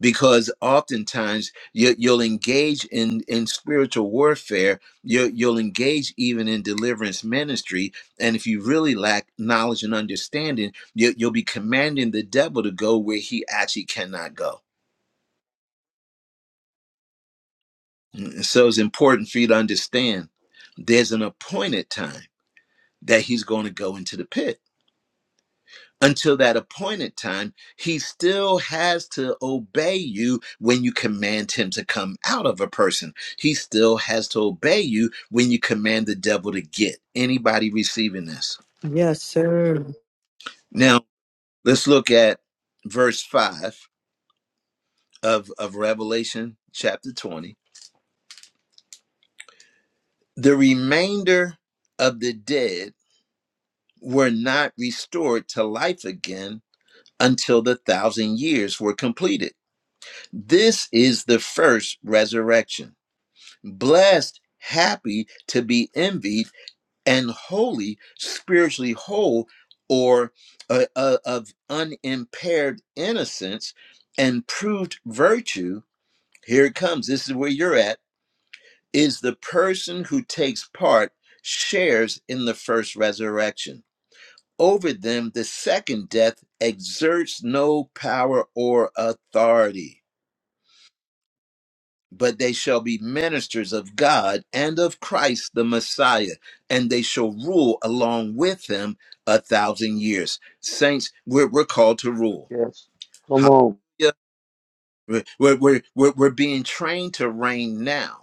Speaker 1: because oftentimes you, you'll engage in in spiritual warfare you, you'll engage even in deliverance ministry and if you really lack knowledge and understanding you, you'll be commanding the devil to go where he actually cannot go Mm, so it's important for you to understand there's an appointed time that he's going to go into the pit until that appointed time, he still has to obey you when you command him to come out of a person. He still has to obey you when you command the devil to get. Anybody receiving this?
Speaker 6: Yes, sir.
Speaker 1: Now, let's look at verse 5 of, of Revelation chapter 20. The remainder of the dead were not restored to life again until the thousand years were completed. This is the first resurrection. blessed, happy to be envied, and holy, spiritually whole, or uh, uh, of unimpaired innocence and proved virtue. Here it comes. This is where you're at. Is the person who takes part shares in the first resurrection. Over them, the second death exerts no power or authority but they shall be ministers of God and of Christ the Messiah, and they shall rule along with him a thousand years. Saints, we're, we're called to rule.
Speaker 2: Yes. Come on.
Speaker 1: Hallelujah. We're, we're, we're, we're we're being trained to reign now.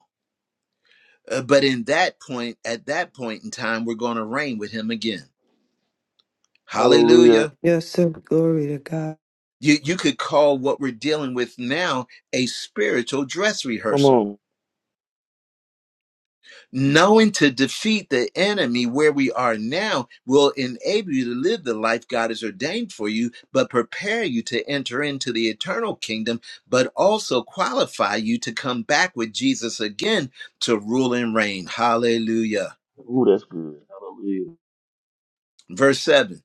Speaker 1: Uh, but in that point, at that point in time, we're going to reign with him again.
Speaker 2: Hallelujah.
Speaker 1: Hallelujah.
Speaker 6: Yes, sir. Glory to God.
Speaker 1: You, you could call what we're dealing with now a spiritual dress
Speaker 2: Come
Speaker 1: rehearsal
Speaker 2: on.
Speaker 1: Knowing to defeat the enemy where we are now will enable you to live the life God has ordained for you, but prepare you to enter into the eternal kingdom, but also qualify you to come back with Jesus again to rule and reign. Hallelujah.
Speaker 2: Ooh, that's good. Hallelujah.
Speaker 1: Verse 7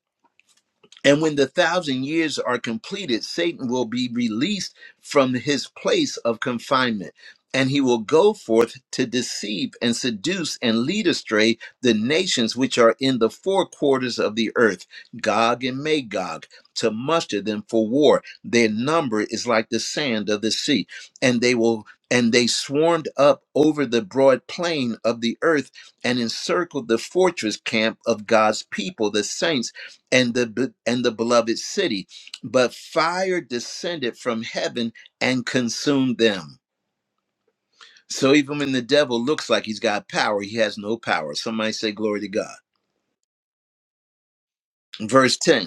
Speaker 1: And when the thousand years are completed, Satan will be released from his place of confinement, and he will go forth to deceive and seduce and lead astray the nations which are in the four quarters of the earth, Gog and Magog, to muster them for war. Their number is like the sand of the sea, and they will. And they swarmed up over the broad plain of the earth and encircled the fortress camp of God's people, the saints and the and the beloved city but fire descended from heaven and consumed them so even when the devil looks like he's got power he has no power somebody say glory to god verse 10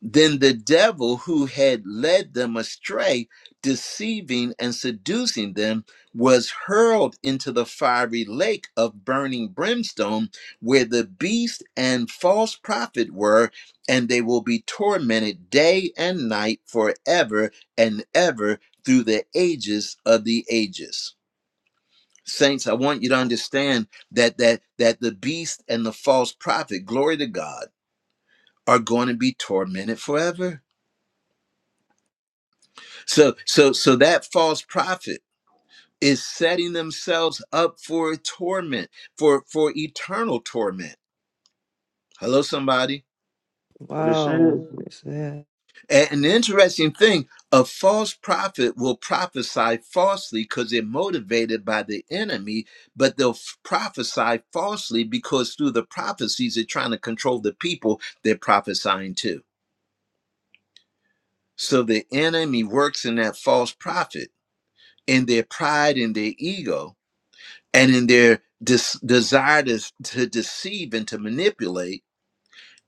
Speaker 1: Then the devil who had led them astray, deceiving and seducing them, was hurled into the fiery lake of burning brimstone, where the beast and false prophet were, and they will be tormented day and night forever and ever through the ages of the ages. Saints, I want you to understand that that that the beast and the false prophet, glory to God, are going to be tormented forever So so so that false prophet is setting themselves up for torment, for for eternal torment. Hello, somebody.
Speaker 2: That's what it
Speaker 6: Wow.
Speaker 2: says.
Speaker 6: Yes, yeah.
Speaker 1: A- And interesting thing, a false prophet will prophesy falsely because they're motivated by the enemy, but they'll f- prophesy falsely because through the prophecies they're trying to control the people they're prophesying to. So the enemy works in that false prophet in their pride and their ego and in their dis- desire to, to deceive and to manipulate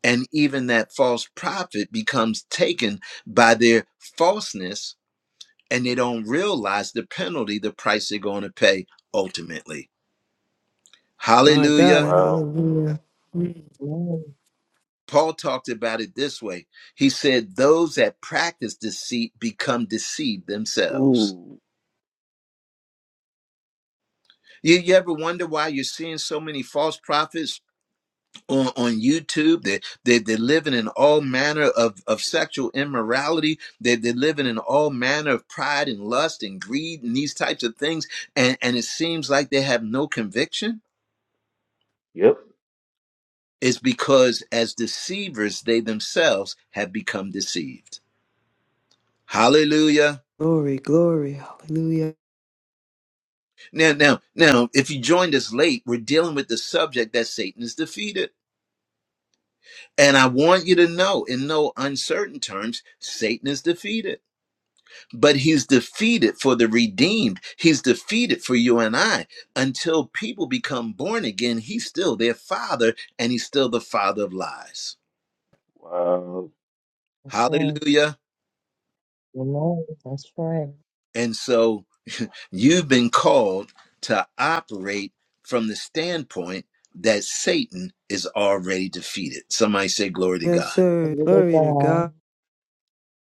Speaker 1: and even that false prophet becomes taken by their falseness and they don't realize the penalty the price they're going to pay ultimately
Speaker 6: My
Speaker 1: hallelujah
Speaker 6: God.
Speaker 2: Wow.
Speaker 6: Hallelujah.
Speaker 3: Amen.
Speaker 1: paul talked about it this way he said those that practice deceit become deceived themselves
Speaker 2: Ooh.
Speaker 1: you, you ever wonder why you're seeing so many false prophets on, on YouTube. They, they, they're living in all manner of, of sexual immorality. They, they're living in all manner of pride and lust and greed and these types of things. And, and it seems like they have no conviction.
Speaker 2: Yep.
Speaker 1: It's because as deceivers, they themselves have become deceived. Hallelujah.
Speaker 6: Glory, glory. Hallelujah.
Speaker 1: Now, now, now, if you joined us late, we're dealing with the subject that Satan is defeated. And I want you to know in no uncertain terms, Satan is defeated. but he's defeated for the redeemed. He's defeated for you and I. Until people become born again, he's still their father and he's still the father of lies.
Speaker 2: Wow.
Speaker 3: That's right.
Speaker 1: Hallelujah.
Speaker 3: Amen. That's right.
Speaker 1: And so you've been called to operate from the standpoint that Satan is already defeated. Somebody say, Glory to God.
Speaker 6: Yes, sir.
Speaker 3: Glory to
Speaker 6: Glory to
Speaker 3: God.
Speaker 6: God.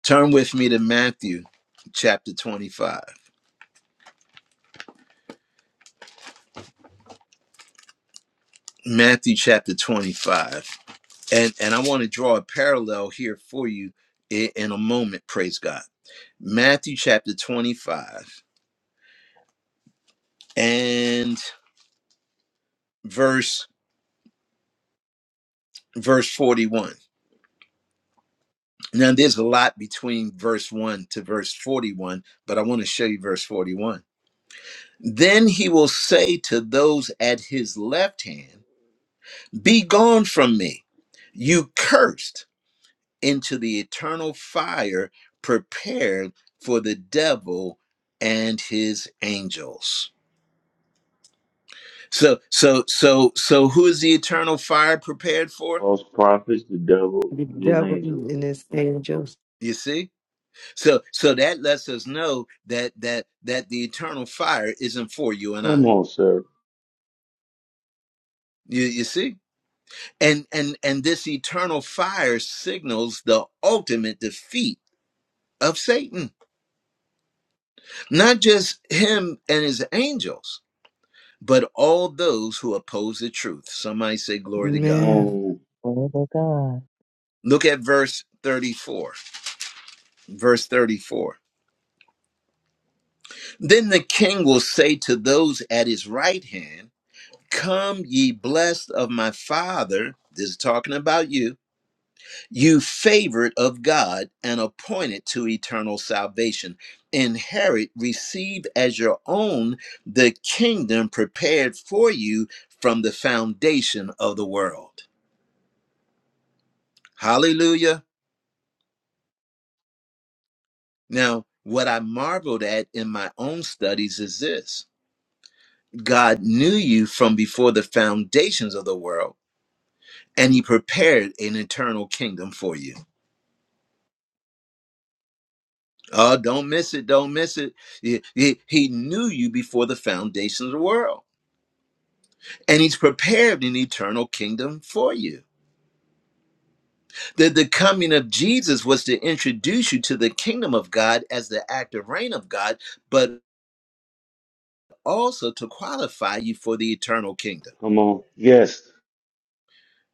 Speaker 1: Turn with me to Matthew chapter 25. Matthew chapter 25. And and I want to draw a parallel here for you in, in a moment, praise God. Matthew chapter 25 and verse verse 41. Now there's a lot between verse 1 to verse 41, but I want to show you verse 41. Then he will say to those at his left hand, "Be gone from me, you cursed." into the eternal fire prepared for the devil and his angels. So so so so who is the eternal fire prepared for?
Speaker 2: False prophets, the devil,
Speaker 6: The
Speaker 2: and his
Speaker 6: devil
Speaker 2: angels.
Speaker 6: and his angels.
Speaker 1: You see? So so that lets us know that that that the eternal fire isn't for you and
Speaker 2: Come
Speaker 1: I.
Speaker 2: on, sir.
Speaker 1: You you see? And and and this eternal fire signals the ultimate defeat of Satan. Not just him and his angels but all those who oppose the truth. Somebody say, Glory to
Speaker 2: Come
Speaker 1: God.
Speaker 3: Mm,
Speaker 6: Amen.
Speaker 2: on.
Speaker 3: Glory to God.
Speaker 1: Look at verse 34. Verse 34. Then the king will say to those at his right hand, Come, ye blessed of my father. This is talking about you. You favored of God and appointed to eternal salvation. Inherit, receive as your own the kingdom prepared for you from the foundation of the world. Hallelujah. Now, what I marveled at in my own studies is this God knew you from before the foundations of the world, and He prepared an eternal kingdom for you. Oh, don't miss it. Don't miss it. He, he- he knew you before the foundations of the world, and He's prepared an eternal kingdom for you. The, the coming of Jesus was to introduce you to the kingdom of God as the active reign of God, but also to qualify you for the eternal kingdom.
Speaker 2: Come on. Yes,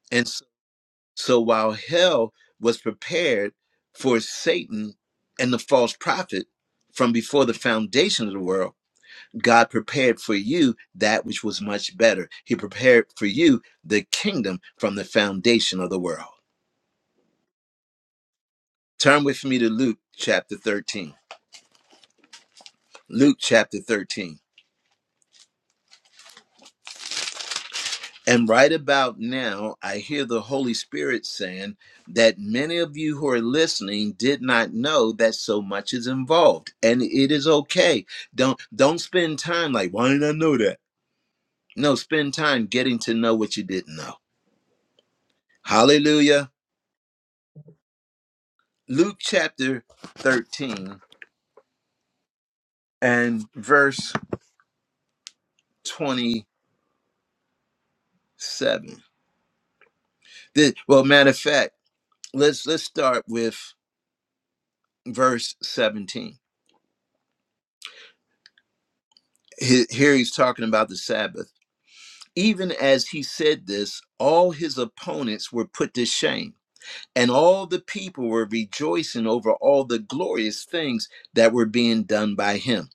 Speaker 1: and So while hell was prepared for Satan and the false prophet from before the foundation of the world, God prepared for you that which was much better. He prepared for you the kingdom from the foundation of the world. Turn with me to Luke chapter 13. Luke chapter 13. And right about now, I hear the Holy Spirit saying that many of you who are listening did not know that so much is involved. And it is okay. Don't don't spend time like, why didn't I know that? No, spend time getting to know what you didn't know. Hallelujah. Luke chapter 13 and verse 27. The- well, matter of fact, let's let's start with verse 17. Here he's talking about the Sabbath. Even as he said this, all his opponents were put to shame, and all the people were rejoicing over all the glorious things that were being done by him.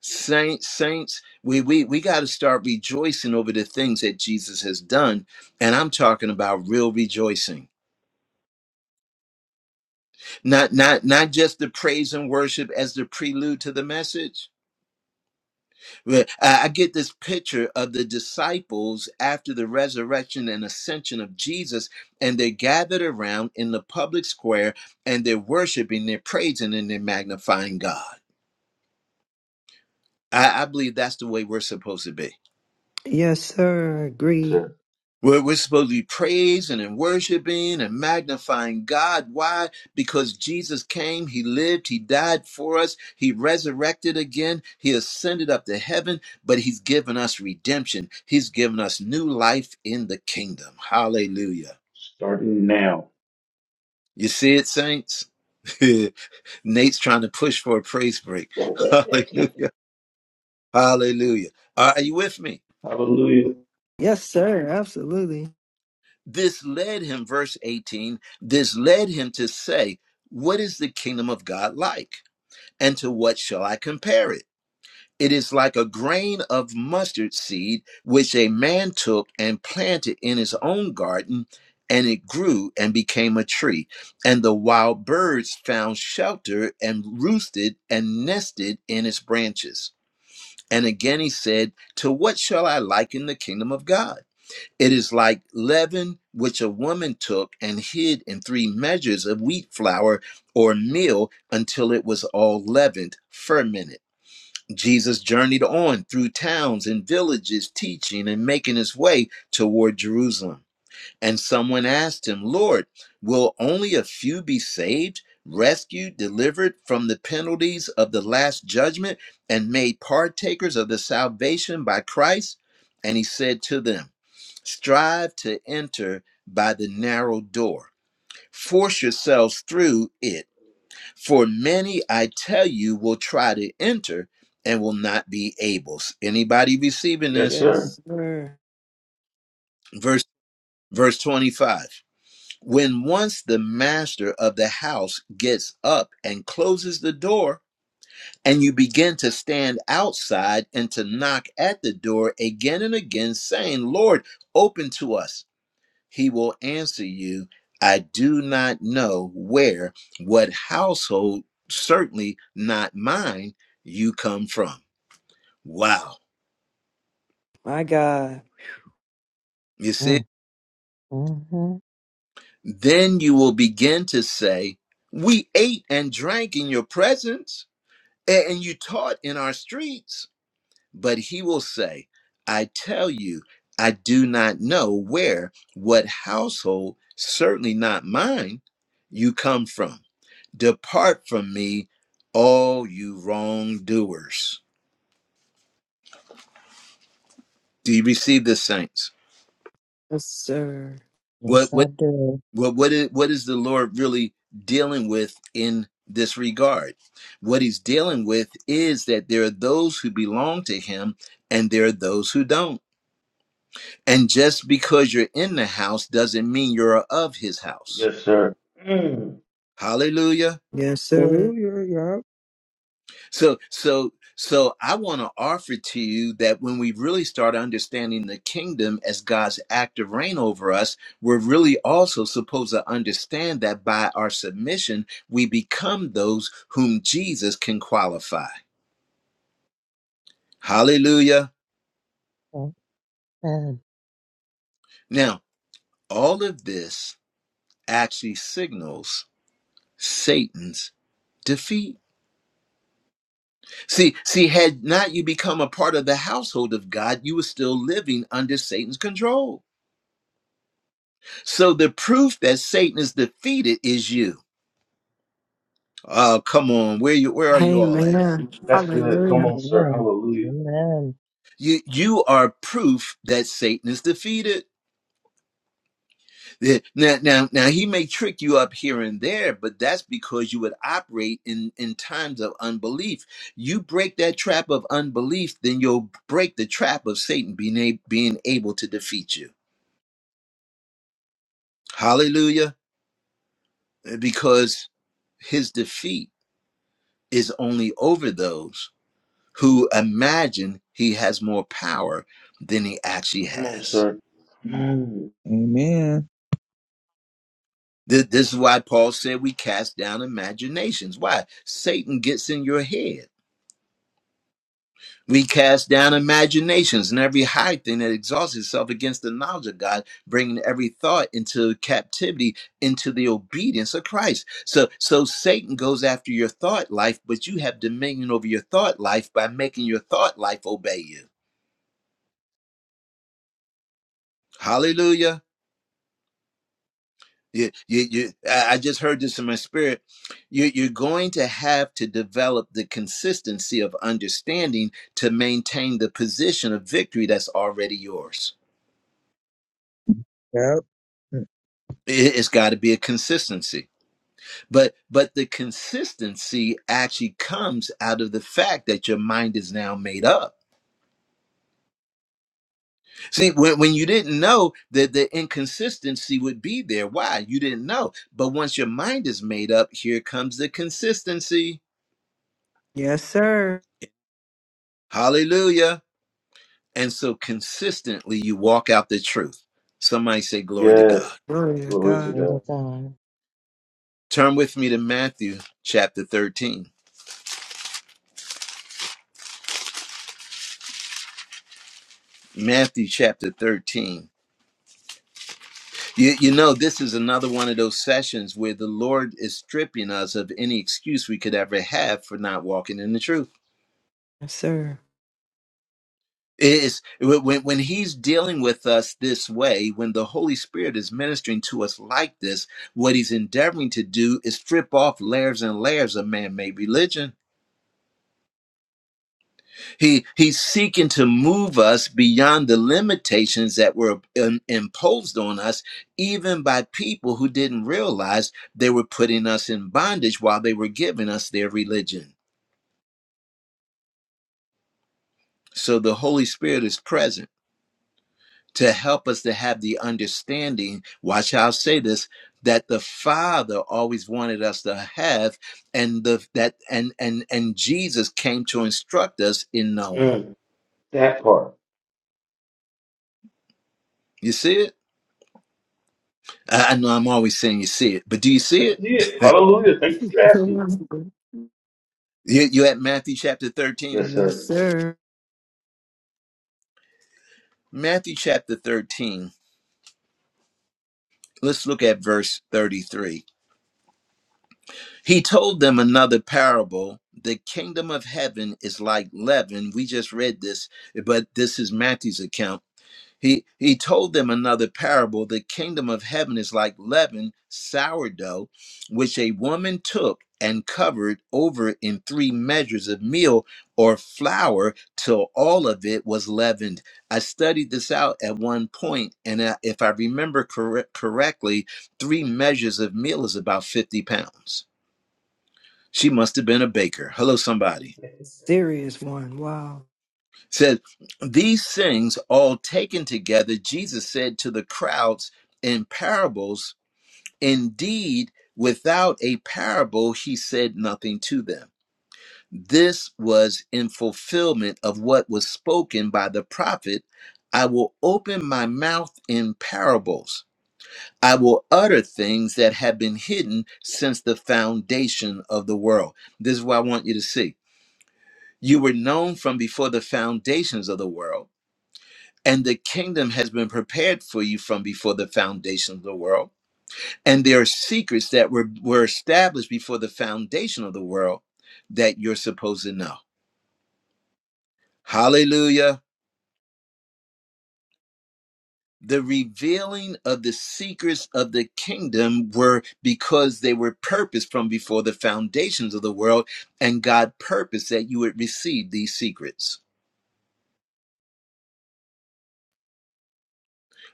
Speaker 1: Saints, saints, we we we got to start rejoicing over the things that Jesus has done, and I'm talking about real rejoicing, not not not just the praise and worship as the prelude to the message Well, I I get this picture of the disciples after the resurrection and ascension of Jesus, and they're gathered around in the public square and they're worshiping, they're praising, and they're magnifying God. I, I believe that's the way we're supposed to be.
Speaker 6: Yes, sir. I
Speaker 2: Yes,
Speaker 6: agree.
Speaker 2: sir.
Speaker 1: Where we're supposed to be praising and worshiping and magnifying God. Why? Because Jesus came, He lived, He died for us, He resurrected again, He ascended up to heaven, but He's given us redemption. He's given us new life in the kingdom. Hallelujah.
Speaker 2: Starting now.
Speaker 1: You see it, saints? Nate's trying to push for a praise break. Hallelujah. Hallelujah. Are you with me?
Speaker 2: Hallelujah.
Speaker 6: Yes, sir. Absolutely.
Speaker 1: This led him, verse 18, this led him to say, What is the kingdom of God like? And to what shall I compare it? It is like a grain of mustard seed, which a man took and planted in his own garden, and it grew and became a tree. And the wild birds found shelter and roosted and nested in its branches. And again he said, To what shall I liken the kingdom of God? It is like leaven which a woman took and hid in three measures of wheat flour or meal until it was all leavened, fermented. Jesus journeyed on through towns and villages, teaching and making his way toward Jerusalem. And someone asked him, Lord, will only a few be saved, rescued, delivered from the penalties of the last judgment, and made partakers of the salvation by Christ? And he said to them, Strive to enter by the narrow door. Force yourselves through it. For many, I tell you, will try to enter and will not be able. Anybody receiving
Speaker 2: Yes,
Speaker 1: this?
Speaker 2: sir.
Speaker 6: Yes, sir.
Speaker 1: Verse verse 25. When once the master of the house gets up and closes the door, and you begin to stand outside and to knock at the door again and again, saying, Lord, open to us He will answer you, I do not know where, what household, certainly not mine, you come from. Wow.
Speaker 6: My God.
Speaker 1: You see,
Speaker 3: Mm, Mm-hmm.
Speaker 1: then you will begin to say, We ate and drank in your presence, a- and you taught in our streets. But he will say, I tell you, I do not know where, what household, certainly not mine, you come from. Depart from me, all you wrongdoers. Do you receive this, saints?
Speaker 6: Yes, sir.
Speaker 1: What
Speaker 3: Yes, I
Speaker 1: what
Speaker 3: do.
Speaker 1: what what is, what is the Lord really dealing with in this regard? What he's dealing with is that there are those who belong to him and there are those who don't And just because you're in the house doesn't mean you're of his house.
Speaker 2: Yes, sir. Mm,
Speaker 1: Hallelujah.
Speaker 6: Yes, sir.
Speaker 8: Hallelujah. Yup.
Speaker 1: So so so I want to offer to you that when we really start understanding the kingdom as God's active reign over us, we're really also supposed to understand that by our submission, we become those whom Jesus can qualify. Hallelujah.
Speaker 3: Okay.
Speaker 1: Now, all of this actually signals Satan's defeat. See, see, had not you become a part of the household of God, you were still living under Satan's control. So the proof that Satan is defeated is you. Oh, come on, where you where are you all at?
Speaker 6: Amen.
Speaker 2: that's good. Come
Speaker 6: Hallelujah.
Speaker 2: on, sir.
Speaker 3: Amen.
Speaker 2: Hallelujah.
Speaker 3: Amen.
Speaker 1: You you are proof that Satan is defeated. The- Now, now, now he may trick you up here and there, but that's because you would operate in, in times of unbelief. You break that trap of unbelief, then you'll break the trap of Satan being, a- being able to defeat you. Hallelujah. because his defeat is only over those who imagine he has more power than he actually
Speaker 2: Come on,
Speaker 1: has.
Speaker 2: sir. Mm,
Speaker 8: Amen.
Speaker 1: Th- This is why Paul said we cast down imaginations. Why? Satan gets in your head We cast down imaginations and every high thing that exalts itself against the knowledge of God, bringing every thought into captivity, into the obedience of Christ. So, so Satan goes after your thought life, but you have dominion over your thought life by making your thought life obey you. Hallelujah. You, you, you, I I just heard this in my spirit. You, you're going to have to develop the consistency of understanding to maintain the position of victory that's already yours.
Speaker 8: Yep.
Speaker 1: It- it's got to be a consistency but but the consistency actually comes out of the fact that your mind is now made up see when, when you didn't know that the inconsistency would be there why you didn't know but once your mind is made up here comes the consistency
Speaker 6: Yes, sir.
Speaker 1: hallelujah and so consistently you walk out the truth somebody say glory to god
Speaker 2: yes.
Speaker 6: Glory to
Speaker 2: Glory to
Speaker 6: God.
Speaker 3: Glory
Speaker 2: God.
Speaker 3: to God.
Speaker 1: turn with me to matthew chapter 13 matthew chapter 13 You, you know, this is another one of those sessions where the Lord is stripping us of any excuse we could ever have for not walking in the truth.
Speaker 6: Yes, sir.
Speaker 1: It's, when, when He's dealing with us this way, when the Holy Spirit is ministering to us like this, what He's endeavoring to do is strip off layers and layers of man made religion. He he's seeking to move us beyond the limitations that were im- imposed on us, even by people who didn't realize they were putting us in bondage while they were giving us their religion. So the Holy Spirit is present to help us to have the understanding. Watch how I say this that the father always wanted us to have and the that and and and jesus came to instruct us in knowing
Speaker 2: Mm, that part.
Speaker 1: you see it i I know i'm always saying you see it but do you
Speaker 2: I
Speaker 1: see it
Speaker 2: see it. Hallelujah. Thank you for asking.
Speaker 1: You, you at Matthew chapter 13.
Speaker 2: Yes,
Speaker 6: Yes,
Speaker 2: sir.
Speaker 6: sir.
Speaker 1: Matthew chapter 13. Let's look at verse 33. He told them another parable. The kingdom of heaven is like leaven. We just read this, but this is Matthew's account. He he told them another parable. The kingdom of heaven is like leaven, sourdough, which a woman took and covered over in three measures of meal or flour till all of it was leavened. I studied this out at one point, and uh, if I remember correct, correctly, three measures of meal is about fifty pounds. She must have been a baker. Hello, somebody.
Speaker 6: Serious one. Wow.
Speaker 1: says these things all taken together jesus said to the crowds in parables indeed without a parable he said nothing to them this was in fulfillment of what was spoken by the prophet i will open my mouth in parables I will utter things that have been hidden since the foundation of the world. This is what I want you to see. You were known from before the foundations of the world and the kingdom has been prepared for you from before the foundation of the world. And there are secrets that were, were established before the foundation of the world that you're supposed to know. Hallelujah. The revealing of the secrets of the kingdom were because they were purposed from before the foundations of the world, and God purposed that you would receive these secrets.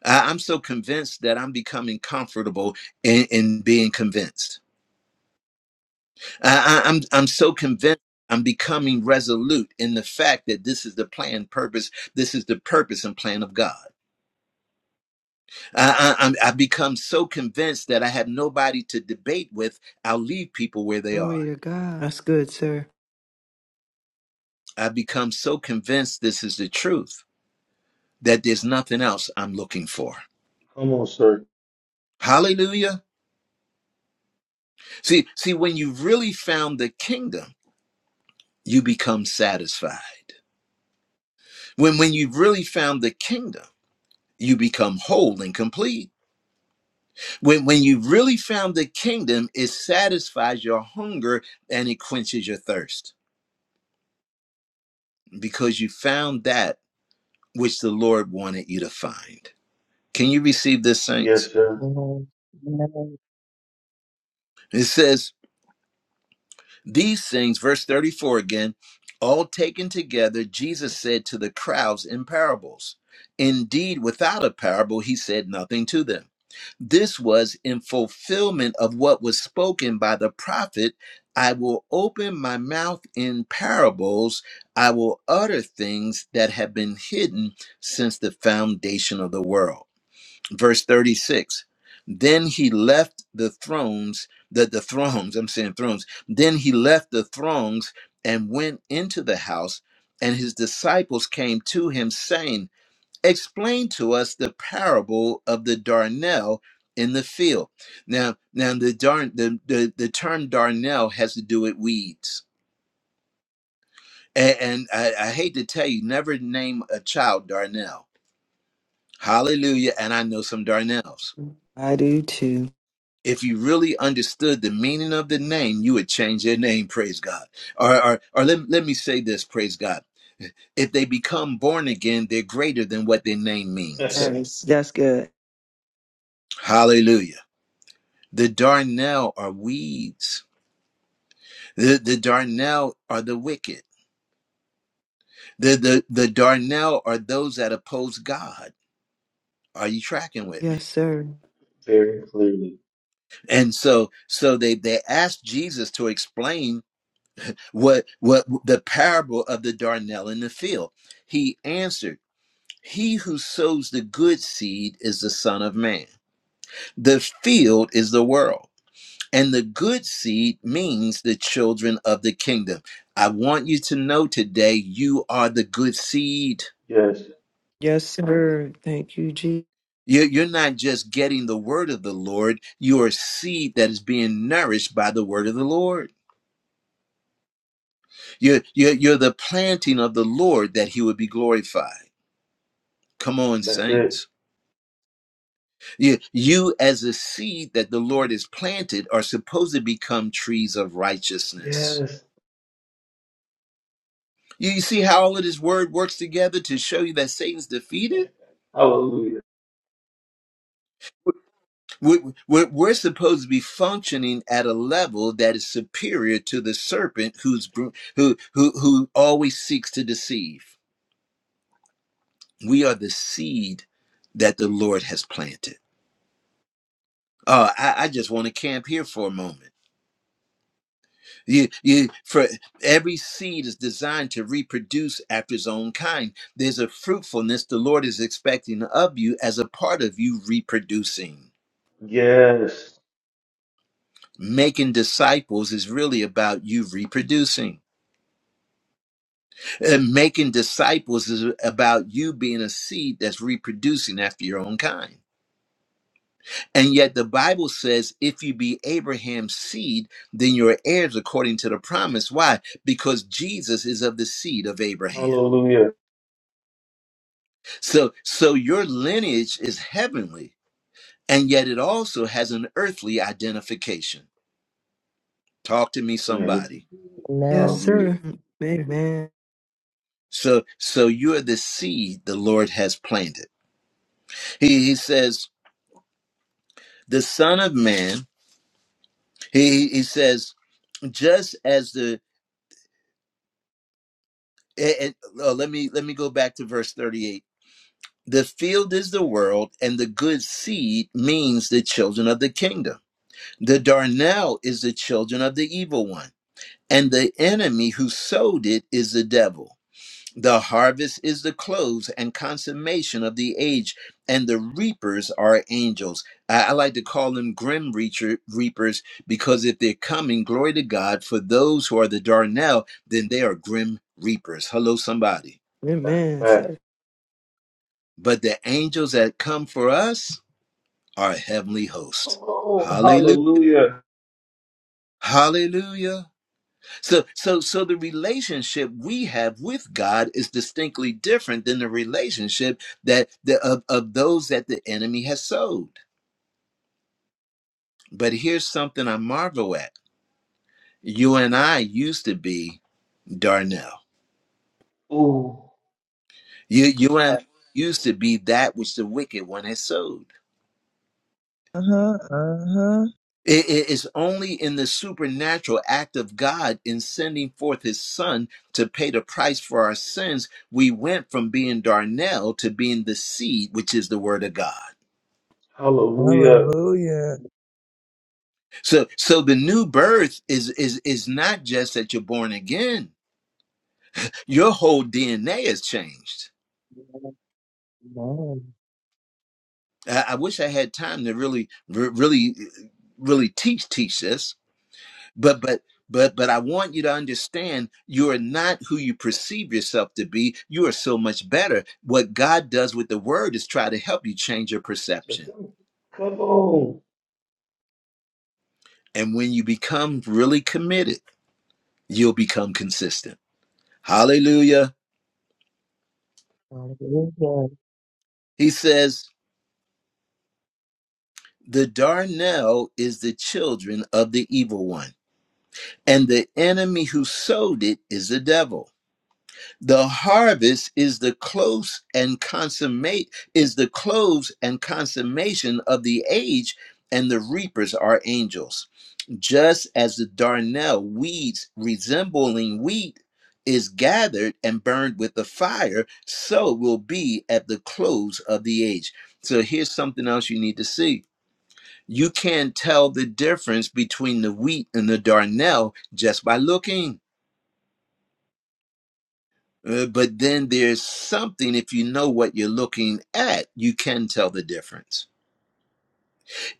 Speaker 1: I- I'm so convinced that I'm becoming comfortable in in being convinced I, I- I'm I'm so convinced. I'm becoming resolute in the fact that this is the plan, purpose. This is the purpose and plan of God. I, I, I'm, I've become so convinced that I have nobody to debate with. I'll leave people where they are.
Speaker 6: Glory to God. That's good, sir.
Speaker 1: I've become so convinced this is the truth that there's nothing else I'm looking for.
Speaker 2: Come on, sir.
Speaker 1: Hallelujah. See, see, when you have really found the kingdom, you become satisfied. When when you've really found the kingdom, you become whole and complete. When, when you really found the kingdom, it satisfies your hunger and it quenches your thirst because you found that which the Lord wanted you to find. Can you receive this, saints?
Speaker 2: Yes, sir.
Speaker 3: Amen. Amen.
Speaker 1: It says, These things, verse 34 again, all taken together, Jesus said to the crowds in parables. Indeed, without a parable, he said nothing to them. This was in fulfillment of what was spoken by the prophet I will open my mouth in parables, I will utter things that have been hidden since the foundation of the world verse 36 then he left the thrones the, the thrones i'm saying thrones then he left the thrones and went into the house and his disciples came to him saying explain to us the parable of the darnel in the field now now the darn the, the, the term darnel has to do with weeds and, and I, I hate to tell you never name a child darnel hallelujah and i know some darnels
Speaker 6: I do too.
Speaker 1: if you really understood the meaning of the name, you would change their name, praise God. Or, or, or let, let me say this, praise God. If they become born again, they're greater than what their name means.
Speaker 6: Yes, that's good.
Speaker 1: Hallelujah. The darnel are weeds. The, the darnel are the wicked. The, the, the darnel are those that oppose God. Are you tracking with
Speaker 6: Yes,
Speaker 1: me?
Speaker 6: sir.
Speaker 2: Very clearly.
Speaker 1: And so, so they, they asked Jesus to explain what, what the parable of the darnel in the field. He answered, He who sows the good seed is the Son of Man. The field is the world. And the good seed means the children of the kingdom. I want you to know today you are the good seed.
Speaker 2: Yes.
Speaker 6: Yes, sir. Thank you, Jesus.
Speaker 1: You're you're not just getting the word of the Lord, you are seed that is being nourished by the word of the Lord. You're, you're, you're the planting of the Lord that he would be glorified. Come on,
Speaker 2: That's it.
Speaker 1: saints. You, you as a seed that the Lord has planted are supposed to become trees of righteousness.
Speaker 2: Yes.
Speaker 1: You see how all of this word works together to show you that Satan's defeated?
Speaker 2: Hallelujah.
Speaker 1: We're, we're, we're supposed to be functioning at a level that is superior to the serpent who's, who, who, who always seeks to deceive. We are the seed that the Lord has planted. Oh, I, I just want to camp here for a moment You, you, for every seed is designed to reproduce after its own kind. There's a fruitfulness the Lord is expecting of you as a part of you reproducing.
Speaker 2: Yes.
Speaker 1: Making disciples is really about you reproducing. And making disciples is about you being a seed that's reproducing after your own kind. And yet the Bible says, if you be Abraham's seed, then you're heirs according to the promise. Why? Because Jesus is of the seed of Abraham.
Speaker 2: Hallelujah.
Speaker 1: So so your lineage is heavenly, and yet it also has an earthly identification. Talk to me,
Speaker 2: Man, this is
Speaker 1: somebody.
Speaker 2: good.
Speaker 6: Yes,
Speaker 3: Amen.
Speaker 2: Hallelujah.
Speaker 6: sir. Amen.
Speaker 1: So so you are the seed the Lord has planted. He he says, the Son of Man, he he says, just as the and, oh, let me let me go back to verse 38. The field is the world, and the good seed means the children of the kingdom. The darnel is the children of the evil one And the enemy who sowed it is the devil. The harvest is the close and consummation of the age, and the reapers are angels. I, I like to call them grim reacher, reapers because if they're coming, glory to God, for those who are the darnel, then they are grim reapers. Hello, somebody.
Speaker 2: That's a
Speaker 6: Amen,
Speaker 2: fact.
Speaker 6: sir.
Speaker 1: But the angels that come for us are heavenly
Speaker 2: Come
Speaker 1: hosts.
Speaker 2: on.
Speaker 1: Hallelujah.
Speaker 2: Hallelujah.
Speaker 1: Hallelujah. So, so, so the relationship we have with God is distinctly different than the relationship that the, of, of those that the enemy has sowed. But here's something I marvel at: you and I used to be Darnell.
Speaker 2: Ooh.
Speaker 1: You, you and I used to be that which the wicked one has sowed.
Speaker 8: Uh huh. Uh huh.
Speaker 1: It, it is only in the supernatural act of God in sending forth His Son to pay the price for our sins, we went from being Darnell to being the seed, which is the Word of God.
Speaker 2: Hallelujah.
Speaker 8: Hallelujah.
Speaker 1: So so the new birth is is is not just that you're born again. Your whole DNA has changed.
Speaker 3: Amen. Amen.
Speaker 1: I, I wish I had time to really re- really really teach teach this, but but but but I want you to understand you are not who you perceive yourself to be. You are so much better. What God does with the word is try to help you change your
Speaker 2: Let's
Speaker 1: perception.
Speaker 2: go. Come on.
Speaker 1: And when you become really committed, you'll become consistent. Hallelujah.
Speaker 3: Hallelujah.
Speaker 1: He says The darnel is the children of the evil one, and the enemy who sowed it is the devil. The harvest is the close and consummate is the close and consummation of the age, and the reapers are angels. Just as the darnel weeds resembling wheat is gathered and burned with the fire, so will be at the close of the age. So here's something else you need to see you can't tell the difference between the wheat and the darnel just by looking. Uh, but then there's something, if you know what you're looking at, you can tell the difference.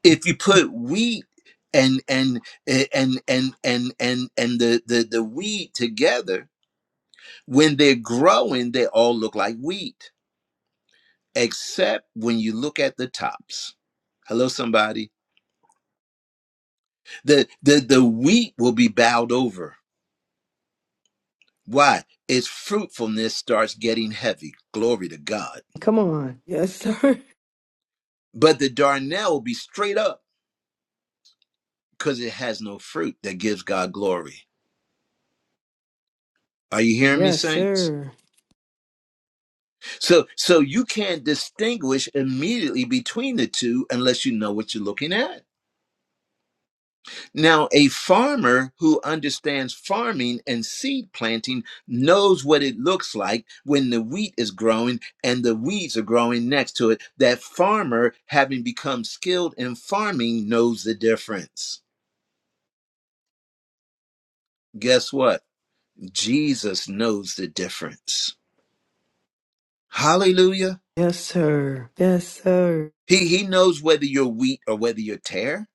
Speaker 1: If you put wheat and and and and and and and the the, the wheat together, when they're growing, they all look like wheat, except when you look at the tops. Hello, somebody. The the the wheat will be bowed over Why? Its fruitfulness starts getting heavy. Glory to God.
Speaker 6: Come on. Yes, sir.
Speaker 1: But the darnel will be straight up because it has no fruit that gives God glory. Are you hearing me,
Speaker 6: Yes,
Speaker 1: saints?
Speaker 6: sir.
Speaker 1: So, so you can't distinguish immediately between the two unless you know what you're looking at. Now, a farmer who understands farming and seed planting knows what it looks like when the wheat is growing and the weeds are growing next to it. That farmer, having become skilled in farming, knows the difference. Guess what? Jesus knows the difference. Hallelujah.
Speaker 6: Yes, sir. Yes, sir.
Speaker 1: He, he knows whether you're wheat or whether you're tare.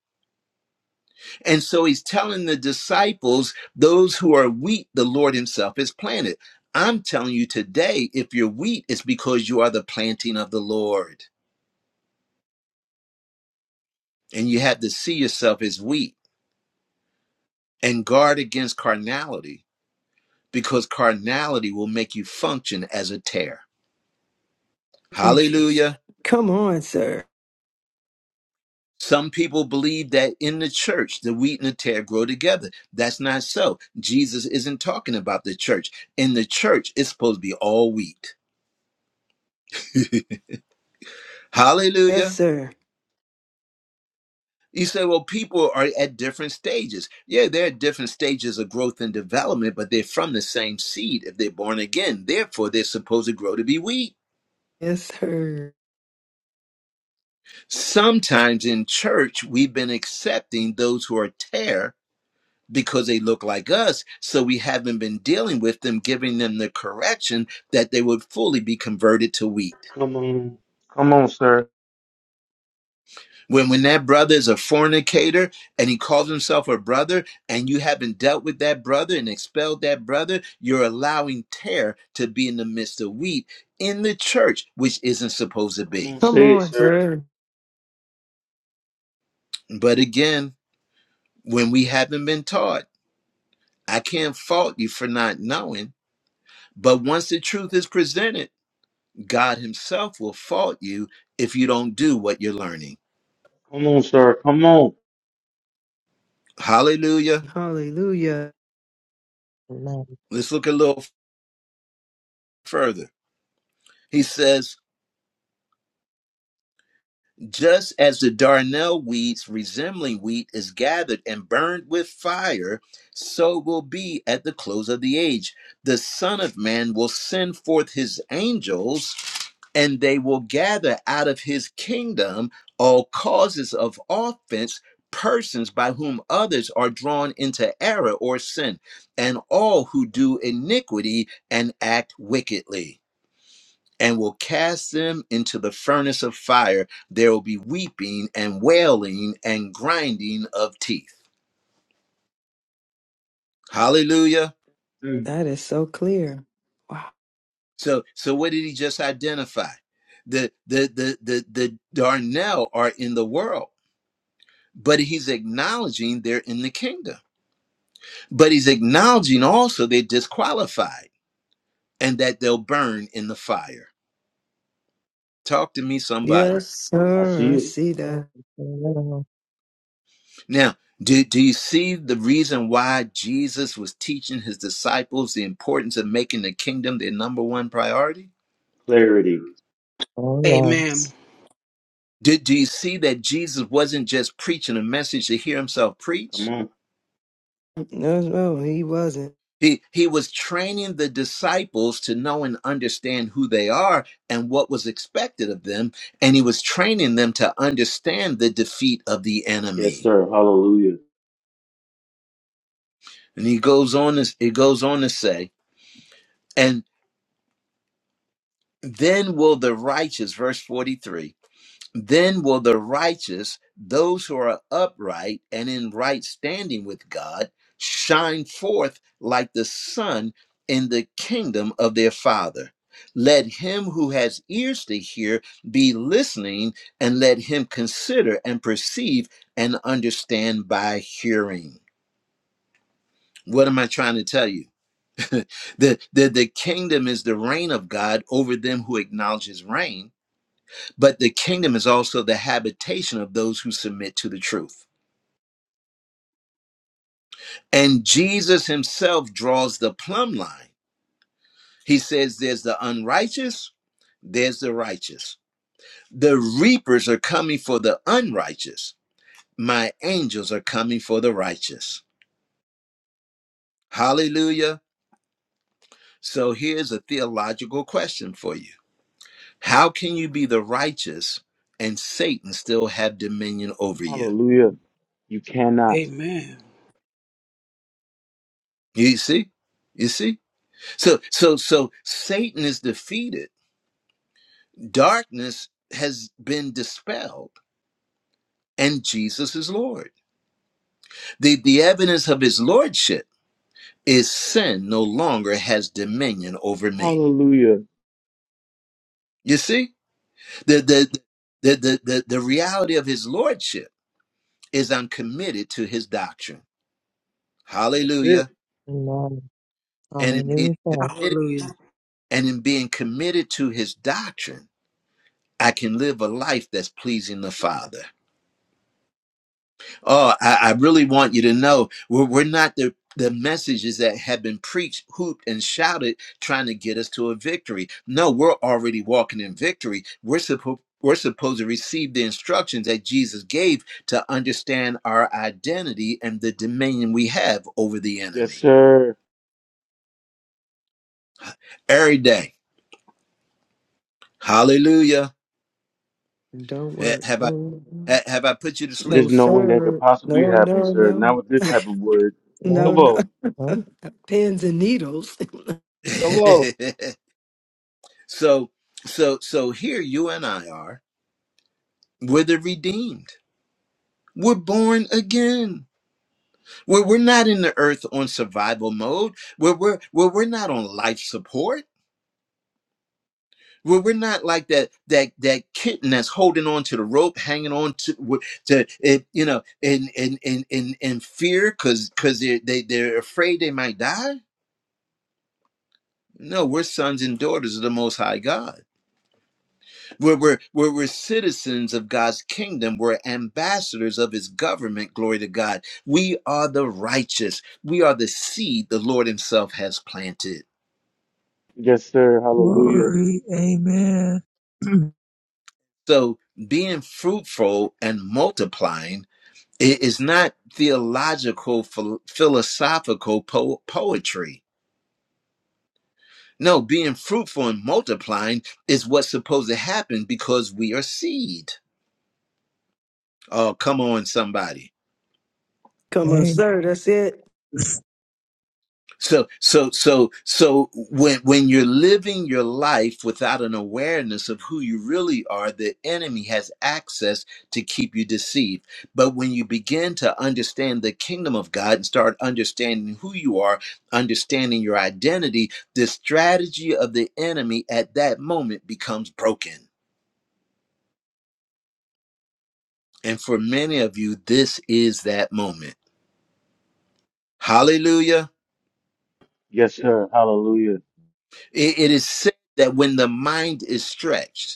Speaker 1: And so he's telling the disciples, those who are weak, the Lord himself is planted. I'm telling you today, if you're wheat, it's because you are the planting of the Lord. And you have to see yourself as wheat and guard against carnality because carnality will make you function as a tear.
Speaker 6: Thank you, Jesus.
Speaker 1: Hallelujah.
Speaker 6: Come on, sir.
Speaker 1: Some people believe that in the church, the wheat and the tear grow together. That's not so. Jesus isn't talking about the church. In the church, it's supposed to be all wheat. Hallelujah.
Speaker 6: Yes, sir.
Speaker 1: You say, well, people are at different stages. Yeah, they're at different stages of growth and development, but they're from the same seed if they're born again. Therefore, they're supposed to grow to be wheat.
Speaker 6: Yes, sir.
Speaker 1: Sometimes in church, we've been accepting those who are tear because they look like us. So we haven't been dealing with them, giving them the correction that they would fully be converted to wheat.
Speaker 2: Come on. Come on, sir.
Speaker 1: When when that brother is a fornicator and he calls himself a brother and you haven't dealt with that brother and expelled that brother, you're allowing tear to be in the midst of wheat in the church, which isn't supposed to
Speaker 2: Come
Speaker 1: be.
Speaker 2: on,
Speaker 6: Come
Speaker 2: say it,
Speaker 6: on,
Speaker 2: sir.
Speaker 6: sir.
Speaker 1: But again, when we haven't been taught, I can't fault you for not knowing. But once the truth is presented, God Himself will fault you if you don't do what you're learning.
Speaker 2: Come on, sir. Come on.
Speaker 1: Hallelujah.
Speaker 6: Hallelujah.
Speaker 3: Amen.
Speaker 1: Let's look a little further. He says, Just as the darnel weeds resembling wheat is gathered and burned with fire, so will be at the close of the age. The Son of Man will send forth his angels, and they will gather out of his kingdom all causes of offense, persons by whom others are drawn into error or sin, and all who do iniquity and act wickedly and will cast them into the furnace of fire. There will be weeping and wailing and grinding of teeth. Hallelujah.
Speaker 2: Mm.
Speaker 6: That is so clear. Wow.
Speaker 1: So so what did he just identify? The the the the the Darnell are in the world, but he's acknowledging they're in the kingdom. But he's acknowledging also they're disqualified and that they'll burn in the fire. Talk to me, somebody.
Speaker 6: Yes,
Speaker 2: I see
Speaker 6: sir. I
Speaker 2: you.
Speaker 6: see that.
Speaker 3: Amen.
Speaker 1: Now, do, do you see the reason why Jesus was teaching his disciples the importance of making the kingdom their number one priority?
Speaker 2: Clarity.
Speaker 3: Oh,
Speaker 9: Amen.
Speaker 3: yes.
Speaker 1: Do, do you see that Jesus wasn't just preaching a message to hear himself
Speaker 2: Come
Speaker 1: preach?
Speaker 2: on.
Speaker 6: No, no, he wasn't.
Speaker 1: He, he was training the disciples to know and understand who they are and what was expected of them. And he was training them to understand the defeat of the
Speaker 2: Yes,
Speaker 1: enemy.
Speaker 2: sir. Hallelujah.
Speaker 1: And he goes on, to- he goes on to say, and then will the righteous, verse 43, Then will the righteous, those who are upright and in right standing with God, shine forth like the sun in the kingdom of their Father. Let him who has ears to hear be listening, and let him consider and perceive and understand by hearing. What am I trying to tell you? the, the, the kingdom is the reign of God over them who acknowledge his reign but the kingdom is also the habitation of those who submit to the truth. And Jesus himself draws the plumb line. He says, There's the unrighteous, there's the righteous. The reapers are coming for the unrighteous. My angels are coming for the righteous. Hallelujah. So here's a theological question for you How can you be the righteous and Satan still have dominion over you?
Speaker 2: Hallelujah. You cannot.
Speaker 9: Amen.
Speaker 1: You see? You see? So so so Satan is defeated. Darkness has been dispelled and Jesus is Lord. The the evidence of his lordship is sin no longer has dominion over me.
Speaker 2: Hallelujah.
Speaker 1: You see? The the the the the, the reality of his lordship is I'm committed to his doctrine.
Speaker 2: That's it.
Speaker 1: Hallelujah.
Speaker 3: Amen.
Speaker 1: And in being
Speaker 3: Hallelujah.
Speaker 1: committed
Speaker 9: Hallelujah.
Speaker 1: and in being committed to his doctrine, I can live a life that's pleasing the Father. Oh, I, I really want you to know we're, we're not the the messages that have been preached, hooped, and shouted, trying to get us to a victory. No, we're already walking in victory. We're supposed we're supposed to receive the instructions that Jesus gave to understand our identity and the dominion we have over the
Speaker 2: Yes,
Speaker 1: enemy
Speaker 2: sir.
Speaker 1: every day. Hallelujah.
Speaker 6: Don't
Speaker 1: Ha-
Speaker 6: work.
Speaker 1: Have I ha- have I put you to
Speaker 6: No,
Speaker 2: There's
Speaker 1: sleep?
Speaker 2: no way that could
Speaker 6: sir.
Speaker 2: possibly
Speaker 6: No,
Speaker 2: happen,
Speaker 6: no,
Speaker 2: sir. Not
Speaker 6: no.
Speaker 2: with this type of word.
Speaker 6: No,
Speaker 2: Come
Speaker 3: Nope.
Speaker 6: no.
Speaker 2: on.
Speaker 3: Nope.
Speaker 6: Pins and needles.
Speaker 2: Come on.
Speaker 1: so so so here you and I are. We're the redeemed We're born again. Where we're not in the earth on survival mode. Where we're where we're not on life support. Where we're not like that that that kitten that's holding on to the rope, hanging on to wi- to it, you know, in in in in in fear because because they they they're afraid they might die. No, we're sons and daughters of the Most High God. We're, we're, we're, we're citizens of God's kingdom. We're ambassadors of his government. Glory to God. We are the righteous. We are the seed the Lord himself has planted.
Speaker 2: Yes, sir. Hallelujah.
Speaker 8: Glory. Amen.
Speaker 1: So being fruitful and multiplying i- is not theological, phil- philosophical po- poetry. No, being fruitful and multiplying is what's supposed to happen because we are seed. Oh, come on, somebody.
Speaker 6: Come on,
Speaker 8: Amen.
Speaker 6: sir. That's it.
Speaker 1: So so so so when when you're living your life without an awareness of who you really are, the enemy has access to keep you deceived. But when you begin to understand the kingdom of God and start understanding who you are, understanding your identity, the strategy of the enemy at that moment becomes broken. And for many of you, this is that moment. Hallelujah.
Speaker 2: Yes, sir. Hallelujah.
Speaker 1: It, it is said that when the mind is stretched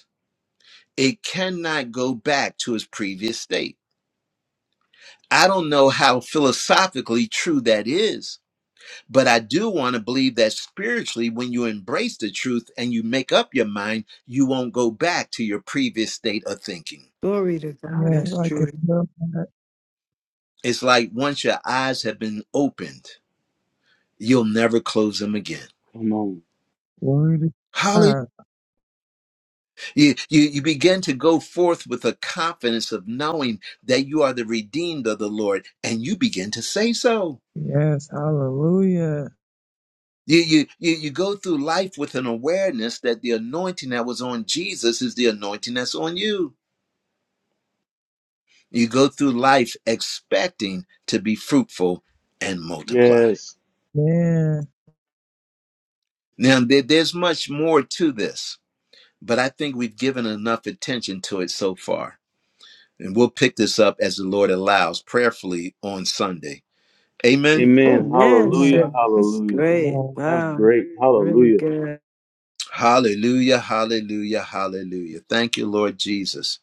Speaker 1: it cannot go back to its previous state. I don't know how philosophically true that is, but I do want to believe that spiritually, when you embrace the truth and you make up your mind, you won't go back to your previous state of thinking.
Speaker 6: Glory to God.
Speaker 8: Yeah,
Speaker 6: That's
Speaker 8: I can
Speaker 6: true.
Speaker 8: feel that.
Speaker 1: It's like once your eyes have been opened, you'll never close them again.
Speaker 2: Come on.
Speaker 8: Glory to
Speaker 1: Holly,
Speaker 8: God.
Speaker 1: you, you, you begin to go forth with a confidence of knowing that you are the redeemed of the Lord, and you begin to say so.
Speaker 8: Yes. Hallelujah.
Speaker 1: You, you you you go through life with an awareness that the anointing that was on Jesus is the anointing that's on you. You go through life expecting to be fruitful and multiply.
Speaker 2: Yes.
Speaker 8: Man.
Speaker 1: Now there, there's much more to this, but I think we've given enough attention to it so far. And we'll pick this up as the Lord allows prayerfully on Sunday. Amen.
Speaker 6: Oh
Speaker 2: Amen.
Speaker 6: man,
Speaker 3: Amen.
Speaker 2: Hallelujah.
Speaker 6: sir, it's
Speaker 2: Hallelujah.
Speaker 6: great.
Speaker 3: Amen.
Speaker 2: That was
Speaker 6: Wow,
Speaker 2: great.
Speaker 6: really
Speaker 2: Hallelujah.
Speaker 6: good.
Speaker 1: Hallelujah, hallelujah, hallelujah. Thank you, Lord Jesus.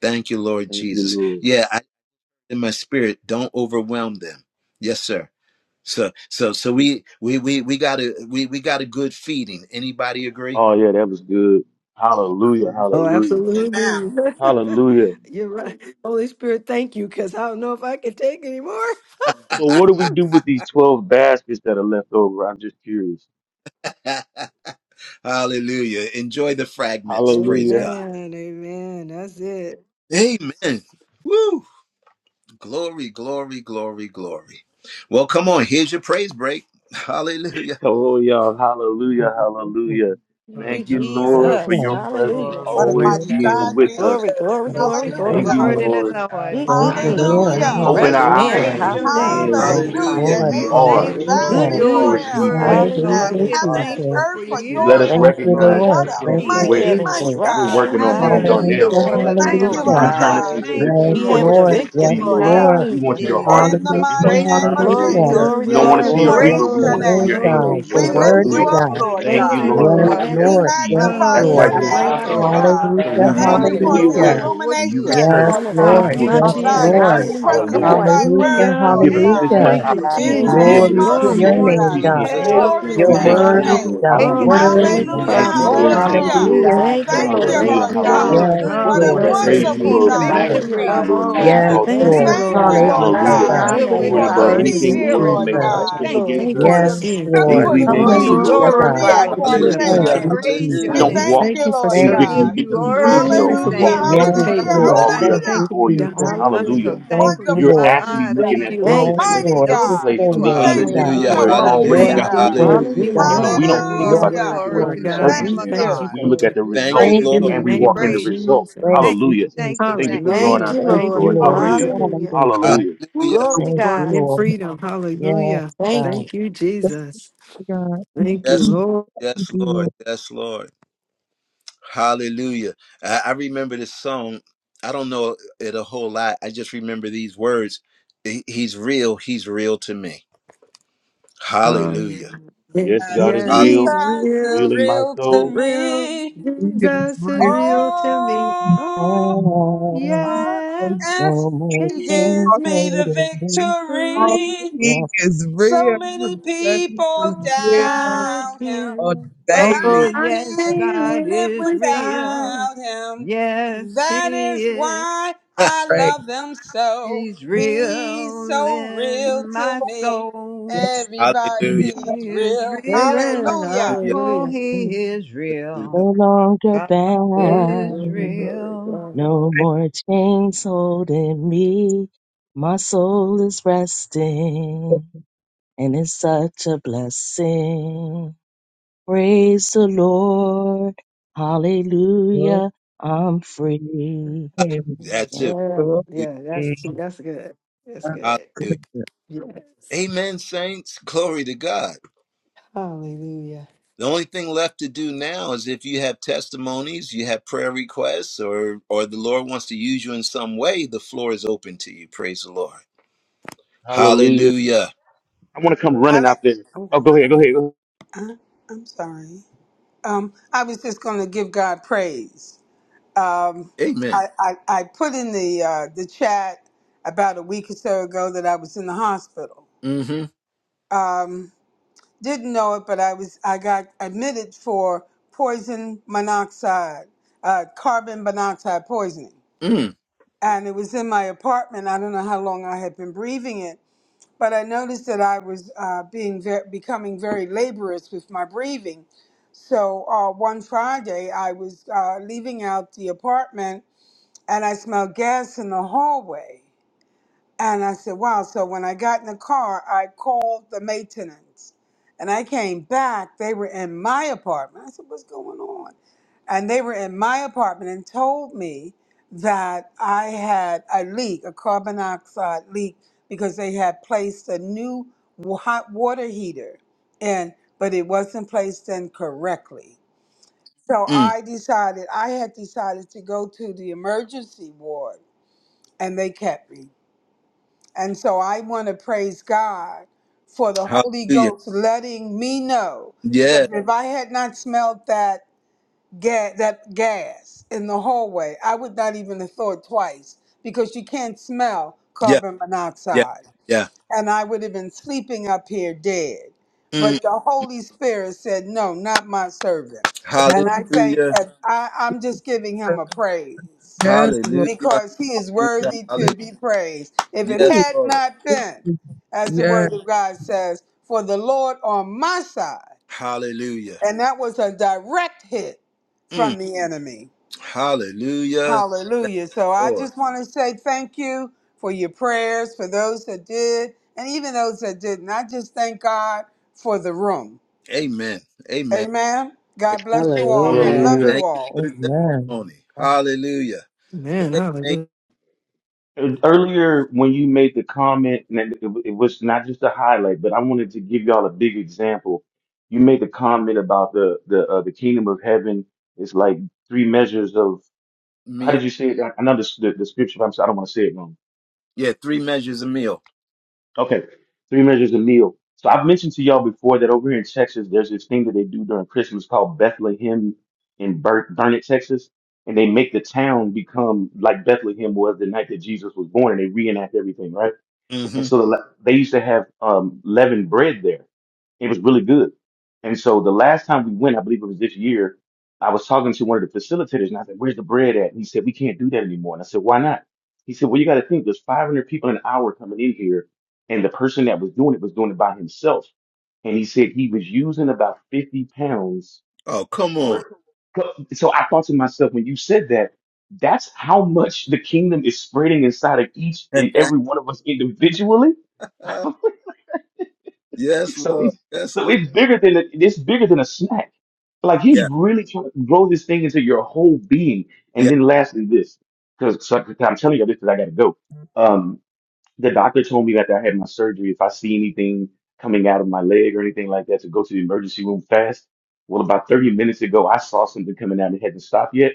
Speaker 1: Thank you, Lord
Speaker 2: Thank you,
Speaker 1: Jesus.
Speaker 2: Lord.
Speaker 1: Yeah, in my spirit don't overwhelm them yes sir so so so we we we, we got a we, we got a good feeding anybody agree
Speaker 2: Oh, yeah, that was good. Hallelujah.
Speaker 6: Oh,
Speaker 2: Hallelujah.
Speaker 9: Amen.
Speaker 6: absolutely.
Speaker 2: Hallelujah.
Speaker 6: You're right, Holy Spirit. Thank you, because I don't know if I can take anymore.
Speaker 2: So, what do we do
Speaker 6: Jesus.
Speaker 2: with these 12 baskets that are left over? I'm just curious.
Speaker 1: hallelujah enjoy the fragments praise
Speaker 2: Hallelujah.
Speaker 1: god
Speaker 6: Amen. Amen. That's it.
Speaker 1: amen Woo! glory glory glory glory well come on here's your praise break hallelujah
Speaker 2: Come on, y'all. Hallelujah.
Speaker 3: Hallelujah.
Speaker 2: Hallelujah.
Speaker 10: Thank
Speaker 11: Mm,
Speaker 10: you,
Speaker 2: Thank you, Lord,
Speaker 11: God,
Speaker 2: for
Speaker 10: Jesus.
Speaker 2: your
Speaker 3: Hallelujah.
Speaker 2: presence
Speaker 10: Hallelujah.
Speaker 11: glory
Speaker 9: What
Speaker 11: to
Speaker 9: a
Speaker 2: always
Speaker 3: Glory
Speaker 9: mighty
Speaker 11: God.
Speaker 3: to
Speaker 2: being
Speaker 9: God
Speaker 3: God.
Speaker 9: we
Speaker 2: with us.
Speaker 10: Glory,
Speaker 9: serve.
Speaker 10: glory,
Speaker 3: Thank you,
Speaker 11: Thank
Speaker 10: glory,
Speaker 11: you, Heavenly
Speaker 2: Thank
Speaker 10: glory.
Speaker 3: Jesus.
Speaker 2: you,
Speaker 9: Hallelujah.
Speaker 12: Glory to
Speaker 11: Father.
Speaker 12: the
Speaker 2: Lord.
Speaker 11: We
Speaker 12: Lord.
Speaker 11: honor you
Speaker 3: Thank you,
Speaker 12: Thank
Speaker 11: and
Speaker 10: Mm-mm-mm.
Speaker 11: we
Speaker 12: you,
Speaker 4: Hallelujah.
Speaker 3: Lord.
Speaker 11: bless
Speaker 9: Hallelujah.
Speaker 11: your
Speaker 12: Jesus.
Speaker 11: holy
Speaker 2: Open
Speaker 10: Fresh
Speaker 2: our
Speaker 4: Hallelujah.
Speaker 3: Hallelujah.
Speaker 2: eyes
Speaker 10: manna.
Speaker 11: name.
Speaker 2: to
Speaker 12: Praise your
Speaker 11: God, we
Speaker 10: Hallelujah.
Speaker 12: name,
Speaker 4: Thank you,
Speaker 2: understand
Speaker 12: Lord.
Speaker 4: Lord.
Speaker 11: magnify
Speaker 1: hallelujah
Speaker 2: that
Speaker 9: Hallelujah.
Speaker 11: you,
Speaker 3: Yes,
Speaker 2: we
Speaker 3: Lord.
Speaker 12: We're
Speaker 11: Lord. We
Speaker 9: Angels
Speaker 2: are
Speaker 4: Glory
Speaker 12: thankful
Speaker 4: to
Speaker 11: exalt
Speaker 4: your
Speaker 9: bow
Speaker 12: for
Speaker 10: Good
Speaker 3: Hallelujah.
Speaker 11: you,
Speaker 4: name.
Speaker 12: your
Speaker 2: your
Speaker 9: before
Speaker 11: Lord.
Speaker 10: news.
Speaker 9: him
Speaker 2: seed
Speaker 12: words,
Speaker 2: planet.
Speaker 11: Thank you,
Speaker 3: Hallelujah,
Speaker 12: Lord.
Speaker 9: and
Speaker 11: Heavenly
Speaker 10: Hallelujah.
Speaker 12: We're
Speaker 9: heaven
Speaker 11: Father.
Speaker 9: and
Speaker 3: Jesus.
Speaker 11: We
Speaker 12: thankful for
Speaker 9: earth
Speaker 11: thank you,
Speaker 2: Let
Speaker 12: you,
Speaker 9: adore
Speaker 2: us
Speaker 11: Lord.
Speaker 3: Thank
Speaker 9: him.
Speaker 3: you,
Speaker 2: recognize
Speaker 11: Glory
Speaker 12: Jesus,
Speaker 11: to
Speaker 9: What
Speaker 2: the
Speaker 3: Lord.
Speaker 11: your
Speaker 9: a
Speaker 3: Thank
Speaker 11: holy
Speaker 2: places
Speaker 3: you,
Speaker 12: King
Speaker 10: We
Speaker 11: name.
Speaker 9: mighty,
Speaker 10: have
Speaker 2: where
Speaker 12: Jesus.
Speaker 11: Thank
Speaker 9: mighty
Speaker 3: Jesus.
Speaker 11: you,
Speaker 2: we're
Speaker 9: God
Speaker 11: Father.
Speaker 2: working
Speaker 10: instruction.
Speaker 9: we
Speaker 2: on being
Speaker 11: Thank
Speaker 9: serve.
Speaker 11: you,
Speaker 10: Hallelujah.
Speaker 12: Hallelujah
Speaker 2: Darnells
Speaker 3: Hallelujah,
Speaker 12: for the
Speaker 11: Lord.
Speaker 10: Thank you,
Speaker 9: Thank
Speaker 3: hallelujah.
Speaker 2: so
Speaker 12: Lamb
Speaker 9: you,
Speaker 12: of
Speaker 2: you
Speaker 10: Lord.
Speaker 2: can
Speaker 9: Lord
Speaker 2: turn
Speaker 12: God.
Speaker 2: us
Speaker 9: God,
Speaker 2: into the
Speaker 12: Thank
Speaker 11: Hallelujah.
Speaker 3: Yes,
Speaker 10: We
Speaker 12: you,
Speaker 2: seed
Speaker 9: for
Speaker 2: that we're
Speaker 11: Thank
Speaker 10: have
Speaker 9: your
Speaker 10: the
Speaker 12: Lord.
Speaker 1: yeah
Speaker 3: Lord.
Speaker 2: supposed to
Speaker 3: Yes,
Speaker 9: teaching,
Speaker 2: be,
Speaker 10: victory.
Speaker 9: Lord
Speaker 2: Lord.
Speaker 12: Thank
Speaker 3: Lord.
Speaker 2: We want you
Speaker 10: Hallelujah.
Speaker 2: to
Speaker 12: you,
Speaker 11: Thank you,
Speaker 9: God.
Speaker 12: Jesus.
Speaker 9: In
Speaker 2: harvest
Speaker 9: the
Speaker 2: us.
Speaker 3: Hallelujah,
Speaker 11: God.
Speaker 12: We
Speaker 2: We want to
Speaker 9: mighty
Speaker 2: spend
Speaker 12: praise
Speaker 2: time
Speaker 9: name of
Speaker 12: your
Speaker 2: with
Speaker 10: Glory,
Speaker 2: you.
Speaker 3: hallelujah.
Speaker 12: name.
Speaker 1: hallelujah
Speaker 9: Jesus,
Speaker 10: glory,
Speaker 2: We
Speaker 9: we
Speaker 2: don't want
Speaker 11: Yes,
Speaker 2: to
Speaker 10: glory,
Speaker 6: Hallelujah.
Speaker 12: We're
Speaker 2: see a
Speaker 3: Oh,
Speaker 10: glory.
Speaker 3: bless
Speaker 2: reaper.
Speaker 9: praise
Speaker 2: We
Speaker 12: grateful
Speaker 3: the
Speaker 9: your
Speaker 2: want to
Speaker 6: Glory,
Speaker 2: see
Speaker 12: for
Speaker 3: name,
Speaker 2: your
Speaker 9: name.
Speaker 12: you, Lord.
Speaker 2: angels,
Speaker 6: glory,
Speaker 3: God. The
Speaker 9: We
Speaker 2: Lord.
Speaker 11: God.
Speaker 12: We're
Speaker 9: lift
Speaker 3: word,
Speaker 6: glory.
Speaker 9: you
Speaker 2: Hallelujah.
Speaker 11: Lord.
Speaker 9: up,
Speaker 12: grateful
Speaker 3: God.
Speaker 12: to
Speaker 9: Lord
Speaker 10: Thank
Speaker 2: Thank
Speaker 12: know
Speaker 6: Thank
Speaker 2: you,
Speaker 12: that
Speaker 6: you,
Speaker 9: God.
Speaker 10: you,
Speaker 2: Lord, for
Speaker 10: Your
Speaker 12: you
Speaker 3: Yes,
Speaker 2: what
Speaker 12: are
Speaker 6: Lord.
Speaker 2: we
Speaker 9: We
Speaker 2: have
Speaker 12: King
Speaker 10: Majesty,
Speaker 3: Lord.
Speaker 12: of
Speaker 2: received.
Speaker 3: Yes,
Speaker 10: our
Speaker 9: magnify
Speaker 6: Oh,
Speaker 12: kings
Speaker 2: That's
Speaker 6: I'm
Speaker 12: and
Speaker 2: why
Speaker 10: King,
Speaker 9: your
Speaker 3: Lord.
Speaker 6: so
Speaker 2: you're
Speaker 10: Your
Speaker 12: Lord of
Speaker 9: name,
Speaker 6: grateful.
Speaker 10: Honor,
Speaker 2: instructing
Speaker 9: Lord
Speaker 2: us.
Speaker 6: My
Speaker 11: Hallelujah.
Speaker 12: lords.
Speaker 9: God.
Speaker 6: God.
Speaker 2: So we
Speaker 3: Hallelujah,
Speaker 10: our
Speaker 2: will
Speaker 9: Thank
Speaker 2: be
Speaker 12: Thank
Speaker 9: you
Speaker 10: Father,
Speaker 12: you,
Speaker 1: hallelujah
Speaker 10: our
Speaker 9: for
Speaker 2: fully
Speaker 1: hallelujah
Speaker 12: Lord,
Speaker 9: the
Speaker 3: hallelujah.
Speaker 10: friend,
Speaker 2: aware
Speaker 12: for what
Speaker 2: when you
Speaker 12: you
Speaker 9: illumination,
Speaker 12: have done
Speaker 3: Yes,
Speaker 2: return
Speaker 9: Lord
Speaker 10: Son of
Speaker 2: that
Speaker 10: God,
Speaker 12: for
Speaker 6: Thank
Speaker 12: us,
Speaker 9: God,
Speaker 2: you
Speaker 10: the
Speaker 3: Lord.
Speaker 2: will
Speaker 6: you,
Speaker 2: be
Speaker 10: Son of
Speaker 3: Yes,
Speaker 9: of
Speaker 12: Lord.
Speaker 9: thy
Speaker 10: Man.
Speaker 2: receiving us,
Speaker 9: of
Speaker 12: Praise
Speaker 3: Lord.
Speaker 9: the
Speaker 2: Lord.
Speaker 6: Jesus.
Speaker 10: Hallelujah.
Speaker 12: God.
Speaker 10: Come
Speaker 9: presence
Speaker 2: Hallelujah
Speaker 9: of
Speaker 11: Yes,
Speaker 10: on.
Speaker 9: thy
Speaker 11: Lord.
Speaker 3: Hallelujah,
Speaker 9: word,
Speaker 6: Hallelujah.
Speaker 2: you
Speaker 9: Lord
Speaker 2: giving us
Speaker 11: Your
Speaker 12: Thank
Speaker 2: this
Speaker 9: God.
Speaker 12: you,
Speaker 2: much
Speaker 3: hallelujah.
Speaker 6: Thank
Speaker 11: word,
Speaker 6: you,
Speaker 11: God.
Speaker 12: Jesus.
Speaker 9: In
Speaker 2: opportunity
Speaker 9: the
Speaker 2: to
Speaker 10: Thank you,
Speaker 2: be
Speaker 11: Hallelujah.
Speaker 12: Thank
Speaker 6: Jesus.
Speaker 9: name
Speaker 2: able to
Speaker 3: Glory
Speaker 12: you
Speaker 2: see
Speaker 9: of
Speaker 3: to
Speaker 12: for
Speaker 10: Jesus.
Speaker 6: Glory,
Speaker 3: your
Speaker 1: thank
Speaker 2: you.
Speaker 11: Thank
Speaker 1: you
Speaker 12: going
Speaker 6: glory.
Speaker 3: name,
Speaker 2: We
Speaker 12: through
Speaker 9: Jesus.
Speaker 11: you,
Speaker 3: God.
Speaker 2: can't
Speaker 1: jesus
Speaker 2: fail.
Speaker 12: hell
Speaker 10: Thank you,
Speaker 12: and
Speaker 9: Glory
Speaker 2: So
Speaker 1: Thank
Speaker 3: Your
Speaker 2: we
Speaker 10: Lord.
Speaker 1: you,
Speaker 9: to
Speaker 2: thank you
Speaker 9: your
Speaker 3: word,
Speaker 11: God.
Speaker 12: just
Speaker 2: now,
Speaker 10: Hallelujah.
Speaker 2: Lord.
Speaker 9: name.
Speaker 3: God.
Speaker 6: Oh,
Speaker 12: taking
Speaker 6: my
Speaker 12: the
Speaker 2: Hallelujah.
Speaker 11: Hallelujah.
Speaker 3: Worthy,
Speaker 10: Thank
Speaker 6: goodness.
Speaker 10: you,
Speaker 3: God.
Speaker 12: keys
Speaker 9: Hallelujah,
Speaker 11: Your
Speaker 2: Thank
Speaker 12: and
Speaker 2: you,
Speaker 10: Father.
Speaker 11: word that
Speaker 2: Lord.
Speaker 12: going
Speaker 11: is
Speaker 2: Thank
Speaker 6: Jesus,
Speaker 2: you,
Speaker 12: on
Speaker 9: hallelujah.
Speaker 11: true,
Speaker 2: Lord.
Speaker 12: and
Speaker 3: Hallelujah,
Speaker 6: Jesus.
Speaker 2: Thank
Speaker 11: God.
Speaker 2: you.
Speaker 10: Thank
Speaker 11: Your
Speaker 10: you,
Speaker 9: Thank
Speaker 12: letting
Speaker 3: Jesus.
Speaker 12: us
Speaker 9: you,
Speaker 11: word,
Speaker 10: Lord.
Speaker 12: have
Speaker 6: Thank
Speaker 2: Hallelujah.
Speaker 12: an
Speaker 9: Lord
Speaker 11: Father God,
Speaker 6: you,
Speaker 11: that is
Speaker 2: Hallelujah.
Speaker 9: God.
Speaker 6: Lord.
Speaker 3: Yes,
Speaker 9: What
Speaker 10: Who
Speaker 9: a
Speaker 12: opportunity
Speaker 11: the
Speaker 3: Lord.
Speaker 2: We
Speaker 10: does
Speaker 11: source and the
Speaker 12: to
Speaker 3: Thank
Speaker 2: praise
Speaker 6: Hallelujah.
Speaker 2: you,
Speaker 11: king
Speaker 3: you,
Speaker 12: be
Speaker 9: wonderful
Speaker 10: exceedingly
Speaker 2: Lord.
Speaker 11: of
Speaker 2: We
Speaker 9: God
Speaker 6: We
Speaker 9: we
Speaker 11: our
Speaker 3: Jesus.
Speaker 10: abundantly
Speaker 2: magnify
Speaker 12: victory,
Speaker 2: you,
Speaker 9: serve,
Speaker 10: above
Speaker 11: Father
Speaker 2: Lord,
Speaker 10: all
Speaker 2: and we
Speaker 10: that
Speaker 12: to
Speaker 9: Lord
Speaker 10: we
Speaker 11: God.
Speaker 12: have
Speaker 3: Yes,
Speaker 1: jesus
Speaker 9: God.
Speaker 10: can
Speaker 2: exalt
Speaker 11: We
Speaker 6: Thank
Speaker 2: you.
Speaker 10: ask
Speaker 6: you,
Speaker 11: thank
Speaker 3: Lord.
Speaker 11: you,
Speaker 10: or
Speaker 9: Thank
Speaker 10: think.
Speaker 6: Lord,
Speaker 9: you,
Speaker 10: We are
Speaker 11: God.
Speaker 12: victory
Speaker 9: Lord
Speaker 10: blessed
Speaker 3: Hallelujah,
Speaker 2: Hallelujah.
Speaker 12: when
Speaker 6: for
Speaker 9: God,
Speaker 3: God.
Speaker 12: we
Speaker 10: beyond
Speaker 12: are with
Speaker 2: Over
Speaker 6: opening
Speaker 10: measure.
Speaker 2: and
Speaker 6: up
Speaker 9: for the
Speaker 2: above
Speaker 11: Hallelujah.
Speaker 6: our
Speaker 12: your
Speaker 3: Thank
Speaker 2: anything
Speaker 3: you,
Speaker 10: Hallelujah.
Speaker 2: the
Speaker 9: feeding,
Speaker 12: spirit,
Speaker 2: world
Speaker 9: Lord
Speaker 6: understanding.
Speaker 2: may try
Speaker 3: Jesus.
Speaker 12: Lord.
Speaker 6: Lord
Speaker 2: to
Speaker 10: Thank
Speaker 9: God
Speaker 10: you,
Speaker 2: push
Speaker 6: God.
Speaker 12: Thank
Speaker 10: Lord.
Speaker 12: you,
Speaker 2: against
Speaker 6: Thank
Speaker 2: us,
Speaker 6: you
Speaker 9: for
Speaker 6: for
Speaker 9: the
Speaker 12: Jesus.
Speaker 3: Yes,
Speaker 6: seeing
Speaker 2: the things
Speaker 3: Lord.
Speaker 9: for
Speaker 2: we
Speaker 6: clearly
Speaker 9: the
Speaker 6: the
Speaker 2: may
Speaker 10: Glory,
Speaker 12: We
Speaker 2: see,
Speaker 9: food
Speaker 6: message
Speaker 9: in
Speaker 3: Hallelujah,
Speaker 10: glory,
Speaker 2: Lord,
Speaker 9: which
Speaker 2: first
Speaker 10: glory,
Speaker 2: and
Speaker 9: we
Speaker 3: God.
Speaker 12: glorify
Speaker 9: have
Speaker 2: foremost,
Speaker 10: glory.
Speaker 6: that
Speaker 2: we
Speaker 6: you
Speaker 12: you.
Speaker 1: hallelujah
Speaker 6: have
Speaker 3: Thank
Speaker 12: We
Speaker 2: recognize.
Speaker 1: hallelujah
Speaker 9: partaken.
Speaker 3: you,
Speaker 6: portrayed to
Speaker 12: praise
Speaker 6: us,
Speaker 2: We
Speaker 12: your
Speaker 9: We
Speaker 6: God.
Speaker 3: Jesus.
Speaker 2: don't
Speaker 1: hallelujah
Speaker 6: We
Speaker 9: thank
Speaker 12: name.
Speaker 2: walk
Speaker 6: thank
Speaker 9: you,
Speaker 6: you for
Speaker 9: Lord
Speaker 12: We
Speaker 2: in
Speaker 3: Thank
Speaker 2: victory
Speaker 6: serving.
Speaker 9: God.
Speaker 3: you,
Speaker 12: give
Speaker 2: because
Speaker 12: you
Speaker 2: we
Speaker 6: We
Speaker 2: think
Speaker 3: Jesus.
Speaker 6: thank you
Speaker 2: so.
Speaker 6: for
Speaker 2: We
Speaker 9: Hallelujah,
Speaker 2: walk
Speaker 12: everything.
Speaker 2: in
Speaker 10: Mm-mm.
Speaker 6: being at
Speaker 3: Yes,
Speaker 12: Oh
Speaker 6: the
Speaker 2: victory
Speaker 12: Lord, I'm
Speaker 2: because
Speaker 6: table
Speaker 9: hallelujah,
Speaker 2: we
Speaker 12: so
Speaker 3: Lord.
Speaker 6: with you.
Speaker 2: already
Speaker 6: We
Speaker 2: are
Speaker 3: Thank
Speaker 12: thankful
Speaker 3: you,
Speaker 6: thank
Speaker 9: hallelujah.
Speaker 6: you
Speaker 12: for
Speaker 6: for
Speaker 2: victorious.
Speaker 3: Jesus.
Speaker 12: you.
Speaker 6: dining
Speaker 9: Thank
Speaker 6: with
Speaker 12: I'm
Speaker 9: you.
Speaker 12: so
Speaker 2: Hallelujah.
Speaker 6: you,
Speaker 10: Hallelujah.
Speaker 6: Lord
Speaker 3: Thank
Speaker 12: thankful
Speaker 6: God.
Speaker 3: you,
Speaker 12: for
Speaker 2: You're
Speaker 9: Wonderful
Speaker 12: my
Speaker 3: Lord.
Speaker 6: We
Speaker 2: actually
Speaker 12: eyes
Speaker 9: Savior.
Speaker 2: looking
Speaker 6: thank
Speaker 2: at
Speaker 12: being
Speaker 2: the
Speaker 6: you.
Speaker 10: Thank
Speaker 3: Yes,
Speaker 12: open
Speaker 10: you.
Speaker 6: Lord
Speaker 12: to
Speaker 2: situation
Speaker 9: Mighty
Speaker 3: Lord.
Speaker 12: know
Speaker 2: taking
Speaker 3: You're
Speaker 6: Jesus.
Speaker 12: who
Speaker 9: God.
Speaker 2: place
Speaker 3: so
Speaker 12: you
Speaker 2: from
Speaker 12: are,
Speaker 2: the
Speaker 3: worthy,
Speaker 9: Thank
Speaker 12: dear
Speaker 2: end
Speaker 9: you
Speaker 3: God.
Speaker 10: We
Speaker 1: Hallelujah,
Speaker 12: God.
Speaker 10: will
Speaker 2: where
Speaker 9: so
Speaker 10: walk
Speaker 6: Hallelujah.
Speaker 9: much,
Speaker 2: already
Speaker 10: this
Speaker 9: Lord
Speaker 12: Thank
Speaker 1: hallelujah,
Speaker 10: out.
Speaker 3: Worthy,
Speaker 12: you,
Speaker 2: victory
Speaker 9: God.
Speaker 2: is.
Speaker 3: worthy,
Speaker 12: Jesus.
Speaker 6: We
Speaker 1: hallelujah.
Speaker 6: will
Speaker 10: Hallelujah.
Speaker 2: So
Speaker 3: God.
Speaker 2: we
Speaker 6: ruminate
Speaker 12: Glory,
Speaker 2: don't
Speaker 6: on
Speaker 2: think
Speaker 6: this
Speaker 12: glory,
Speaker 3: Yes,
Speaker 2: about the
Speaker 9: Hallelujah.
Speaker 6: word,
Speaker 12: glory
Speaker 3: Lord.
Speaker 2: situation
Speaker 6: Lord
Speaker 12: to
Speaker 2: or
Speaker 12: the
Speaker 3: Thank
Speaker 6: God.
Speaker 9: Thank
Speaker 12: Lamb
Speaker 6: We
Speaker 3: you,
Speaker 12: of
Speaker 2: circumstance.
Speaker 6: thank
Speaker 9: you.
Speaker 6: you
Speaker 12: God.
Speaker 2: We
Speaker 3: Jesus.
Speaker 2: look
Speaker 6: for
Speaker 2: at
Speaker 6: it
Speaker 2: the
Speaker 12: We
Speaker 1: Thank you,
Speaker 2: result
Speaker 3: Thank
Speaker 12: praise
Speaker 6: in
Speaker 1: Lord.
Speaker 3: you,
Speaker 6: the
Speaker 2: and
Speaker 12: you.
Speaker 2: we
Speaker 12: We
Speaker 6: name
Speaker 2: walk in
Speaker 6: of
Speaker 2: the
Speaker 3: Jesus.
Speaker 12: praise you.
Speaker 2: result.
Speaker 3: Thank
Speaker 6: Jesus.
Speaker 12: Thank
Speaker 3: you,
Speaker 12: you,
Speaker 2: Hallelujah.
Speaker 12: thank you,
Speaker 3: Jesus.
Speaker 2: Thank you
Speaker 12: thank
Speaker 2: for
Speaker 12: you.
Speaker 2: growing
Speaker 10: Thank
Speaker 2: our
Speaker 6: Hallelujah.
Speaker 10: you,
Speaker 2: faith,
Speaker 3: Thank
Speaker 6: Thank
Speaker 3: you,
Speaker 10: Lord.
Speaker 6: you,
Speaker 2: Lord.
Speaker 3: Lord.
Speaker 6: Lord
Speaker 2: Hallelujah.
Speaker 6: God.
Speaker 10: Hallelujah.
Speaker 3: Hallelujah.
Speaker 2: Hallelujah.
Speaker 1: Hallelujah.
Speaker 10: Glory
Speaker 8: So
Speaker 10: to
Speaker 6: Woo, we
Speaker 3: Thank you,
Speaker 6: Walk
Speaker 10: God.
Speaker 6: in
Speaker 3: Lord.
Speaker 6: freedom.
Speaker 3: Yes,
Speaker 6: Hallelujah.
Speaker 10: Thank you.
Speaker 3: God.
Speaker 6: Thank you,
Speaker 8: Thank
Speaker 6: Jesus.
Speaker 8: you, God.
Speaker 6: Thank you,
Speaker 1: Yes,
Speaker 6: Lord.
Speaker 1: yes,
Speaker 8: Thank you,
Speaker 1: Lord.
Speaker 8: Lord.
Speaker 1: Yes, Lord. Hallelujah. I, I remember this song. I don't know it a whole lot. I just remember these words. He- he's real. He's real to me.
Speaker 6: Oh, yeah.
Speaker 1: Hallelujah.
Speaker 6: And-
Speaker 2: Yes,
Speaker 9: Yes,
Speaker 2: God is
Speaker 6: Yeah,
Speaker 1: Hall-
Speaker 6: he's
Speaker 2: real,
Speaker 9: Jesus is
Speaker 2: real
Speaker 6: real.
Speaker 2: in my
Speaker 9: real to
Speaker 2: soul.
Speaker 6: Real
Speaker 9: me.
Speaker 8: Thank you,
Speaker 6: Jesus is
Speaker 8: Lord.
Speaker 6: real to me.
Speaker 8: Thank
Speaker 9: Oh,
Speaker 6: Oh
Speaker 3: Ah,
Speaker 9: All
Speaker 8: you.
Speaker 6: yes,
Speaker 9: yes,
Speaker 3: No more
Speaker 9: he
Speaker 6: gave me
Speaker 3: chains
Speaker 9: gives
Speaker 6: the
Speaker 9: me the
Speaker 3: holding me.
Speaker 8: Oh,
Speaker 6: victory.
Speaker 9: victory.
Speaker 8: He
Speaker 3: Yes,
Speaker 8: is
Speaker 9: So
Speaker 8: real.
Speaker 9: many
Speaker 8: His presence is
Speaker 9: people
Speaker 6: So
Speaker 8: real
Speaker 6: down
Speaker 9: doubt him,
Speaker 8: on
Speaker 6: here,
Speaker 9: but
Speaker 8: daily.
Speaker 12: Oh,
Speaker 9: I
Speaker 6: I
Speaker 12: yes,
Speaker 9: can't
Speaker 6: can't
Speaker 12: God
Speaker 6: live
Speaker 9: live
Speaker 12: is
Speaker 6: without.
Speaker 12: real.
Speaker 9: without him.
Speaker 12: Yes,
Speaker 9: That
Speaker 12: He
Speaker 9: is
Speaker 12: is.
Speaker 9: why I
Speaker 8: Right.
Speaker 9: love him so.
Speaker 12: He's
Speaker 9: He's
Speaker 12: real
Speaker 9: so real
Speaker 12: in my
Speaker 9: to me.
Speaker 12: soul.
Speaker 8: Yes.
Speaker 9: Everybody,
Speaker 1: Hallelujah.
Speaker 9: he's
Speaker 12: He is
Speaker 9: real.
Speaker 12: real.
Speaker 6: Amen.
Speaker 9: Hallelujah.
Speaker 1: Hallelujah.
Speaker 12: Oh,
Speaker 6: Hallelujah.
Speaker 12: he is real.
Speaker 1: Hallelujah.
Speaker 3: No longer
Speaker 12: God
Speaker 6: Glory,
Speaker 12: is
Speaker 6: glory,
Speaker 3: bound.
Speaker 6: glory,
Speaker 12: real.
Speaker 6: glory.
Speaker 3: No more chains holding me. My soul is resting, and it's such a blessing. Praise the Lord. Hallelujah.
Speaker 8: Okay.
Speaker 3: I'm free.
Speaker 1: That
Speaker 3: Yes.
Speaker 1: too.
Speaker 6: glory. Yeah, yeah, that's that's good. That's good.
Speaker 1: Hallelujah.
Speaker 8: Okay.
Speaker 6: Yes.
Speaker 1: Amen, saints. Glory to God.
Speaker 6: Hallelujah.
Speaker 1: The only thing left to do now is if you have testimonies, you have prayer requests, or or the Lord wants to use you in some way, the floor is open to you. Praise the Lord.
Speaker 2: Hallelujah.
Speaker 1: Hallelujah.
Speaker 2: I want to come
Speaker 9: I
Speaker 2: running
Speaker 9: like.
Speaker 2: out there.
Speaker 9: Oh,
Speaker 2: Oh,
Speaker 9: I'm
Speaker 2: go ahead. Go
Speaker 9: sorry.
Speaker 2: ahead. Go ahead.
Speaker 9: Uh, I'm sorry. Um, I was just going to give God praise. Um,
Speaker 1: Amen.
Speaker 9: I, I, I put in the, uh, the chat about a week or so ago that I was in the hospital.
Speaker 1: Mm-hmm.
Speaker 9: Um, didn't know it, but I was I got admitted for poison monoxide, uh, carbon monoxide poisoning,
Speaker 1: Mm.
Speaker 9: and it was in my apartment. I don't know how long I had been breathing it, but I noticed that I was uh, being ve- becoming very laborious with my breathing. So uh, one Friday, I was uh, leaving out the apartment and I smelled gas in the hallway. And I said, wow. So when I got in the car, I called the maintenance. And I came back, they were in my apartment. I said, what's going on? And they were in my apartment and told me that I had a leak, a carbon dioxide leak, because they had placed a new wa- hot water heater in, but it wasn't placed in correctly. So
Speaker 1: Mm.
Speaker 9: I decided, I had decided to go to the emergency ward and they kept me. And so I want to praise God for the Holy
Speaker 1: Hallelujah.
Speaker 9: Ghost letting me know because
Speaker 1: Yeah.
Speaker 9: if I had not smelled that gas, that gas in the hallway, I would not even have thought twice because you can't smell
Speaker 1: Yeah.
Speaker 9: carbon
Speaker 1: Yeah.
Speaker 9: monoxide.
Speaker 1: Yeah.
Speaker 9: And I would have been sleeping up here dead.
Speaker 1: Mm.
Speaker 9: But the Holy Spirit said, No, not my servant. And
Speaker 8: Glory
Speaker 9: I
Speaker 8: to
Speaker 9: think
Speaker 1: Hallelujah.
Speaker 9: and I, I'm just giving him
Speaker 8: God.
Speaker 9: a praise
Speaker 8: Yes, Lord.
Speaker 1: Hallelujah. Hallelujah.
Speaker 9: because he is worthy to
Speaker 1: Hallelujah.
Speaker 9: be praised. If it
Speaker 1: Yes,
Speaker 8: Ooh,
Speaker 9: had
Speaker 1: Lord.
Speaker 9: not
Speaker 8: ooh,
Speaker 9: been,
Speaker 8: ooh.
Speaker 9: as the
Speaker 8: Yes.
Speaker 9: word of God says, for the Lord on my side,
Speaker 1: Hallelujah.
Speaker 9: and that was a direct hit
Speaker 1: Mm.
Speaker 9: from the enemy.
Speaker 1: Hallelujah.
Speaker 9: Hallelujah. So I
Speaker 1: Lord.
Speaker 9: just want to say thank you for your prayers, for those that did, and even those that didn't. I just thank God for the room.
Speaker 1: Amen. Amen.
Speaker 9: Amen. God bless you all and love
Speaker 2: Hallelujah.
Speaker 11: Hallelujah.
Speaker 9: you
Speaker 1: Thank you
Speaker 9: all.
Speaker 1: for the
Speaker 3: Amen.
Speaker 1: testimony.
Speaker 3: God
Speaker 1: Hallelujah. Go
Speaker 6: man,
Speaker 1: ahead, Nate.
Speaker 6: Hallelujah.
Speaker 2: Earlier, when you made the comment, and it, it was not just a highlight, but I wanted to give y'all a big example. You made the comment about the the uh, the kingdom of heaven is like three measures of how
Speaker 1: Meal.
Speaker 2: did you say it? I I know the the, the scripture. but I'm, so- I don't want to say it wrong.
Speaker 1: Yeah, three measures of meal.
Speaker 2: Okay, three measures of meal. So I've mentioned to y'all before that over here in Texas, there's this thing that they do during Christmas called Bethlehem in Bur- Burnett, Texas, and they make the town become like Bethlehem was the night that Jesus was born, and they reenact everything, right? And
Speaker 1: hmm
Speaker 2: so the, la- they used to have um, leavened bread there. It was really good. And so the last time we went, I believe it was this year, I was talking to one of the facilitators and I said, where's the bread at? And he said, we can't do that anymore. And I said, why not? He said, well, you got to think there's 500 people an hour coming in here. And the person that was doing it was doing it by himself. And he said he was using about 50 pounds
Speaker 1: Oh, come on.
Speaker 2: worth. So I thought to myself, when you said that, that's how much the kingdom is spreading inside of each and every one of us individually
Speaker 1: yes,
Speaker 2: So
Speaker 1: Lord.
Speaker 2: it's
Speaker 1: Yes,
Speaker 2: so
Speaker 1: Lord.
Speaker 2: it's bigger than a, it's bigger than a snack. Like he's
Speaker 1: Yeah,
Speaker 2: really trying to grow this thing into your whole being. And
Speaker 1: yeah.
Speaker 2: then lastly, this because I'm telling you this because I got to go. Um, the doctor told me that I had my surgery. If I see anything coming out of my leg or anything like that, to go to the emergency room fast. Well, about 30 minutes ago, I saw something coming out. It hadn't stopped yet.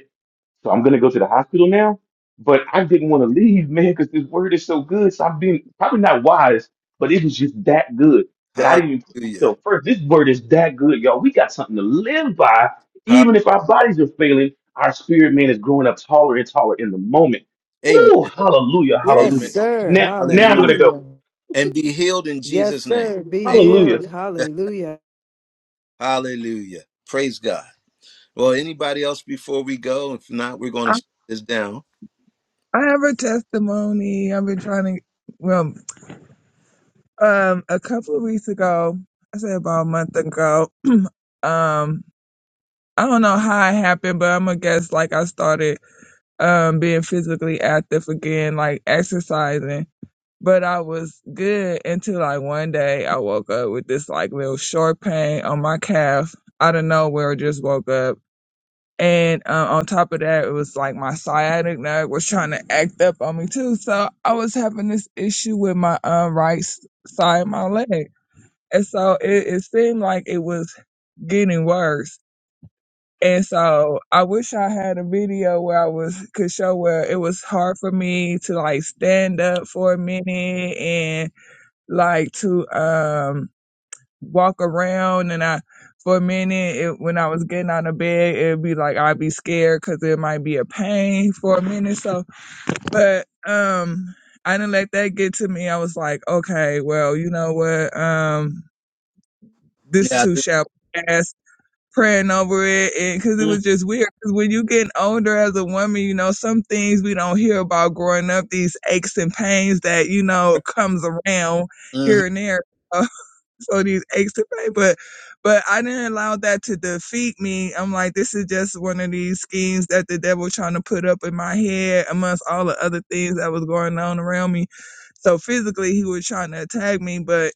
Speaker 2: So I'm gonna go to the hospital now. But I didn't want to leave, man, because this word is so good. So I've been probably not wise, but it was just that good that I didn't even put
Speaker 1: Hallelujah.
Speaker 2: myself first. This word is that good, y'all. We got something to live by.
Speaker 1: Hall-
Speaker 2: Even if our bodies are failing, our spirit man is growing up taller and taller in the moment.
Speaker 1: Amen.
Speaker 2: Woo, hallelujah,
Speaker 6: Yes,
Speaker 1: Amen.
Speaker 2: hallelujah.
Speaker 6: sir.
Speaker 2: Now, now I'm gonna
Speaker 1: Hallelujah.
Speaker 6: Hallelujah.
Speaker 2: go.
Speaker 1: And be healed in
Speaker 6: Yes,
Speaker 1: Jesus' name.
Speaker 6: sir. Be
Speaker 1: Amen.
Speaker 2: Hallelujah.
Speaker 6: healed. Hallelujah.
Speaker 1: Hallelujah. Praise God. Well, anybody else before we go? If not, we're going to
Speaker 8: I,
Speaker 1: shut this down.
Speaker 8: I have a testimony. I've been trying to, well, um, a couple of weeks ago, I said about a month ago, um, I don't know how it happened, but I'm gonna guess like I started um being physically active again, like exercising. But I was good until like one day I woke up with this like little short pain on my calf out of nowhere. Just woke up, and uh, on top of that, it was like my sciatic nerve was trying to act up on me too. So I was having this issue with my um, right s- side of my leg, and so it, it seemed like it was getting worse. And so I wish I had a video where I was could show where it was hard for me to like stand up for a minute and like to um walk around and I for a minute it, when I was getting out of bed it'd be like I'd be scared because it might be a pain for a minute so but um I didn't let that get to me I was like okay well you know what um this
Speaker 1: Yeah. I
Speaker 8: too
Speaker 1: just-
Speaker 8: shall pass praying over it because it
Speaker 1: Mhm.
Speaker 8: was just weird because when you get older as a woman you know some things we don't hear about growing up these aches and pains that you know comes around
Speaker 1: mhm.
Speaker 8: here and there so these aches to pay. But but I didn't allow that to defeat me. I'm like, this is just one of these schemes that the devil trying to put up in my head amongst all the other things that was going on around me. So physically he was trying to attack me, but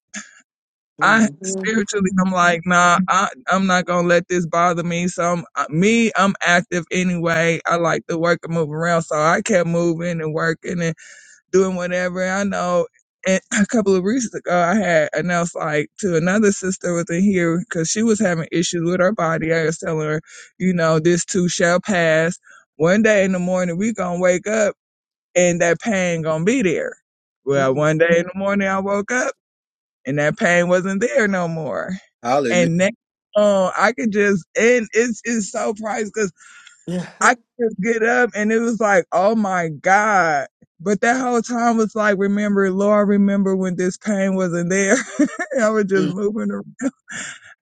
Speaker 8: I
Speaker 6: Mhm.
Speaker 8: spiritually I'm like, nah, I I'm not gonna let this bother me. So I'm uh, me, I'm active anyway. I like to work and move around. So I kept moving and working and doing whatever. I know and a couple of weeks ago, I had announced like to another sister within here because she was having issues with her body. I was telling her, you know, this too shall pass. One day in the morning, we gonna wake up and that pain gonna be there. Well, one
Speaker 6: Mm.
Speaker 8: day in the morning, I woke up and that pain wasn't there no more.
Speaker 1: Hallelujah.
Speaker 8: And now, um, I could just and it's it's so priceless I could just get up and it was like, oh my God. But that whole time was like, remember, Lord, remember when this pain wasn't there. And I was just
Speaker 1: Mhm.
Speaker 8: moving around.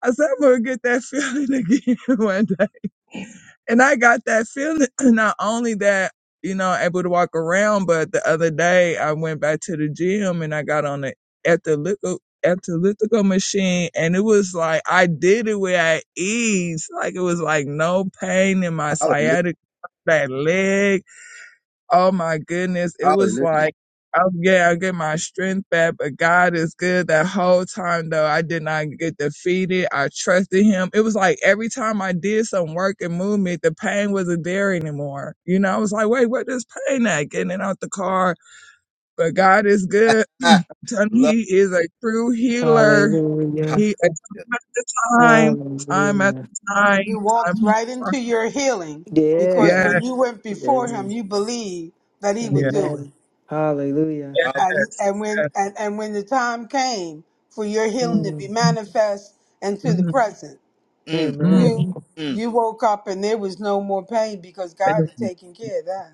Speaker 8: I said, I'm going to get that feeling again one day. And I got that feeling, not only that, you know, able to walk around, but the other day I went back to the gym and I got on the elliptical, elliptical machine and it was like, I did it with at ease. Like it was like no pain in my
Speaker 1: Hallelujah.
Speaker 8: sciatica that leg. Oh my goodness. It was
Speaker 1: Hallelujah.
Speaker 8: like, oh yeah, I get my strength back, but God is good. That whole time though, I did not get defeated. I trusted him. It was like every time I did some work and movement, the pain wasn't there anymore. You know, I was like, wait, where this pain at? Getting it out the car. But God is good.
Speaker 1: Ah,
Speaker 8: Tell
Speaker 1: love.
Speaker 8: me He is a true healer.
Speaker 6: Hallelujah.
Speaker 1: Hallelujah.
Speaker 8: He a time after time, time
Speaker 6: Hallelujah.
Speaker 8: after time,
Speaker 9: You walked
Speaker 8: time.
Speaker 9: right
Speaker 8: after time.
Speaker 9: into your healing because
Speaker 6: Yeah.
Speaker 8: Yeah,
Speaker 9: when you went
Speaker 6: yeah.
Speaker 9: before him, you believed that he would
Speaker 8: yeah,
Speaker 9: do it.
Speaker 6: Amen. Hallelujah.
Speaker 8: yes,
Speaker 1: Hallelujah.
Speaker 9: And and when
Speaker 8: yes.
Speaker 9: and, and when the time came for your healing to be
Speaker 6: Mm.
Speaker 9: manifest into
Speaker 8: Mm-hmm.
Speaker 9: the present,
Speaker 1: Mm,
Speaker 8: Mm,
Speaker 9: you
Speaker 6: Amen.
Speaker 1: mm.
Speaker 9: you woke up and there was no more pain because
Speaker 8: thank
Speaker 9: God had
Speaker 8: you.
Speaker 9: taken care of that.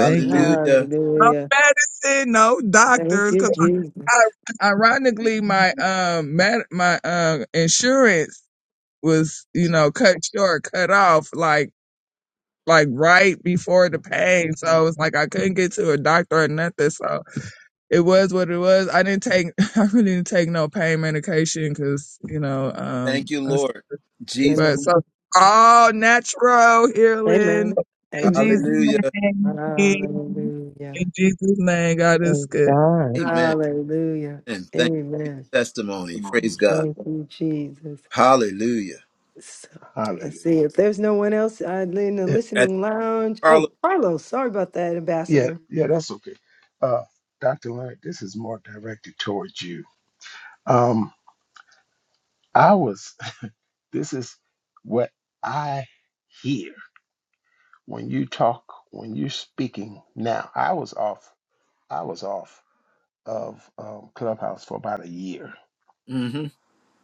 Speaker 8: Thank you. No
Speaker 6: Hallelujah.
Speaker 8: medicine, no
Speaker 6: Thank
Speaker 8: doctors.
Speaker 6: you,
Speaker 8: Cause
Speaker 6: Jesus.
Speaker 8: ironically, my um, med- my um, insurance was you know cut short, cut off, like like right before the pain. So it's like I couldn't get to a doctor or nothing. So it was what it was. I didn't take, I really didn't take no pain medication because you know
Speaker 1: Thank you,
Speaker 8: um,
Speaker 1: Lord. Jesus.
Speaker 8: But
Speaker 6: Amen.
Speaker 8: so all natural healing
Speaker 6: Amen.
Speaker 8: in Jesus'
Speaker 6: Amen.
Speaker 1: Hallelujah.
Speaker 8: name.
Speaker 6: Hallelujah.
Speaker 8: In Jesus' name, God is
Speaker 3: is
Speaker 8: good.
Speaker 3: God.
Speaker 1: Amen.
Speaker 6: Hallelujah.
Speaker 1: And thank you for
Speaker 6: Amen.
Speaker 1: your testimony. Praise God.
Speaker 6: Thank you, Jesus.
Speaker 1: Hallelujah.
Speaker 6: So,
Speaker 13: Hallelujah.
Speaker 6: let's see if there's no one else uh, in the
Speaker 13: Yeah,
Speaker 1: At
Speaker 6: listening lounge. Oh,
Speaker 1: Carlos.
Speaker 6: Carlos, sorry about that,
Speaker 13: yeah,
Speaker 6: Ambassador.
Speaker 13: yeah, that's okay. Uh, Dr. Leonard, this is more directed towards you. Um, I was, this is what I hear when you talk, when you're speaking now. I was off, I was off of um, Clubhouse for about a year.
Speaker 1: hmm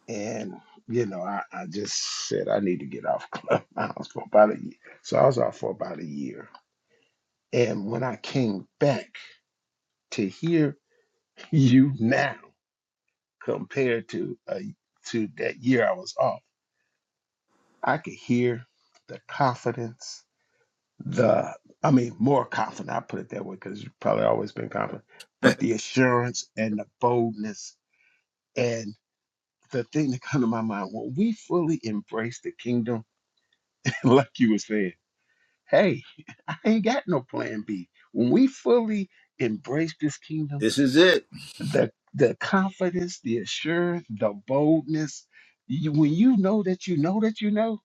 Speaker 13: And, you know, I, I just said I need to get off Clubhouse for about a year. So I was off for about a year. And when I came back to hear you now, compared to uh, to that year I was off. I could hear the confidence, the I mean more confident. I put it that way because you've probably always been confident, but the assurance and the boldness and the thing that come to my mind when we fully embrace the kingdom, like you were saying, hey, I ain't got no plan B. When we fully embrace this kingdom
Speaker 1: this is it.
Speaker 13: the the confidence, the assurance, the boldness. You, when you know that you know that you know,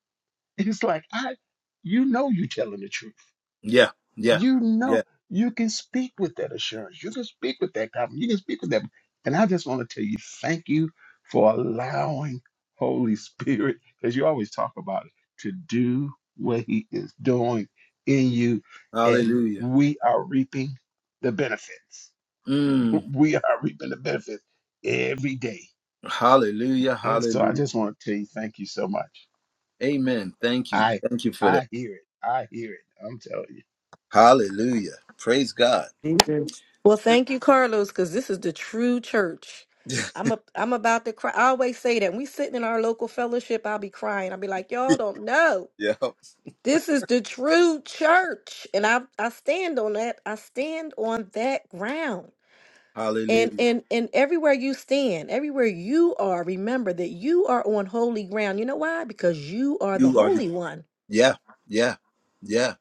Speaker 13: it's like I, you know, you telling the truth.
Speaker 1: Yeah. Yeah.
Speaker 13: You
Speaker 1: Yeah.
Speaker 13: know, you can speak with that assurance. You can speak with that confidence. You can speak with that. And I just want to tell you, thank you for allowing Holy Spirit, because you always talk about it, to do what He is doing in you, and
Speaker 1: Hallelujah.
Speaker 13: we are reaping the benefits
Speaker 1: Mm.
Speaker 13: we are reaping the benefits every day.
Speaker 1: Hallelujah.
Speaker 13: And so I
Speaker 1: Hallelujah.
Speaker 13: just want to tell you, thank you so much.
Speaker 1: Amen. Thank you.
Speaker 13: I
Speaker 1: Thank you for that.
Speaker 13: I hear it. I hear it. I'm telling you.
Speaker 1: Hallelujah. Praise God.
Speaker 6: Jesus.
Speaker 10: Well, thank you, Carlos, because this is the true church. I'm a, I'm about to cry. I always say that when we sitting in our local fellowship, I'll be crying. I'll be like, y'all don't know.
Speaker 1: yeah.
Speaker 10: This is the true church. And I, I stand on that. I stand on that ground. And,
Speaker 1: Hallelujah.
Speaker 10: and and everywhere you stand, everywhere you are, remember that you are on holy ground. You know why? Because you are the
Speaker 1: You are the
Speaker 10: holy one.
Speaker 1: Yeah. Yeah. Yeah.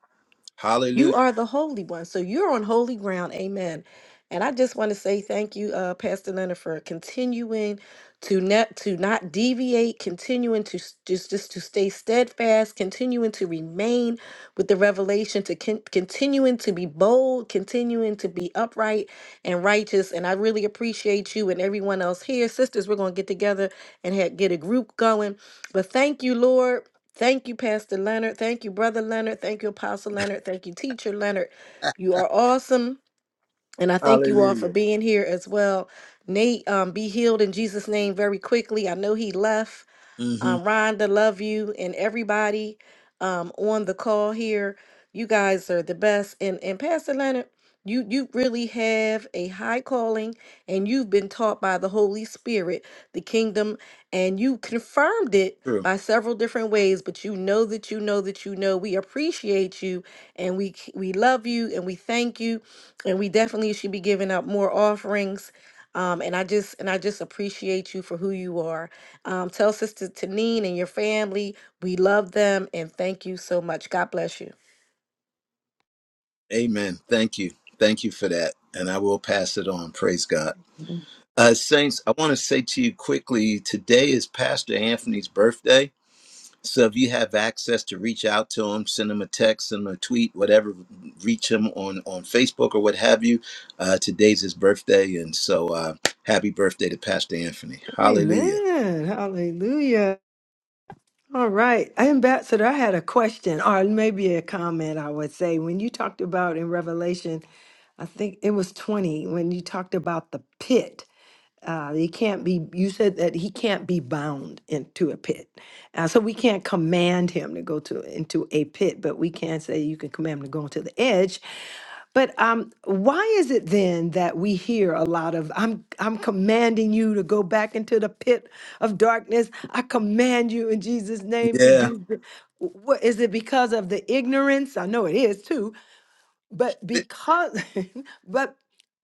Speaker 10: You
Speaker 1: Hallelujah.
Speaker 10: are the holy one. So you're on holy ground. Amen. And I just want to say thank you, uh, Pastor Leonard, for continuing to not to not deviate, continuing to s- just just to stay steadfast, continuing to remain with the revelation, to con- continuing to be bold, continuing to be upright and righteous. And I really appreciate you and everyone else here, sisters. We're gonna get together and ha- get a group going. But thank you, Lord. Thank you, Pastor Leonard. Thank you, Brother Leonard. Thank you, Apostle Leonard. Thank you, Teacher Leonard. You are awesome. And I thank you all for
Speaker 1: Hallelujah.
Speaker 10: being here as well. Nate, um, be healed in Jesus' name very quickly. I know he left.
Speaker 1: mm hmm
Speaker 10: Um, Rhonda, love you and everybody um, on the call here. You guys are the best. And and Pastor Leonard, you you really have a high calling, and you've been taught by the Holy Spirit the kingdom, and you confirmed it
Speaker 1: True.
Speaker 10: by several different ways. But you know that you know that you know. We appreciate you, and we c- we love you, and we thank you, and we definitely should be giving out more offerings. Um, and I just and I just appreciate you for who you are um, tell Sister Tanine and your family we love them and thank you so much. God bless you.
Speaker 1: Amen. Thank you. Thank you for that. And I will pass it on. Praise God. Uh, Saints, I want to say to you quickly today is Pastor Anthony's birthday. So if you have access to reach out to him, send him a text, send him a tweet, whatever, reach him on, on Facebook or what have you. Uh, today's his birthday. And so uh, happy birthday to Pastor Anthony. Hallelujah.
Speaker 6: Amen. Hallelujah. All right. Ambassador, I had a question or maybe a comment, I would say. When you talked about in Revelation, I think it was 20, when you talked about the pit. Uh, he can't be, you said that he can't be bound into a pit. Uh, so we can't command him to go to into a pit, but we can say you can command him to go into the edge. But um, why is it then that we hear a lot of "I'm I'm commanding you to go back into the pit of darkness. I command you in Jesus' name to
Speaker 1: Yeah.
Speaker 6: do." th-" Wh- What is it because of the ignorance? I know it is too, but
Speaker 1: It-
Speaker 6: because but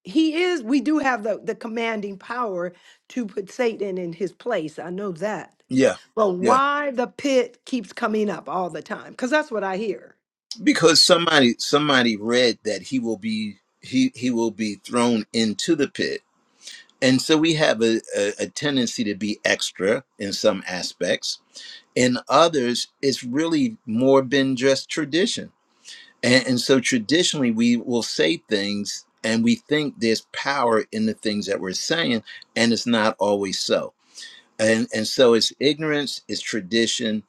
Speaker 6: he is we do have the the commanding power to put satan in his place i know that
Speaker 1: Yeah.
Speaker 6: but
Speaker 1: Yeah.
Speaker 6: why the pit keeps coming up all the time because that's what i hear
Speaker 1: Because somebody somebody read that he will be he he will be thrown into the pit And so we have a, a, a tendency to be extra in some aspects. In others, it's really more been just tradition. And, and so traditionally, we will say things and we think there's power in the things that we're saying, and it's not always so and and so it's ignorance it's tradition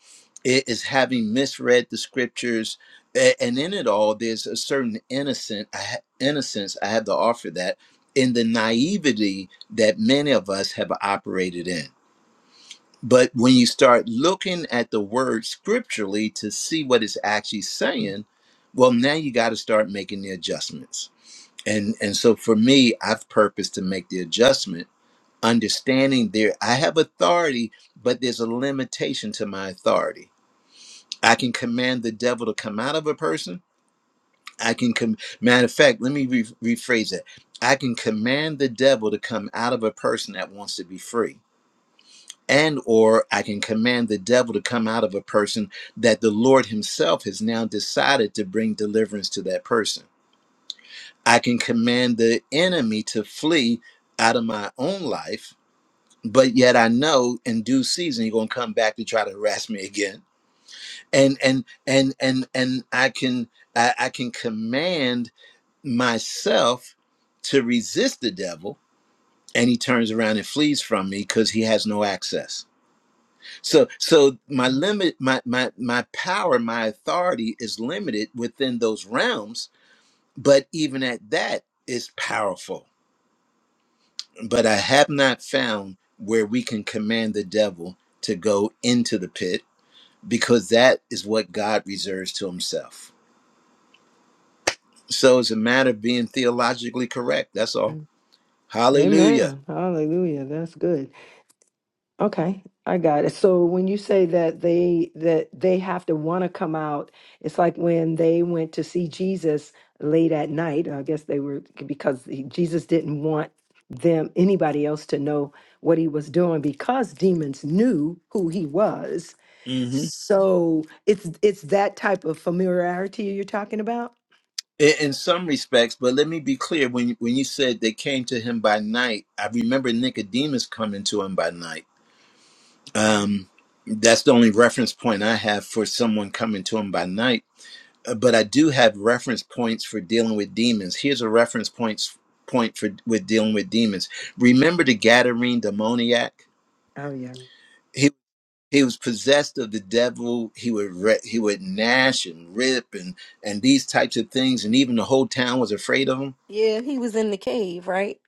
Speaker 1: it is having misread the scriptures a- and in it all there's a certain innocent I ha- innocence i have to offer that in the naivety that many of us have operated in but when you start looking at the word scripturally to see what it's actually saying well now you got to start making the adjustments and and so for me i've purposed to make the adjustment understanding there i have authority but there's a limitation to my authority i can command the devil to come out of a person i can com- matter of fact let me re- rephrase that i can command the devil to come out of a person that wants to be free and or i can command the devil to come out of a person that the lord himself has now decided to bring deliverance to that person i can command the enemy to flee out of my own life but yet I know in due season you're gonna come back to try to harass me again. And and and and and I can I, I can command myself to resist the devil and he turns around and flees from me because he has no access. So so my limit my my my power, my authority is limited within those realms, but even at that is powerful. But I have not found where we can command the devil to go into the pit because that is what God reserves to himself. So it's a matter of being theologically correct. That's all. Hallelujah.
Speaker 6: amen hallelujah that's good Okay, I got it. So when you say that they that they have to want to come out, it's like when they went to see Jesus late at night. I guess they were because he- Jesus didn't want them anybody else to know what he was doing because demons knew who he was.
Speaker 1: hmm
Speaker 6: So it's it's that type of familiarity you're talking about?
Speaker 1: In, in some respects, but let me be clear when, you- when you said they came to him by night, I remember Nicodemus coming to him by night.
Speaker 6: Mhm.
Speaker 1: Um, that's the only reference point I have for someone coming to him by night. Uh, But I do have reference points for dealing with demons. Here's a reference points point for with dealing with demons. Remember the Gadarene demoniac?
Speaker 6: Oh yeah.
Speaker 1: He was possessed of the devil. He would re- he would gnash and rip and and these types of things, and even the whole town was afraid of him.
Speaker 10: Yeah, he was in the cave, right?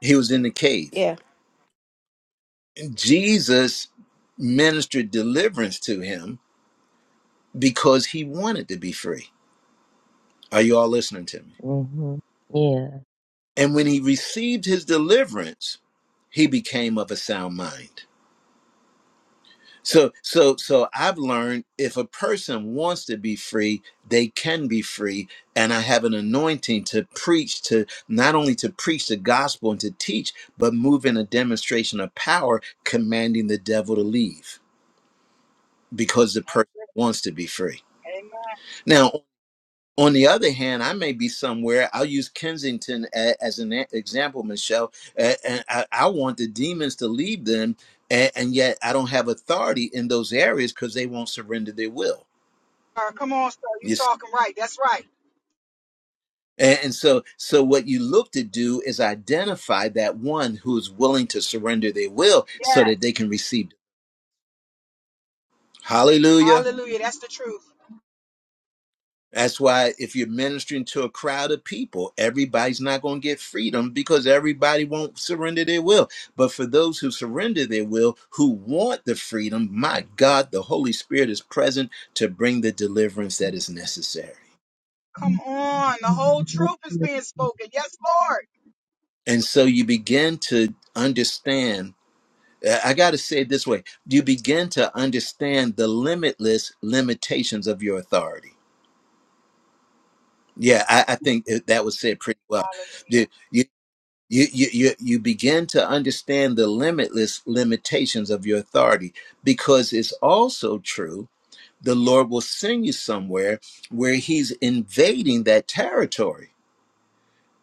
Speaker 1: He was in the cave.
Speaker 10: Yeah.
Speaker 1: Jesus ministered deliverance to him because he wanted to be free. Are you all listening to me?
Speaker 3: hmm Yeah.
Speaker 1: And when he received his deliverance, he became of a sound mind. So so so I've learned if a person wants to be free, they can be free and I have an anointing to preach to not only to preach the gospel and to teach, but move in a demonstration of power commanding the devil to leave because the
Speaker 7: That's
Speaker 1: person
Speaker 7: it.
Speaker 1: wants to be free.
Speaker 7: Amen.
Speaker 1: Now, on the other hand, I may be somewhere. I'll use Kensington a- as an e- example, Michelle. a- And I I want the demons to leave them, a- and yet I don't have authority in those areas because they won't surrender their will.
Speaker 7: Sir, Come on, sir. You
Speaker 1: You see,
Speaker 7: talking right. That's right.
Speaker 1: A- and so so what you look to do is identify that one who is willing to surrender their will so that
Speaker 7: Yes.
Speaker 1: they can receive. Hallelujah.
Speaker 7: Hallelujah. That's the truth.
Speaker 1: That's why if you're ministering to a crowd of people, everybody's not going to get freedom because everybody won't surrender their will. But for those who surrender their will, who want the freedom, my God, the Holy Spirit is present to bring the deliverance that is necessary.
Speaker 7: Come on. The whole truth is being spoken. Yes, Lord.
Speaker 1: And so you begin to understand. uh, I got to say it this way you begin to understand the limitless limitations of your authority. Yeah, I, I think that was said pretty well
Speaker 7: Hallelujah.
Speaker 1: You. you you, you you you begin to understand the limitless limitations of your authority because it's also true the lord will send you somewhere where he's invading that territory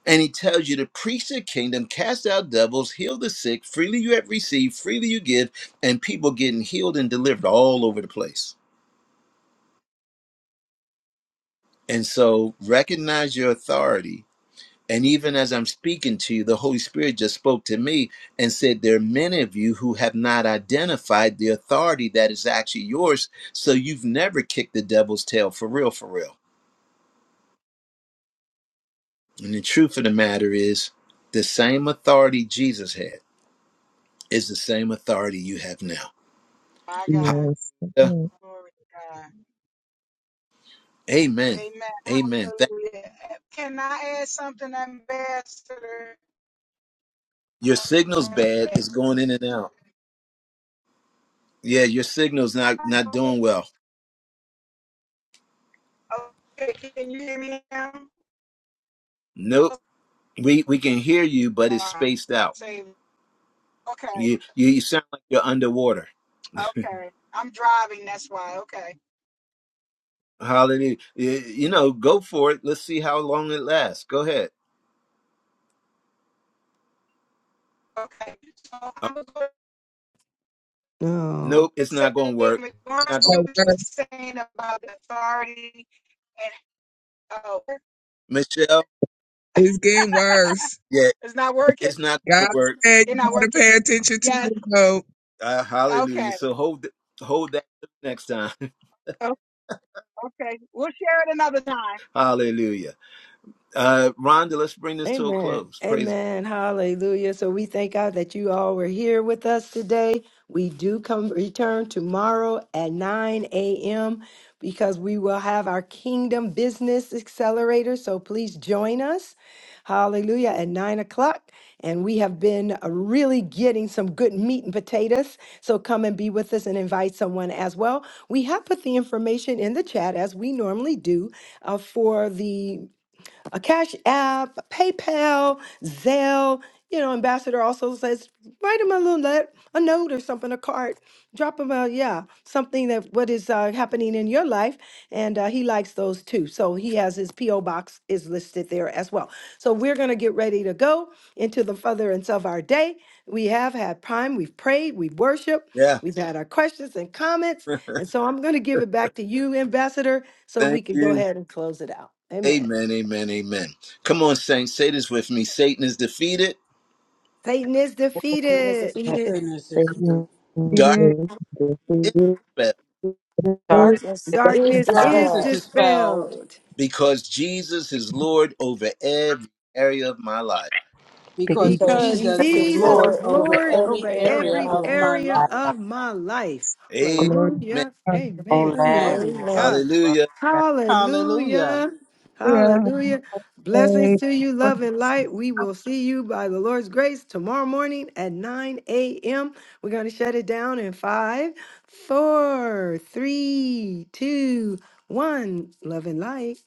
Speaker 1: and he tells you to preach the kingdom cast out devils heal the sick freely you have received freely you give and people getting healed and delivered all over the place and so recognize your authority And even as I'm speaking to you, the Holy Spirit just spoke to me and said, There are many of you who have not identified the authority that is actually yours. So you've never kicked the devil's tail for real, for real. And the truth of the matter is, the same authority Jesus had is the same authority you have now.
Speaker 7: My God.
Speaker 8: Yes.
Speaker 1: Hallelujah.
Speaker 8: Oh,
Speaker 7: Glory to God.
Speaker 1: Amen.
Speaker 7: Amen.
Speaker 1: Amen. Thank-
Speaker 7: Hallelujah. Can I add something, Ambassador?
Speaker 1: your
Speaker 7: Um,
Speaker 1: signal's bad. It's going in and out. Yeah, your signal's
Speaker 7: I
Speaker 1: not not
Speaker 7: do
Speaker 1: doing well.
Speaker 7: Okay, can you hear me now?
Speaker 1: Nope.
Speaker 7: Oh,
Speaker 1: We we can hear you, but it's
Speaker 7: All right.
Speaker 1: spaced out.
Speaker 7: Say, okay,
Speaker 1: You you you sound like you're underwater.
Speaker 7: okay. I'm driving, that's why. Okay,
Speaker 1: Hallelujah. You, you know, go for it. Let's see how long it lasts. Go ahead.
Speaker 7: okay. So
Speaker 1: Uh,
Speaker 7: I was going
Speaker 6: No.
Speaker 1: nope,
Speaker 7: to
Speaker 1: it's
Speaker 7: say,
Speaker 1: not going to work.
Speaker 7: in
Speaker 1: It's
Speaker 7: regards
Speaker 1: not
Speaker 7: to
Speaker 1: go-
Speaker 7: what you were
Speaker 8: worse.
Speaker 7: saying about the authority and, oh,
Speaker 1: Michelle.
Speaker 8: It's getting worse.
Speaker 1: Yeah,
Speaker 7: it's not working?
Speaker 1: it's not going
Speaker 8: God
Speaker 1: to work.
Speaker 8: said
Speaker 7: It's
Speaker 8: you
Speaker 7: not
Speaker 8: gotta
Speaker 7: working?
Speaker 8: pay attention to
Speaker 7: Yes,
Speaker 8: the road.
Speaker 1: Uh, hallelujah.
Speaker 7: okay.
Speaker 1: So hold th- hold that till next time.
Speaker 7: Oh, okay. We'll share it another time.
Speaker 1: hallelujah. Uh, Rhonda, let's bring this to a
Speaker 6: Amen.
Speaker 1: close. Praise
Speaker 6: Amen. Hallelujah. So we thank God that you all were here with us today. We do come return tomorrow at 9 a.m. because we will have our Kingdom Business Accelerator. So please join us. Hallelujah. At 9 o'clock. And we have been uh, really getting some good meat and potatoes. So come and be with us and invite someone as well. We have put the information in the chat as we normally do uh, for the a Cash App, PayPal, Zelle. You know, Ambassador also says, write him a little note, a note or something, a card. Drop him a, yeah, something that what is uh, happening in your life. And uh, he likes those too. So he has his P.O. box is listed there as well. So we're going to get ready to go into the furtherance of our day. We have had prime, we've prayed, we've worshiped,
Speaker 1: God. Yeah.
Speaker 6: we've had our questions and comments. And so I'm going to give it back to you, Ambassador, so we
Speaker 1: Thank
Speaker 6: can go
Speaker 1: you.
Speaker 6: ahead and close it out. Amen.
Speaker 1: Amen. Amen. Amen. Come on, saints. Say this with me. Satan is defeated.
Speaker 6: Satan is
Speaker 10: And was
Speaker 6: defeated.
Speaker 11: Let's
Speaker 10: defeated.
Speaker 9: Sickness is defeated.
Speaker 3: Satan
Speaker 8: Get
Speaker 1: Dark
Speaker 8: it?
Speaker 3: is
Speaker 1: is
Speaker 3: defeated.
Speaker 1: dispelled
Speaker 11: Start with
Speaker 10: Darkness
Speaker 11: this,
Speaker 10: is
Speaker 6: Darkness
Speaker 11: uh,
Speaker 9: Darkness
Speaker 6: is
Speaker 9: is
Speaker 10: dispelled
Speaker 9: dispelled
Speaker 6: dispelled
Speaker 1: because Jesus is Lord over every area of my life.
Speaker 11: speak,
Speaker 9: because
Speaker 8: It's
Speaker 10: because
Speaker 6: because
Speaker 9: Jesus
Speaker 10: Jesus
Speaker 9: is
Speaker 10: is
Speaker 6: Jesus
Speaker 9: Lord
Speaker 6: is
Speaker 10: Lord
Speaker 9: over
Speaker 10: over
Speaker 6: Lord
Speaker 10: every
Speaker 9: every
Speaker 6: over
Speaker 10: area of
Speaker 9: area
Speaker 10: my
Speaker 6: every
Speaker 9: of
Speaker 10: life.
Speaker 9: my
Speaker 6: area
Speaker 9: life.
Speaker 11: God.
Speaker 6: of my life.
Speaker 1: Amen.
Speaker 8: glory.
Speaker 6: Hallelujah. Amen.
Speaker 11: Amen.
Speaker 6: Glory
Speaker 9: Amen.
Speaker 6: to
Speaker 10: Amen.
Speaker 6: God.
Speaker 1: Hallelujah.
Speaker 9: Hallelujah.
Speaker 6: Hallelujah.
Speaker 8: Yeah.
Speaker 6: Hallelujah. Blessings to you,
Speaker 8: Hey.
Speaker 6: love and light. We will see you by the Lord's grace tomorrow morning at 9 a.m. We're going to shut it down in five, four, three, two, one. Love and light.